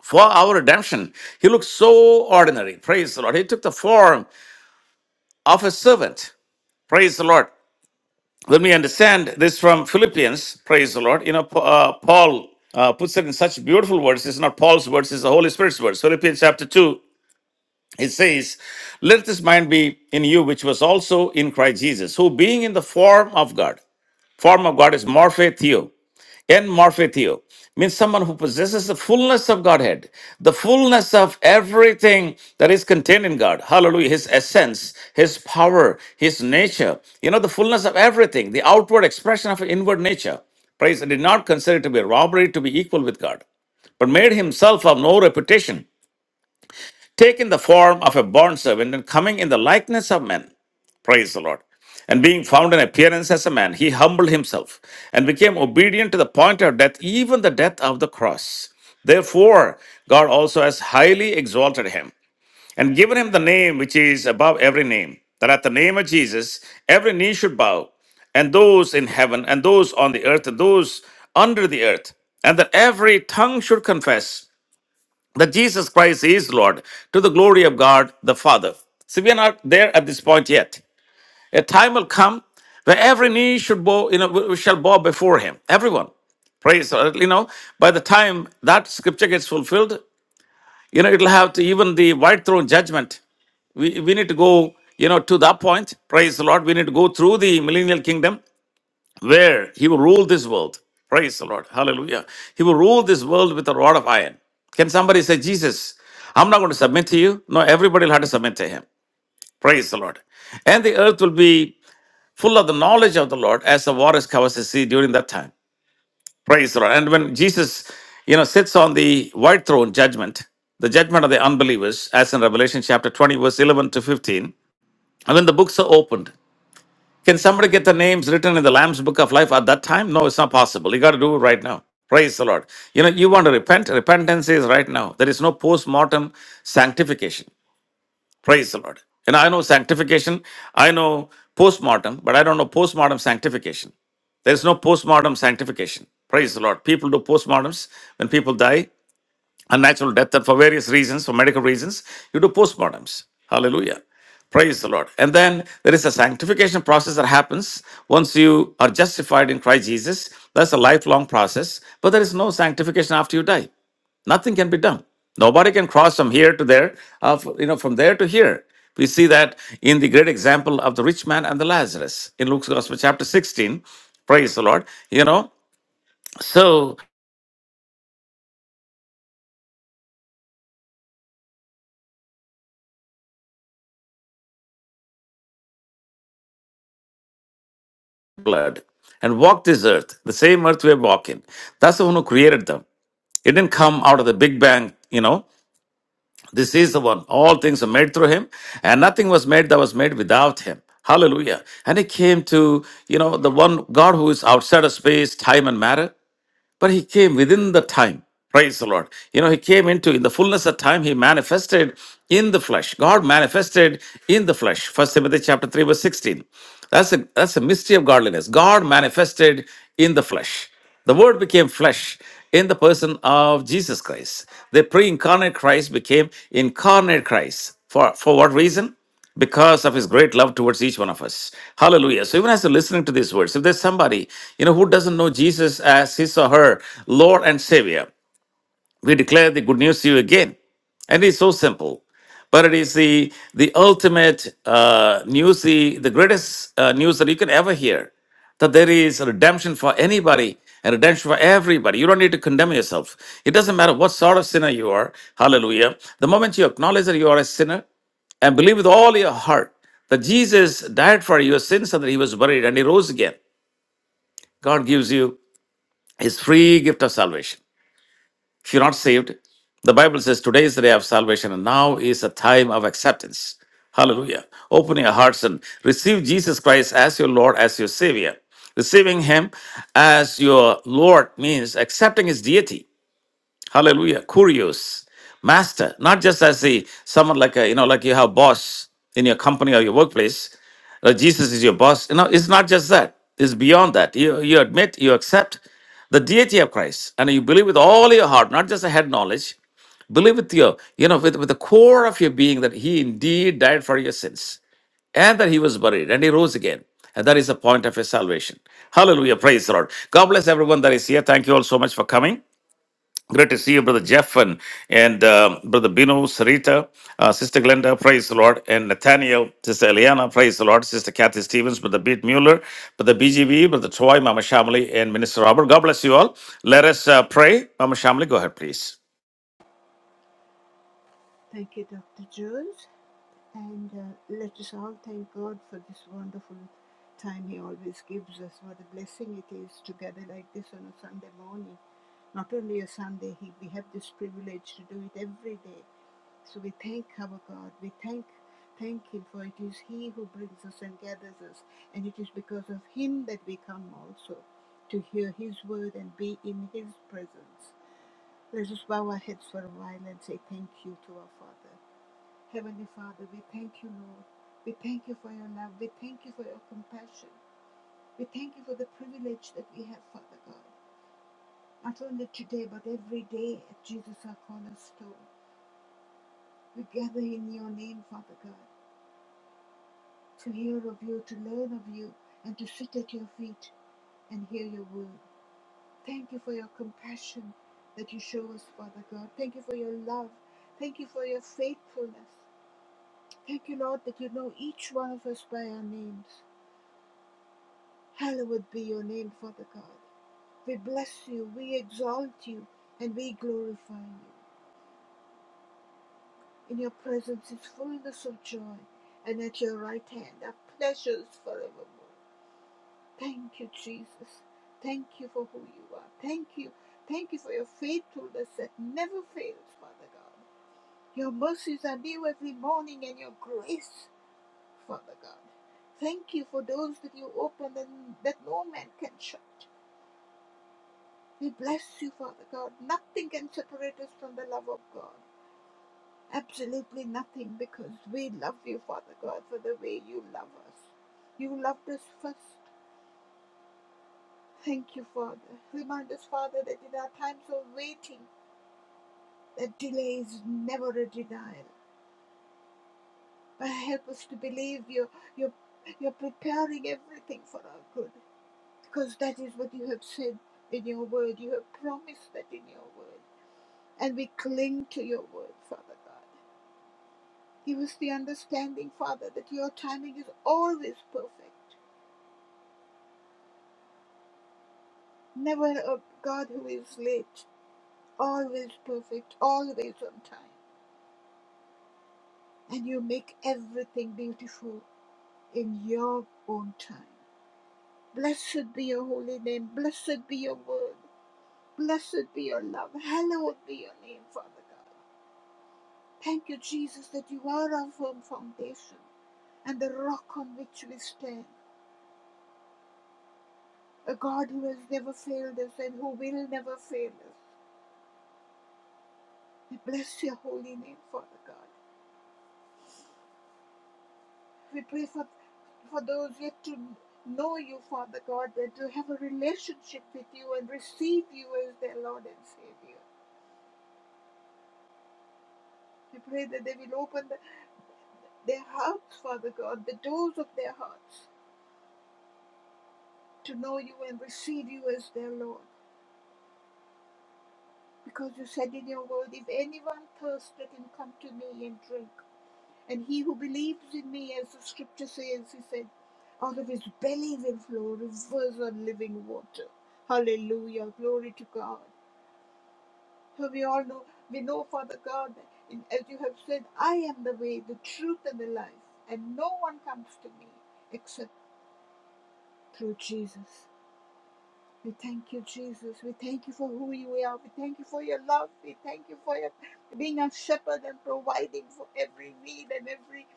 [SPEAKER 1] For our redemption. He looked so ordinary. Praise the Lord. He took the form of a servant. Praise the Lord. When we understand this from Philippians, praise the Lord, you know, Pa- uh, Paul uh, puts it in such beautiful words. It's not Paul's words, it's the Holy Spirit's words. Philippians chapter 2, It says, Let this mind be in you, which was also in Christ Jesus, who being in the form of God, form of God is morphe theo, en morphe theo, means someone who possesses the fullness of Godhead, the fullness of everything that is contained in God. Hallelujah. His essence, his power, his nature, you know, the fullness of everything, the outward expression of inward nature. Praise, and did not consider it to be a robbery to be equal with God but made himself of no reputation, taking the form of a bondservant and coming in the likeness of men. Praise the Lord. And being found in appearance as a man, he humbled himself and became obedient to the point of death, even the death of the cross. Therefore, God also has highly exalted him and given him the name which is above every name, that at the name of Jesus every knee should bow, and those in heaven, and those on the earth, and those under the earth, and that every tongue should confess that Jesus Christ is Lord to the glory of God the Father. See, we are not there at this point yet. A time will come where every knee should bow, you know, we shall bow before Him. Everyone, praise, uh, you know. By the time that scripture gets fulfilled, you know, it'll have to even the white throne judgment. We we need to go, you know, to that point. Praise the Lord. We need to go through the millennial kingdom where he will rule this world. Praise the Lord. Hallelujah. He will rule this world with a rod of iron. Can somebody say, Jesus, I'm not going to submit to you? No, everybody will have to submit to him. Praise the Lord. And the earth will be full of the knowledge of the Lord as the waters covers the sea during that time. Praise the Lord. And when Jesus, you know, sits on the white throne judgment, the judgment of the unbelievers, as in Revelation chapter 20, verse 11 to 15, and when the books are opened, can somebody get the names written in the Lamb's Book of Life at that time? No, it's not possible. You got to do it right now. Praise the Lord. You know, you want to repent. Repentance is right now. There is no post mortem sanctification. Praise the Lord. And I know sanctification, I know post mortem, but I don't know post mortem sanctification. There is no post mortem sanctification. Praise the Lord. People do post mortems when people die unnatural death and for various reasons, for medical reasons, you do postmortems. Hallelujah. Praise the Lord. And then there is a sanctification process that happens once you are justified in Christ Jesus. That's a lifelong process, but there is no sanctification after you die. Nothing can be done. Nobody can cross from here to there, uh, f- you know, from there to here. We see that in the great example of the rich man and the Lazarus in Luke's Gospel, chapter 16. Praise the Lord. You know, so blood and walked this earth, the same earth we're walking. That's the one who created them. It didn't come out of the Big Bang, you know. This is the one. All things are made through him, and nothing was made that was made without him. Hallelujah. And he came to, you know, the one God who is outside of space, time, and matter. But he came within the time. Praise the Lord. You know, he came into in the fullness of time, he manifested in the flesh. God manifested in the flesh. First Timothy chapter 3, verse 16. That's a that's a mystery of godliness. God manifested in the flesh. The word became flesh in the person of Jesus Christ. The pre-incarnate Christ became incarnate Christ. For for what reason? because of his great love towards each one of us. Hallelujah. So even as you're listening to these words, if there's somebody, you know, who doesn't know Jesus as his or her Lord and Savior, we declare the good news to you again. And it's so simple. But it is the, the ultimate uh, news, the, the greatest uh, news that you can ever hear that there is a redemption for anybody and redemption for everybody. You don't need to condemn yourself. It doesn't matter what sort of sinner you are. Hallelujah. The moment you acknowledge that you are a sinner, and believe with all your heart that Jesus died for your sins and that he was buried and he rose again, God gives you his free gift of salvation. If you're not saved, the Bible says today is the day of salvation and now is a time of acceptance. Hallelujah. Open your hearts and receive Jesus Christ as your Lord, as your Savior. Receiving Him as your Lord means accepting His deity Hallelujah. Curious. Master, not just as a someone like a, you know, like you have boss in your company or your workplace. uh, Jesus is your boss. You know, it's not just that. It's beyond that. You you admit, you accept the deity of Christ, and you believe with all your heart, not just a head knowledge, believe with your, you know, with, with the core of your being that he indeed died for your sins and that he was buried and he rose again. And that is the point of your salvation. Hallelujah. Praise the Lord. God bless everyone that is here. Thank you all so much for coming. Great to see you, Brother Jeff and, and uh, Brother Bino, Sarita, uh, Sister Glenda, praise the Lord, and Nathaniel, Sister Eliana, praise the Lord, Sister Kathy Stevens, Brother Beat Mueller, Brother BGV, Brother Troy, Mama Shamali, and Minister Robert. God bless you all. Let us uh, pray. Mama Shamali, go ahead, please.
[SPEAKER 3] Thank you, Dr. Jules. And uh, let us all thank God for this wonderful time He always gives us. What a blessing it is together like this on a Sunday morning. Not only a Sunday, he, we have this privilege to do it every day. So we thank our God. We thank thank Him for it is He who brings us and gathers us, and it is because of Him that we come also to hear His word and be in His presence. Let us bow our heads for a while and say thank you to our Father. Heavenly Father, we thank you, Lord. We thank you for your love. We thank you for your compassion. We thank you for the privilege that we have, Father God. Not only today, but every day at Jesus, our cornerstone. We gather in your name, Father God, to hear of you, to learn of you, and to sit at your feet and hear your word. Thank you for your compassion that you show us, Father God. Thank you for your love. Thank you for your faithfulness. Thank you, Lord, that you know each one of us by our names. Hallowed be your name, Father God. We bless you, we exalt you, and we glorify you. In your presence is fullness of joy, and at your right hand are pleasures forevermore. Thank you, Jesus. Thank you for who you are. Thank you. Thank you for your faithfulness that never fails, Father God. Your mercies are new every morning, and your grace, Father God. Thank you for those that you open and that no man can shut. We bless you, Father God. Nothing can separate us from the love of God. Absolutely nothing, because we love you, Father God, for the way you love us. You loved us first. Thank you, Father. Remind us, Father, that in our times of waiting, that delay is never a denial. But help us to believe you, you're, you're preparing everything for our good, because that is what you have said in your word. You have promised that in your word. And we cling to your word, Father God. Give us the understanding, Father, that your timing is always perfect. Never a God who is late, always perfect, always on time. And you make everything beautiful in your own time. Blessed be your holy name. Blessed be your word. Blessed be your love. Hallowed be your name, Father God. Thank you, Jesus, that you are our firm foundation and the rock on which we stand. A God who has never failed us and who will never fail us. We bless your holy name, Father God. We pray for, for those yet to know you, Father God, that to have a relationship with you and receive you as their Lord and Savior. We pray that they will open the, their hearts, Father God, the doors of their hearts to know you and receive you as their Lord. Because you said in your word, if anyone thirsteth, let him come to me and drink. And he who believes in me, as the scripture says, he said, out of his belly will flow rivers of living water. Hallelujah. Glory to God. So we all know, we know, Father God, that in, as you have said, I am the way, the truth, and the life. And no one comes to me except through Jesus. We thank you, Jesus. We thank you for who you are. We thank you for your love. We thank you for your being a shepherd and providing for every need and every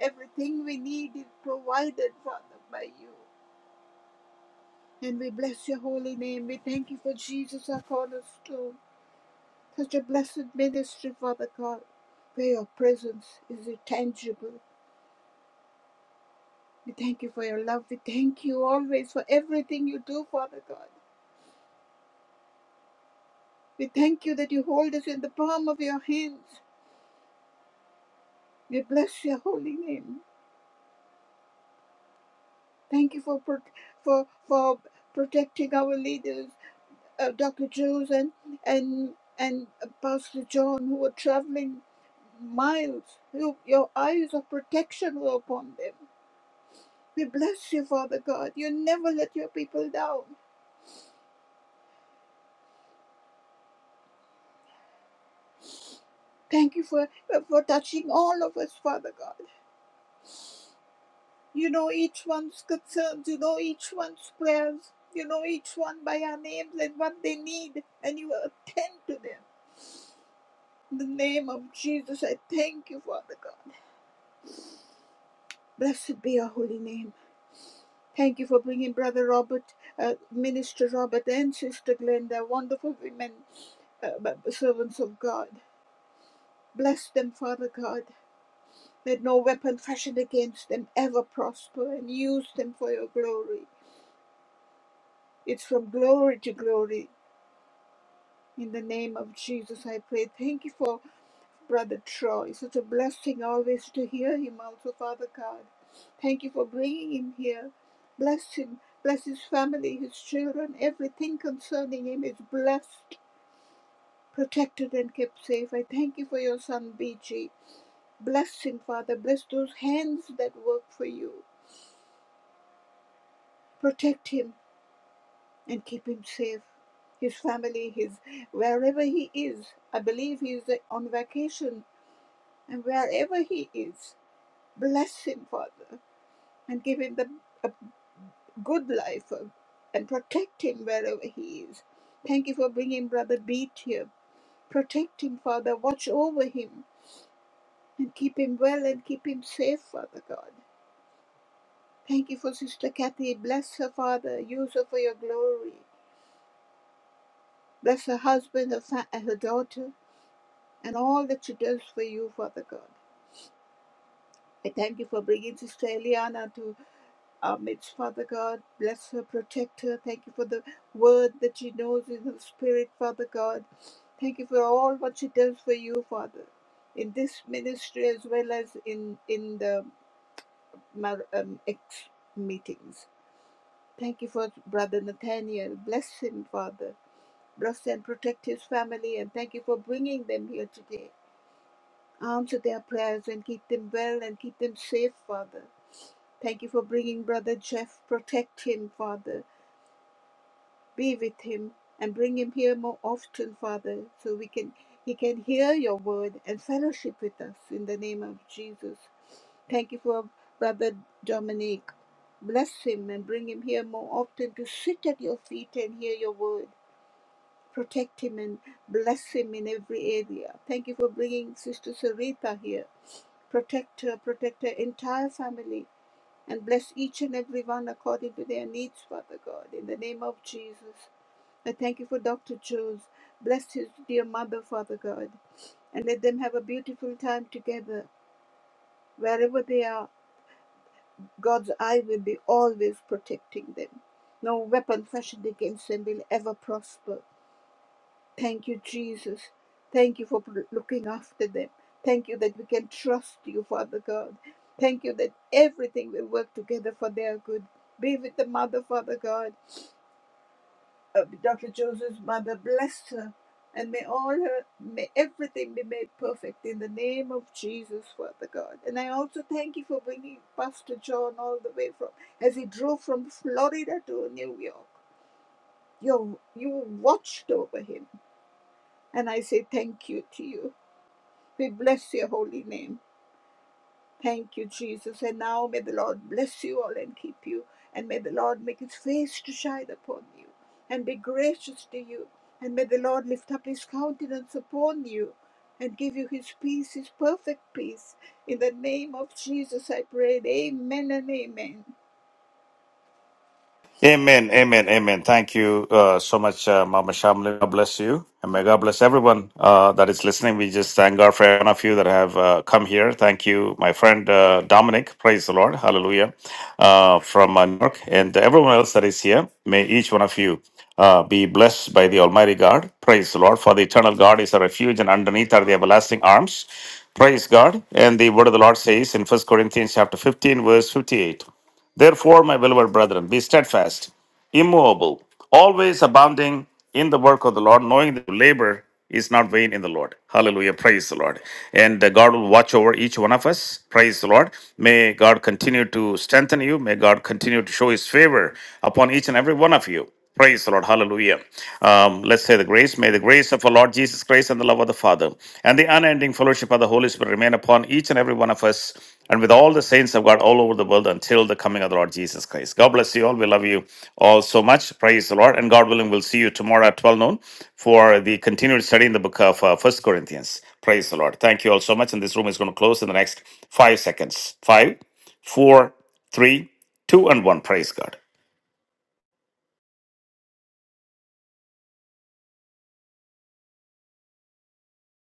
[SPEAKER 3] everything we need is provided, Father, by you. And we bless your holy name. We thank you for Jesus, our cornerstone. Such a blessed ministry, Father God, where your presence is tangible. We thank you for your love. We thank you always for everything you do, Father God. We thank you that you hold us in the palm of your hands. We bless your holy name. Thank you for pro- for for protecting our leaders, uh, Dr. Jones and and and Pastor John, who were traveling miles. You, your eyes of protection were upon them. We bless you, Father God. You never let your people down. Thank you for for touching all of us, Father God. You know each one's concerns. You know each one's prayers. You know each one by our names and what they need, and you attend to them. In the name of Jesus, I thank you, Father God. Blessed be your holy name. Thank you for bringing Brother Robert, uh, Minister Robert, and Sister Glenda, wonderful women, uh, servants of God. Bless them, Father God. Let no weapon fashioned against them ever prosper and use them for your glory. It's from glory to glory. In the name of Jesus, I pray. Thank you for Brother Troy. It's Such a blessing always to hear him also, Father God. Thank you for bringing him here. Bless him. Bless his family, his children. Everything concerning him is blessed, protected, and kept safe. I thank you for your son, BG. Bless him, Father. Bless those hands that work for you. Protect him and keep him safe. His family, his wherever he is. I believe he is on vacation, and wherever he is, bless him, Father. and give him the, a good life uh, and protect him wherever he is. Thank you for bringing Brother Beat here. Protect him, Father. Watch over him and keep him well and keep him safe, Father God. Thank you for Sister Kathy. Bless her, Father. Use her for your glory. Bless her husband, her, fa- and her daughter, and all that she does for you, Father God. I thank you for bringing Sister Eliana to. Our midst, Father God, bless her, protect her. Thank you for the word that she knows in her spirit, Father God. Thank you for all what she does for you, Father, in this ministry as well as in in the mar- um, ex meetings. Thank you for Brother Nathaniel. Bless him, Father. Bless and protect his family, and thank you for bringing them here today. Answer their prayers and keep them well and keep them safe, Father. Thank you for bringing Brother Jeff. Protect him, Father. be with him and bring him here more often, Father, so we can he can hear your word and fellowship with us in the name of Jesus. Thank you for Brother Dominic. Bless him and bring him here more often to sit at your feet and hear your word. Protect him and bless him in every area. Thank you for bringing Sister Sarita here. Protect her, protect her entire family, and bless each and every one according to their needs, Father God, in the name of Jesus. I thank you for Dr. Jones. Bless his dear mother, Father God, and let them have a beautiful time together. Wherever they are, God's eye will be always protecting them. No weapon fashioned against them will ever prosper. Thank you, Jesus. Thank you for pro- looking after them. Thank you that we can trust you, Father God. Thank you that everything will work together for their good. Be with the mother, Father God. uh, Dr. Joseph's mother bless her and may all her, may everything be made perfect in the name of Jesus, Father God. And I also thank you for bringing Pastor John all the way from, as he drove from Florida to New York. You, you watched over him. And I say thank you to you. We bless your holy name. Thank you, Jesus. And now may the Lord bless you all and keep you. And may the Lord make his face to shine upon you and be gracious to you. And may the Lord lift up his countenance upon you and give you his peace, his perfect peace. In the name of Jesus, I prayed. Amen and amen.
[SPEAKER 1] Amen, amen, amen. Thank you uh, so much, uh, Mama Shamli. God bless you. And may God bless everyone uh, that is listening. We just thank God for every one of you that have uh, come here. Thank you, my friend uh, Dominic. Praise the Lord. Hallelujah. Uh, from uh, New York. And everyone else that is here, may each one of you uh, be blessed by the Almighty God. Praise the Lord. For the eternal God is a refuge, and underneath are the everlasting arms. Praise God. And the word of the Lord says in First Corinthians chapter 15, verse 58. Therefore, my beloved brethren, be steadfast, immovable, always abounding in the work of the Lord, knowing that labor is not vain in the Lord. Hallelujah. Praise the Lord. And uh, God will watch over each one of us. Praise the Lord. May God continue to strengthen you. May God continue to show his favor upon each and every one of you. Praise the Lord. Hallelujah. Um, let's say the grace. May the grace of our Lord Jesus Christ and the love of the Father and the unending fellowship of the Holy Spirit remain upon each and every one of us and with all the saints of God all over the world until the coming of the Lord Jesus Christ. God bless you all. We love you all so much. Praise the Lord. And God willing, we'll see you tomorrow at 12 noon for the continued study in the book of uh, 1 Corinthians. Praise the Lord. Thank you all so much. And this room is going to close in the next five seconds. Five, four, three, two, and one. Praise God.